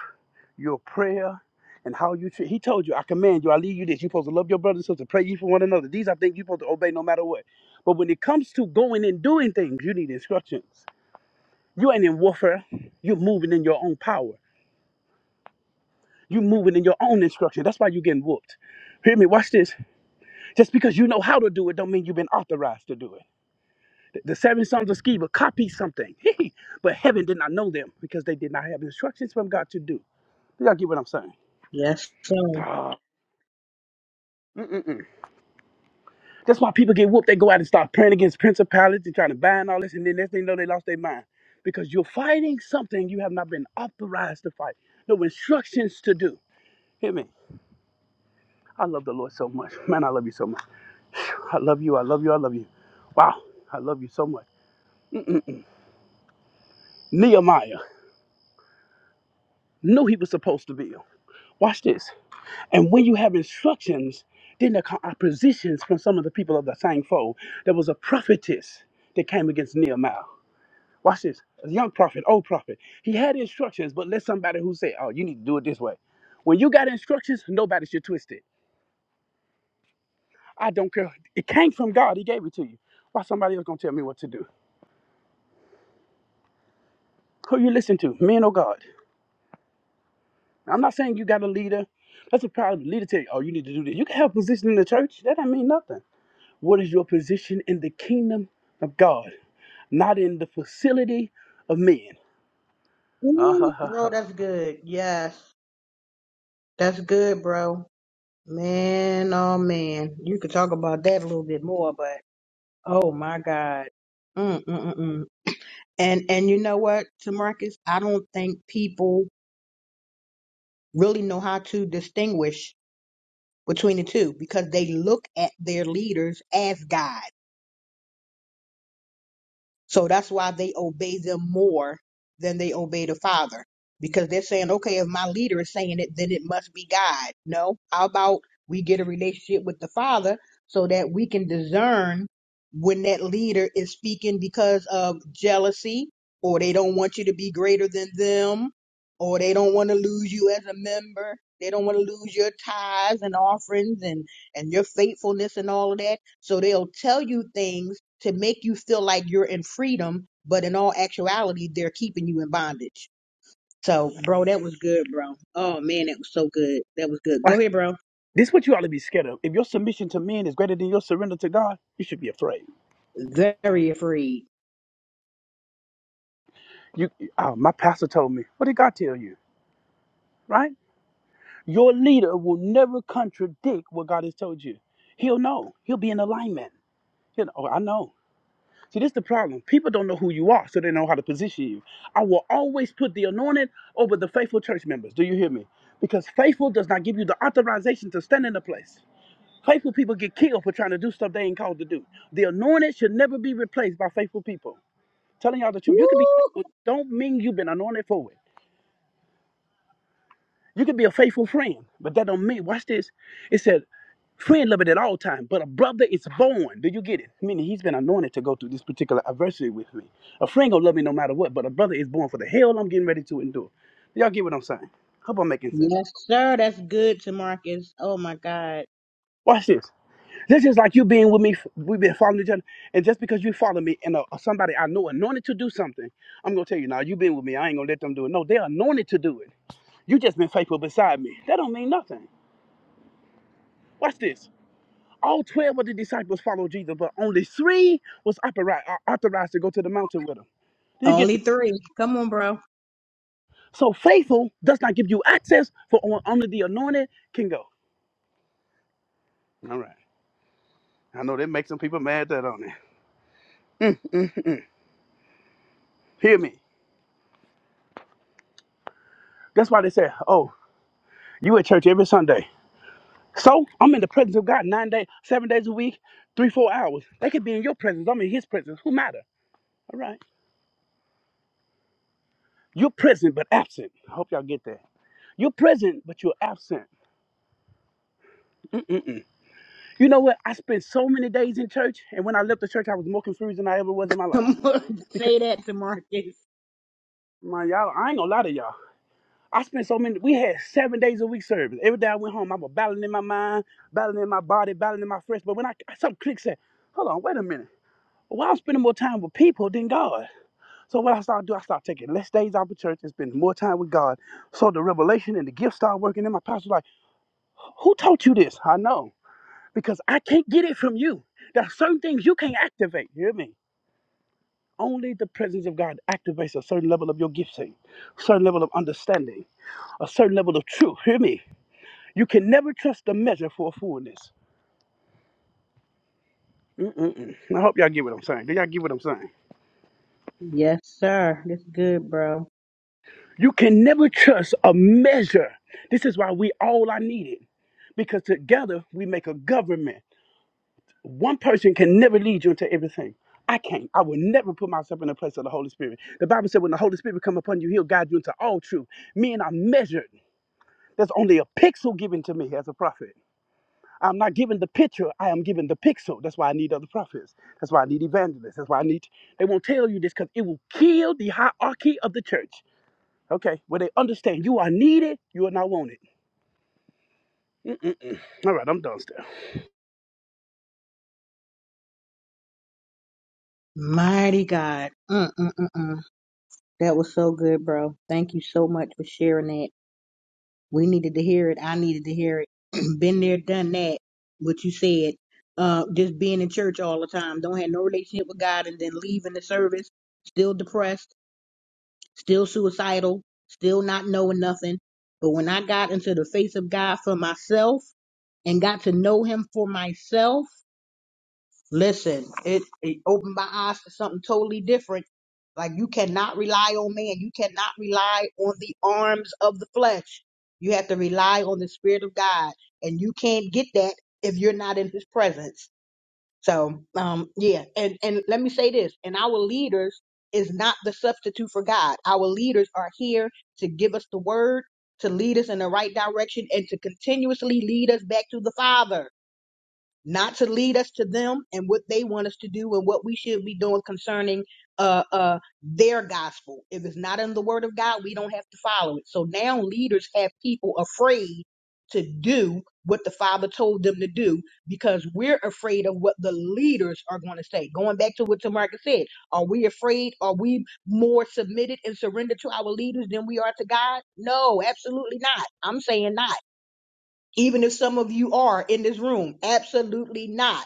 your prayer, and how you treat. He told you, I command you, I leave you this. You're supposed to love your brothers and sisters, pray you for one another. These are things you're supposed to obey no matter what. But when it comes to going and doing things, you need instructions. You ain't in warfare. You're moving in your own power. You moving in your own instruction. That's why you are getting whooped. Hear me, watch this. Just because you know how to do it don't mean you've been authorized to do it. The the seven sons of Sceva copied something, but heaven did not know them because they did not have instructions from God to do. Do Y'all get what I'm saying?
Yes, sir.
That's why people get whooped. They go out and start praying against principalities and trying to bind all this, and then next thing you know, they lost their mind because you're fighting something you have not been authorized to fight. No instructions to do. Hear me? I love the Lord so much. Man, I love you so much. I love you. I love you. I love you. Wow. I love you so much. Nehemiah knew he was supposed to build. Watch this. And when you have instructions, then there come oppositions from some of the people of the same fold. There was a prophetess that came against Nehemiah. Watch this. A young prophet, old prophet. He had instructions, but let somebody who said, Oh, you need to do it this way. When you got instructions, nobody should twist it. I don't care. It came from God. He gave it to you. Why somebody else gonna tell me what to do? Who you listen to? Men or God? I'm not saying you got a leader. That's a problem. The Leader tell you, oh, you need to do this. You can have a position in the church. That don't mean nothing. What is your position in the kingdom of God? Not in the facility of men. Ah, ha,
Ooh,
ha,
bro,
ha.
that's good. Yes. That's good, bro. Man, oh man. You could talk about that a little bit more, but oh my God. Mm-mm-mm. And and you know what, Tamarcus, I don't think people really know how to distinguish between the two because they look at their leaders as God. So that's why they obey them more than they obey the Father. Because they're saying, okay, if my leader is saying it, then it must be God. No, how about we get a relationship with the Father so that we can discern when that leader is speaking because of jealousy or they don't want you to be greater than them or they don't want to lose you as a member. They don't want to lose your tithes and offerings and and your faithfulness and all of that. So they'll tell you things to make you feel like you're in freedom, but in all actuality, they're keeping you in bondage. So, bro, that was good, bro. Oh man, that was so good. That was good. Go
Watch.
ahead, bro.
This is what you ought to be scared of. If your submission to men is greater than your surrender to God, you should be afraid.
Very afraid.
You, oh, my pastor told me. What did God tell you? Right? Your leader will never contradict what God has told you. He'll know. He'll be in alignment. You know, oh, I know. See, this is the problem. People don't know who you are, so they know how to position you. I will always put the anointed over the faithful church members. Do you hear me? Because faithful does not give you the authorization to stand in the place. Faithful people get killed for trying to do stuff they ain't called to do. The anointed should never be replaced by faithful people. Telling y'all the
Woo!
truth, you can be faithful, don't mean you've been anointed for it. You can be a faithful friend, but that don't mean. Watch this. It said, "Friend love it at all times, but a brother is born." Do you get it? Meaning he's been anointed to go through this particular adversity with me. A friend gonna love me no matter what, but a brother is born for the hell I'm getting ready to endure. Y'all get what I'm saying? Hope I'm making sense.
Yes, sir. That's good to Marcus. Oh my God.
Watch this. This is like you being with me. We've been following each other, and just because you follow me and uh, somebody I know anointed to do something, I'm gonna tell you now. You been with me. I ain't gonna let them do it. No, they're anointed to do it. You just been faithful beside me. That don't mean nothing. Watch this. All 12 of the disciples followed Jesus, but only three was authori- uh, authorized to go to the mountain with him. Do you get
Only
this?
three. Come on, bro.
So faithful does not give you access, for on- only the anointed can go. All right. I know that makes some people mad that on it. Mm, mm, mm. mm. Hear me. That's why they say, oh, you at church every Sunday. So I'm in the presence of God nine days, seven days a week, three, four hours. They could be in your presence. I'm in his presence. Who matter? All right. You're present but absent. I hope y'all get that. You're present, but you're absent. Mm-mm-mm. You know what? I spent so many days in church, and when I left the church, I was more confused than I ever was in my life.
Come on.
Because,
Say that to Marcus.
my y'all, I ain't gonna lie to y'all. I spent so many, we had seven days a week service. Every day I went home, I was battling in my mind, battling in my body, battling in my flesh. But when I, some click said, hold on, wait a minute. Why I'm spending more time with people than God? So what I started doing, I started taking less days out of church and spending more time with God. So the revelation and the gift started working And my pastor was like, who taught you this? I know, because I can't get it from you. There are certain things you can't activate. You hear me? Only the presence of God activates a certain level of your gifting, a certain level of understanding, a certain level of truth. Hear me. You can never trust the measure for a fullness. Mm-mm-mm. I hope y'all get what I'm saying. Do y'all get what I'm saying?
Yes, sir. That's good, bro.
You can never trust a measure. This is why we all are needed, because together we make a government. One person can never lead you into everything. I can't. I will never put myself in the place of the Holy Spirit. The Bible said, when the Holy Spirit come upon you, He'll guide you into all truth. Men are measured. There's only a pixel given to me as a prophet. I'm not given the picture, I am given the pixel. That's why I need other prophets. That's why I need evangelists. That's why I need. They won't tell you this because it will kill the hierarchy of the church. Okay, where they understand you are needed, you are not wanted. All right, I'm done, still.
Mighty God. mm mm mm mm. That was so good, bro. Thank you so much for sharing that. We needed to hear it. I needed to hear it. Been there, done that. What you said. Uh, just being in church all the time. Don't have no relationship with God and then leaving the service. Still depressed. Still suicidal. Still not knowing nothing. But when I got into the face of God for myself and got to know him for myself, Listen, it, it opened my eyes to something totally different. Like you cannot rely on man. You cannot rely on the arms of the flesh. You have to rely on the spirit of God. And you can't get that if you're not in his presence. So um yeah, and, and let me say this, and our leaders is not the substitute for God. Our leaders are here to give us the word, to lead us in the right direction, and to continuously lead us back to the Father not to lead us to them and what they want us to do and what we should be doing concerning uh uh their gospel. If it's not in the word of God, we don't have to follow it. So now leaders have people afraid to do what the father told them to do because we're afraid of what the leaders are going to say. Going back to what Tamarcus said, are we afraid? Are we more submitted and surrendered to our leaders than we are to God? No, absolutely not. I'm saying not even if some of you are in this room. Absolutely not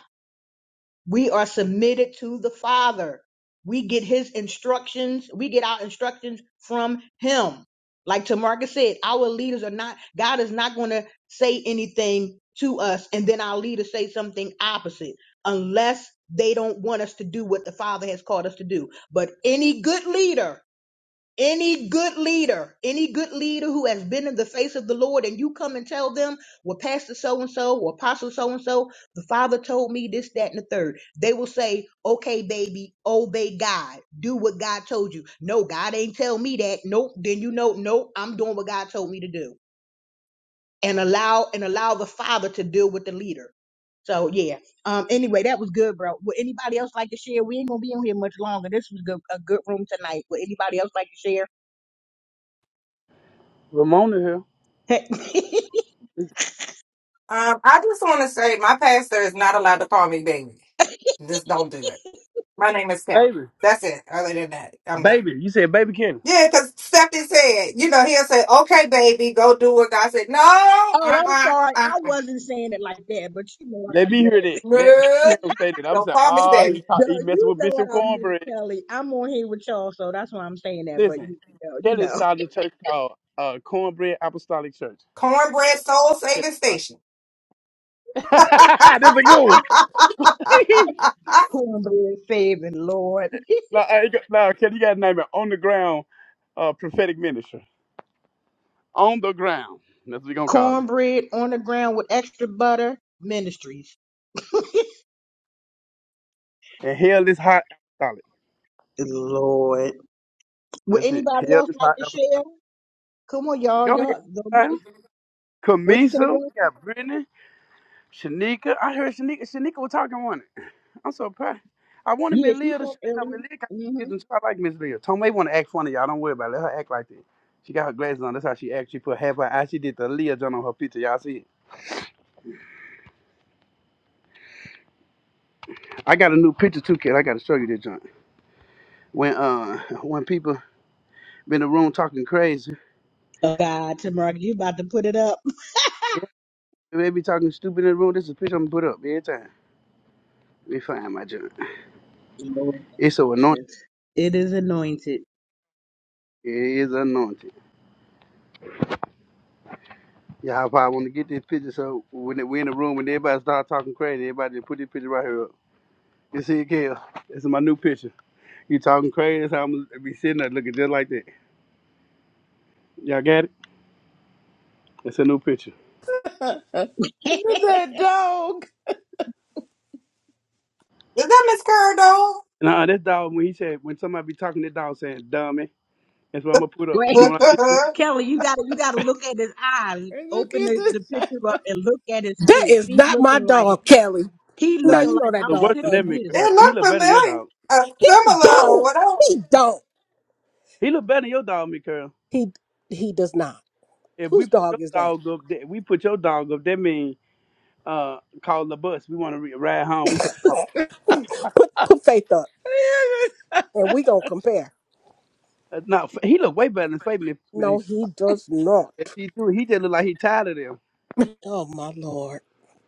we are submitted to the Father. We get his instructions. We get our instructions from him. Like Tamarcus said, our leaders are not, God is not going to say anything to us and then our leaders say something opposite unless they don't want us to do what the Father has called us to do. But any good leader any good leader, any good leader who has been in the face of the Lord, and you come and tell them, well, Pastor so and so, or Apostle so and so, the Father told me this, that, and the third. They will say, okay, baby, obey God. Do what God told you. No, God ain't tell me that. Nope. Then you know, nope, I'm doing what God told me to do. And allow and allow the Father to deal with the leader. So yeah. Um. Anyway, that was good, bro. Would anybody else like to share? We ain't gonna be on here much longer. This was good, a good room tonight. Would anybody else like to share?
Ramona here.
Um, I just want to say my pastor is not allowed to call me baby. Just don't do it. My name is Karen.
Baby.
That's it. Other than that, I'm good.
Baby. You said baby Kenny.
Yeah, because Stephanie said, you know, he'll say, okay, baby, go do what God said. No,
oh, I'm
uh-uh,
sorry. I
uh-uh.
wasn't saying it like that, but you know what
Let
I
me hear
meant.
that. Let, let me
No,
hear him say that. I'm
don't
saying,
call me
ah, he,
baby.
pro- he
Duh,
messing
you
with
know what
Bishop
I meant,
Cornbread.
Kelly. I'm on here with y'all, so that's why I'm saying that. But
Listen,
you know, you
Kelly
know,
started a church called uh, Cornbread Apostolic Church.
Cornbread Soul
Kelly
Saving
uh,
Station.
That's a good one.
cornbread saving Lord,
Now, I got- no, Kelly, you got to name it on the ground uh, prophetic ministry. On the ground. That's what we going to call it.
cornbread on the ground with extra butter ministries.
And hell is hot apostolic.
Lord, would
That's it.
anybody
Hell
else
is
like
hot
to share?
apostolic.
Come on, y'all,
Go ahead.
y'all.
son.
Nobody. What you say,
Kamisa,
bro?
we got Brittany, Shanika. I heard Shanika. Shanika was talking one. I'm so proud. I wanted
Yeah,
Miss
she
Leah to show
talked
you know,
earlier.
Miss Leah got kids
Mm-hmm.
and so I like Miss Leah. Tomei want to act funny, y'all. Don't worry about it. Let her act like that. She got her glasses on. That's how she acts. She put half her eye. She did the Leah John on her picture. Y'all see it? I got a new picture too, kid. I got to show you this joint. When uh, when people be in the room talking crazy,
Oh God, Tamara, you about to put it up?
yeah, they be talking stupid in the room. This is a picture I'm put up every time. Let me find my joint.
Lord,
It's so anointed.
it is anointed.
It is anointed. Yeah, I probably want to get this picture so when they- we in the room and everybody start talking crazy, everybody just put this picture right here up. You see it, Kale? This is my new picture. You talking crazy? That's how I'm gonna be sitting there looking just like that. Y'all got it? It's a new picture.
Look at that dog.
Is that Miss Cardo?
Nah, this dog when he said when somebody be talking, that dog saying dummy. That's what I'm gonna put up.
Right.
So when I think
Kelly, you gotta you gotta look at his eyes.
Look
Open
at
the,
this.
the picture up and look at his
That
face.
is
He
not my
looking like
dog, Kelly.
he
Now
Now,
looking
you know
like
that
the
I'm
worse
dog
sick
than
of
that,
ugly.
you.
Mikael.
it
He
looked
look better than your
familiar.
dog.
Uh,
He
similar or
don't.
whatever.
He don't.
He look better than your dog, Mikael.
He he does not.
If we
Whose
put your
dog is that?
dog up, th- we put your dog up. That mean uh, call the bus. We want to re- ride home. We can't walk.
Put put faith up, and we gonna compare.
Uh, no, F- he look way better than Fabian. If,
No, he does not.
if he do, he just look like he tired of them.
Oh my lord.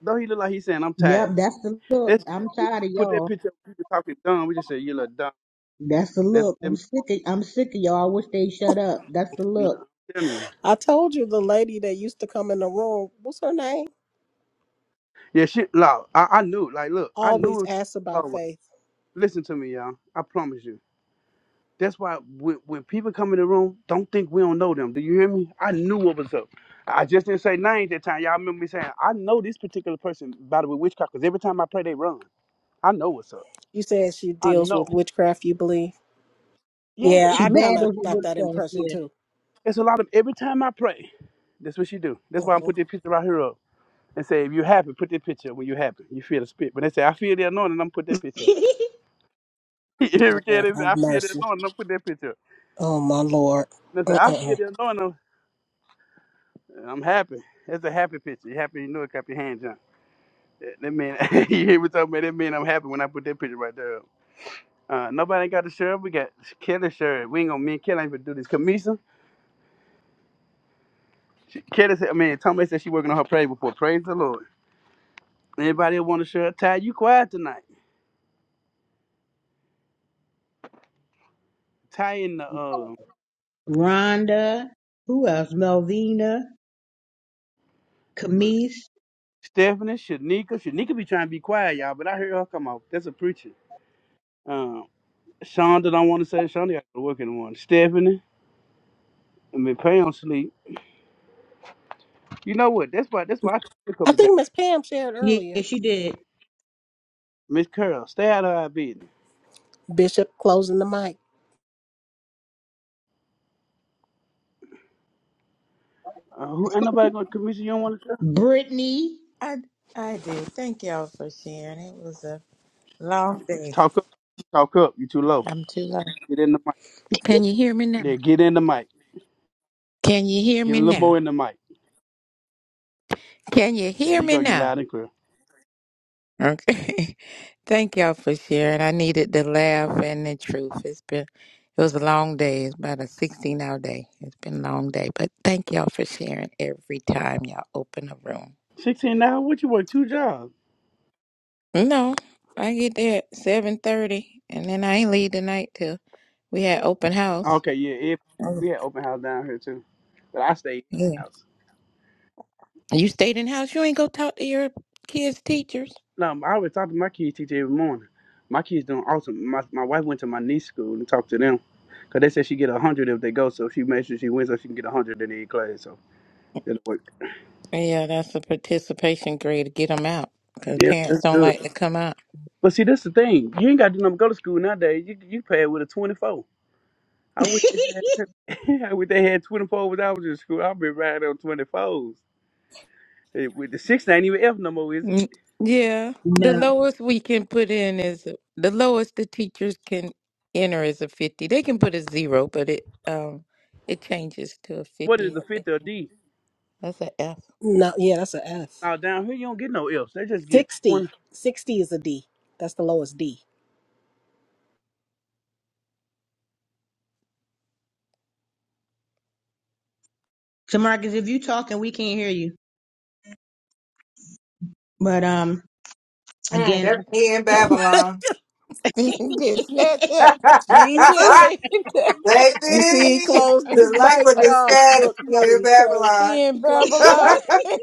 Though he look like he saying I'm
Yep,
tired.
that's the look.
That's
I'm
if
tired
we
of
put that
y'all.
picture. up, People talking dumb. We just say you look dumb.
That's the
That's what
look. I'm
them.
sick of I'm sick of y'all. I wish they shut up. That's the
No,
look.
I'm telling you.
I told you the lady that used to come in the room, what's her name?
Yeah, shit. Look, I, I knew. Like, look, I knew it
Always
was time
asks
to go
about
away.
faith.
Listen to me, y'all. I promise you. That's why when, when people come in the room, don't think we don't know them. Do you hear me? I knew what was up. I just didn't say names that time. Y'all remember me saying, I know this particular person by the way witchcraft because every time I pray, they run. I know what's up.
You said she
I
deals with
know.
witchcraft, you believe?
Yeah,
Yeah,
She
it's
I
mixed.
kind
up.
of
battles with
got
her
that
good
impression too.
It's a lot of every time I pray, that's what she do. That's why I'm
Mhm.
put this picture right here up and say, if you happy, put that picture up when you happy. You feel the spirit. But they say, I feel the anointing, I'm gonna put that
stuff.
picture up.
Yeah.
Every kid,
Lord
they say,
have
I feel the anointing,
mercy.
I'm gonna put that picture up.
Oh, my Lord.
They say, I feel
Uh-uh.
the anointing, I'm I'm happy. That's a happy picture. You happy, you know it, clap your hands, That that mean you hear me talking about that man? I'm happy when I put that picture right there. up. Uh, nobody ain't got the shirt. We got Kelly shirt. We ain't gonna me and Kelly ain't gonna do this. Kamisa, she, Kelly said. I mean, Tommy said she working on her prayer before. Praise the Lord. Anybody that want a shirt? Ty, you quiet tonight. Ty and the uh,
Rhonda. Who else? Melvina. Camise.
Stephanie, Shanika. Shanika be trying to be quiet, y'all, but I heard her come out. That's a preacher. Um, Shonda don't want to say. Shonda got to work in the morning. Stephanie, I mean, Pam sleep. You know what? That's why. That's why I took a
I
couple of days.
think Miss Pam shared
yeah,
earlier.
she did.
Miss Curl, stay out of our business.
Bishop closing the mic.
Uh, who ain't nobody gonna convince you you don't want to try?
Brittany.
I, I did. Thank y'all for sharing. It was a long
Just
day.
talk up, talk up. You too low.
I'm too loud.
Get in the mic.
Can you hear me now?
Yeah, get in the mic.
Can you hear
Get
me
a little
now?
more in the mic.
Can you
There
hear
you
me
go. You
now?
loud and clear.
Okay. Thank y'all for sharing. I needed the laugh and the truth. It's been it was a long day. It's about a 16 hour day. It's been a long day. But thank y'all for sharing every time y'all open a room.
Sixteen now. What you work two jobs?
No, I get there at 7.30 and then I ain't leave tonight till We had open house.
Okay, yeah. If
Oh,
we had open house down here too, but I stayed in
yeah.
the house.
You stayed in house. You ain't go talk to your kids' teachers.
No, I always talk to my kids teacher every morning. My kids doing awesome. My my wife went to my niece school and talked to them, cause they said she get a hundred if they go. So she made sure she wins so she can get a hundred in the class. So it'll work.
Yeah, that's a participation grade to get them out because
Yeah,
parents
that's
don't
good.
like to come out.
But see, that's the thing. You ain't got to do nothing. but Go to school nowadays. You you pay it with a twenty four. I wish they had, I wish they had twenty four when I was in school. I've been riding on twenty fours. With the six, ain't even F no more, is it?
Mm, Yeah, the
No.
lowest we can put in is the lowest the teachers can enter is a fifty. They can put a zero, but it um it changes to a
What is
fifty.
the
I think.
fifth or D?
That's an F.
No, yeah, that's a F.
Now down here, you don't get no Fs. They just get
60.
twenty.
60 is a D. That's the lowest D.
Tamarcus, if you talking, we can't hear you. But um
Mm,
Again, I,
they're he in Babylon.
Get snatch up,
Jesus.
Kelly.
Baby,
You see, he closed this
the light
mic,
was the
y'all.
sky
Look, Kelly,
in
he closed.
Babylon.
he in
He closed his mic.
Babylon.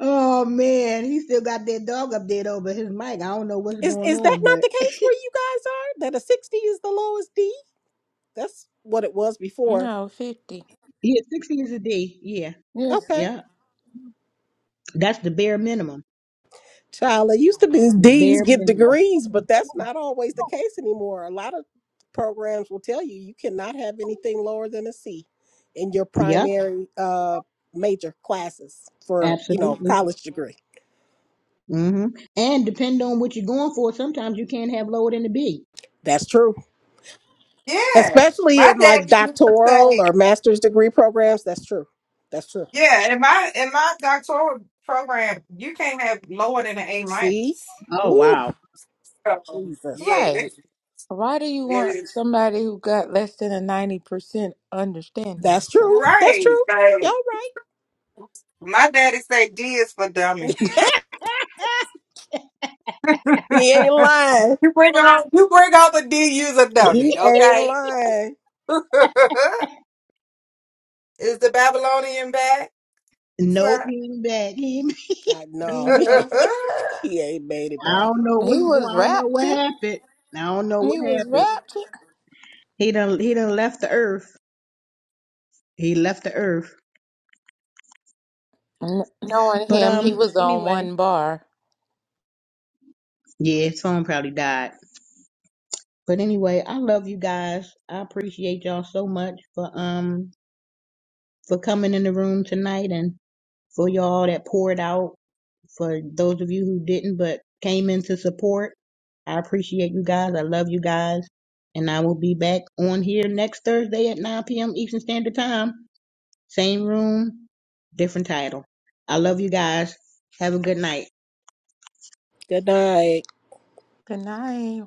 oh man, he still got that dog up there over his mic. I don't know what's
Is
going
is that
on,
not
but
the case where you guys are? That a 60 is the lowest D? That's what it was before.
No, fifty.
yeah, six years a day. Yeah,
Yes,
Okay.
yeah, that's the bare minimum.
Child, it used to be
The
D's
bare
get
minimum.
degrees, but that's not always the case anymore. A lot of programs will tell you you cannot have anything lower than a C in your
Yeah,
primary uh major classes for, you know,
absolutely.
college degree.
hmm And depend on what you're going for, sometimes you can't have lower than the B.
That's true.
yeah,
Especially
my
in
dad
like
used to
doctoral
say,
or master's degree programs, that's true. That's true.
yeah, in my in my doctoral program, you can't have lower than an A
See?
minus.
Oh
Woo,
wow.
Um,
Jesus.
yeah,
right.
it,
Why do you
it
want
is
somebody who got less than a 90% understanding
That's
of
true.
something?
That's
right.
true. Y'all
Like, my daddy say D is for dummy.
right. He ain't lying.
You bring out you bring out the D user
He
dummy,
ain't
okay?
lying.
Is the Babylonian back?
Nope,
sir?
he ain't back. He ain't,
I
he
know.
ain't back.
he ain't made it
I
back.
don't know
He
what's
was
going. I don't know what
raptured.
happened. I don't know
He
what
was
happened.
raptured.
He done. He done left the earth. He left the earth.
N- knowing
But
him, he
um,
was on
anyway,
one bar.
yeah, his phone probably died. But anyway, I love you guys. I appreciate y'all so much for um for coming in the room tonight and for y'all that poured out for those of you who didn't but came in to support. I appreciate you guys. I love you guys. And I will be back on here next Thursday at 9 p.m. Eastern Standard Time. Same room, different title. I love you guys. Have a good night.
Good night.
Good night.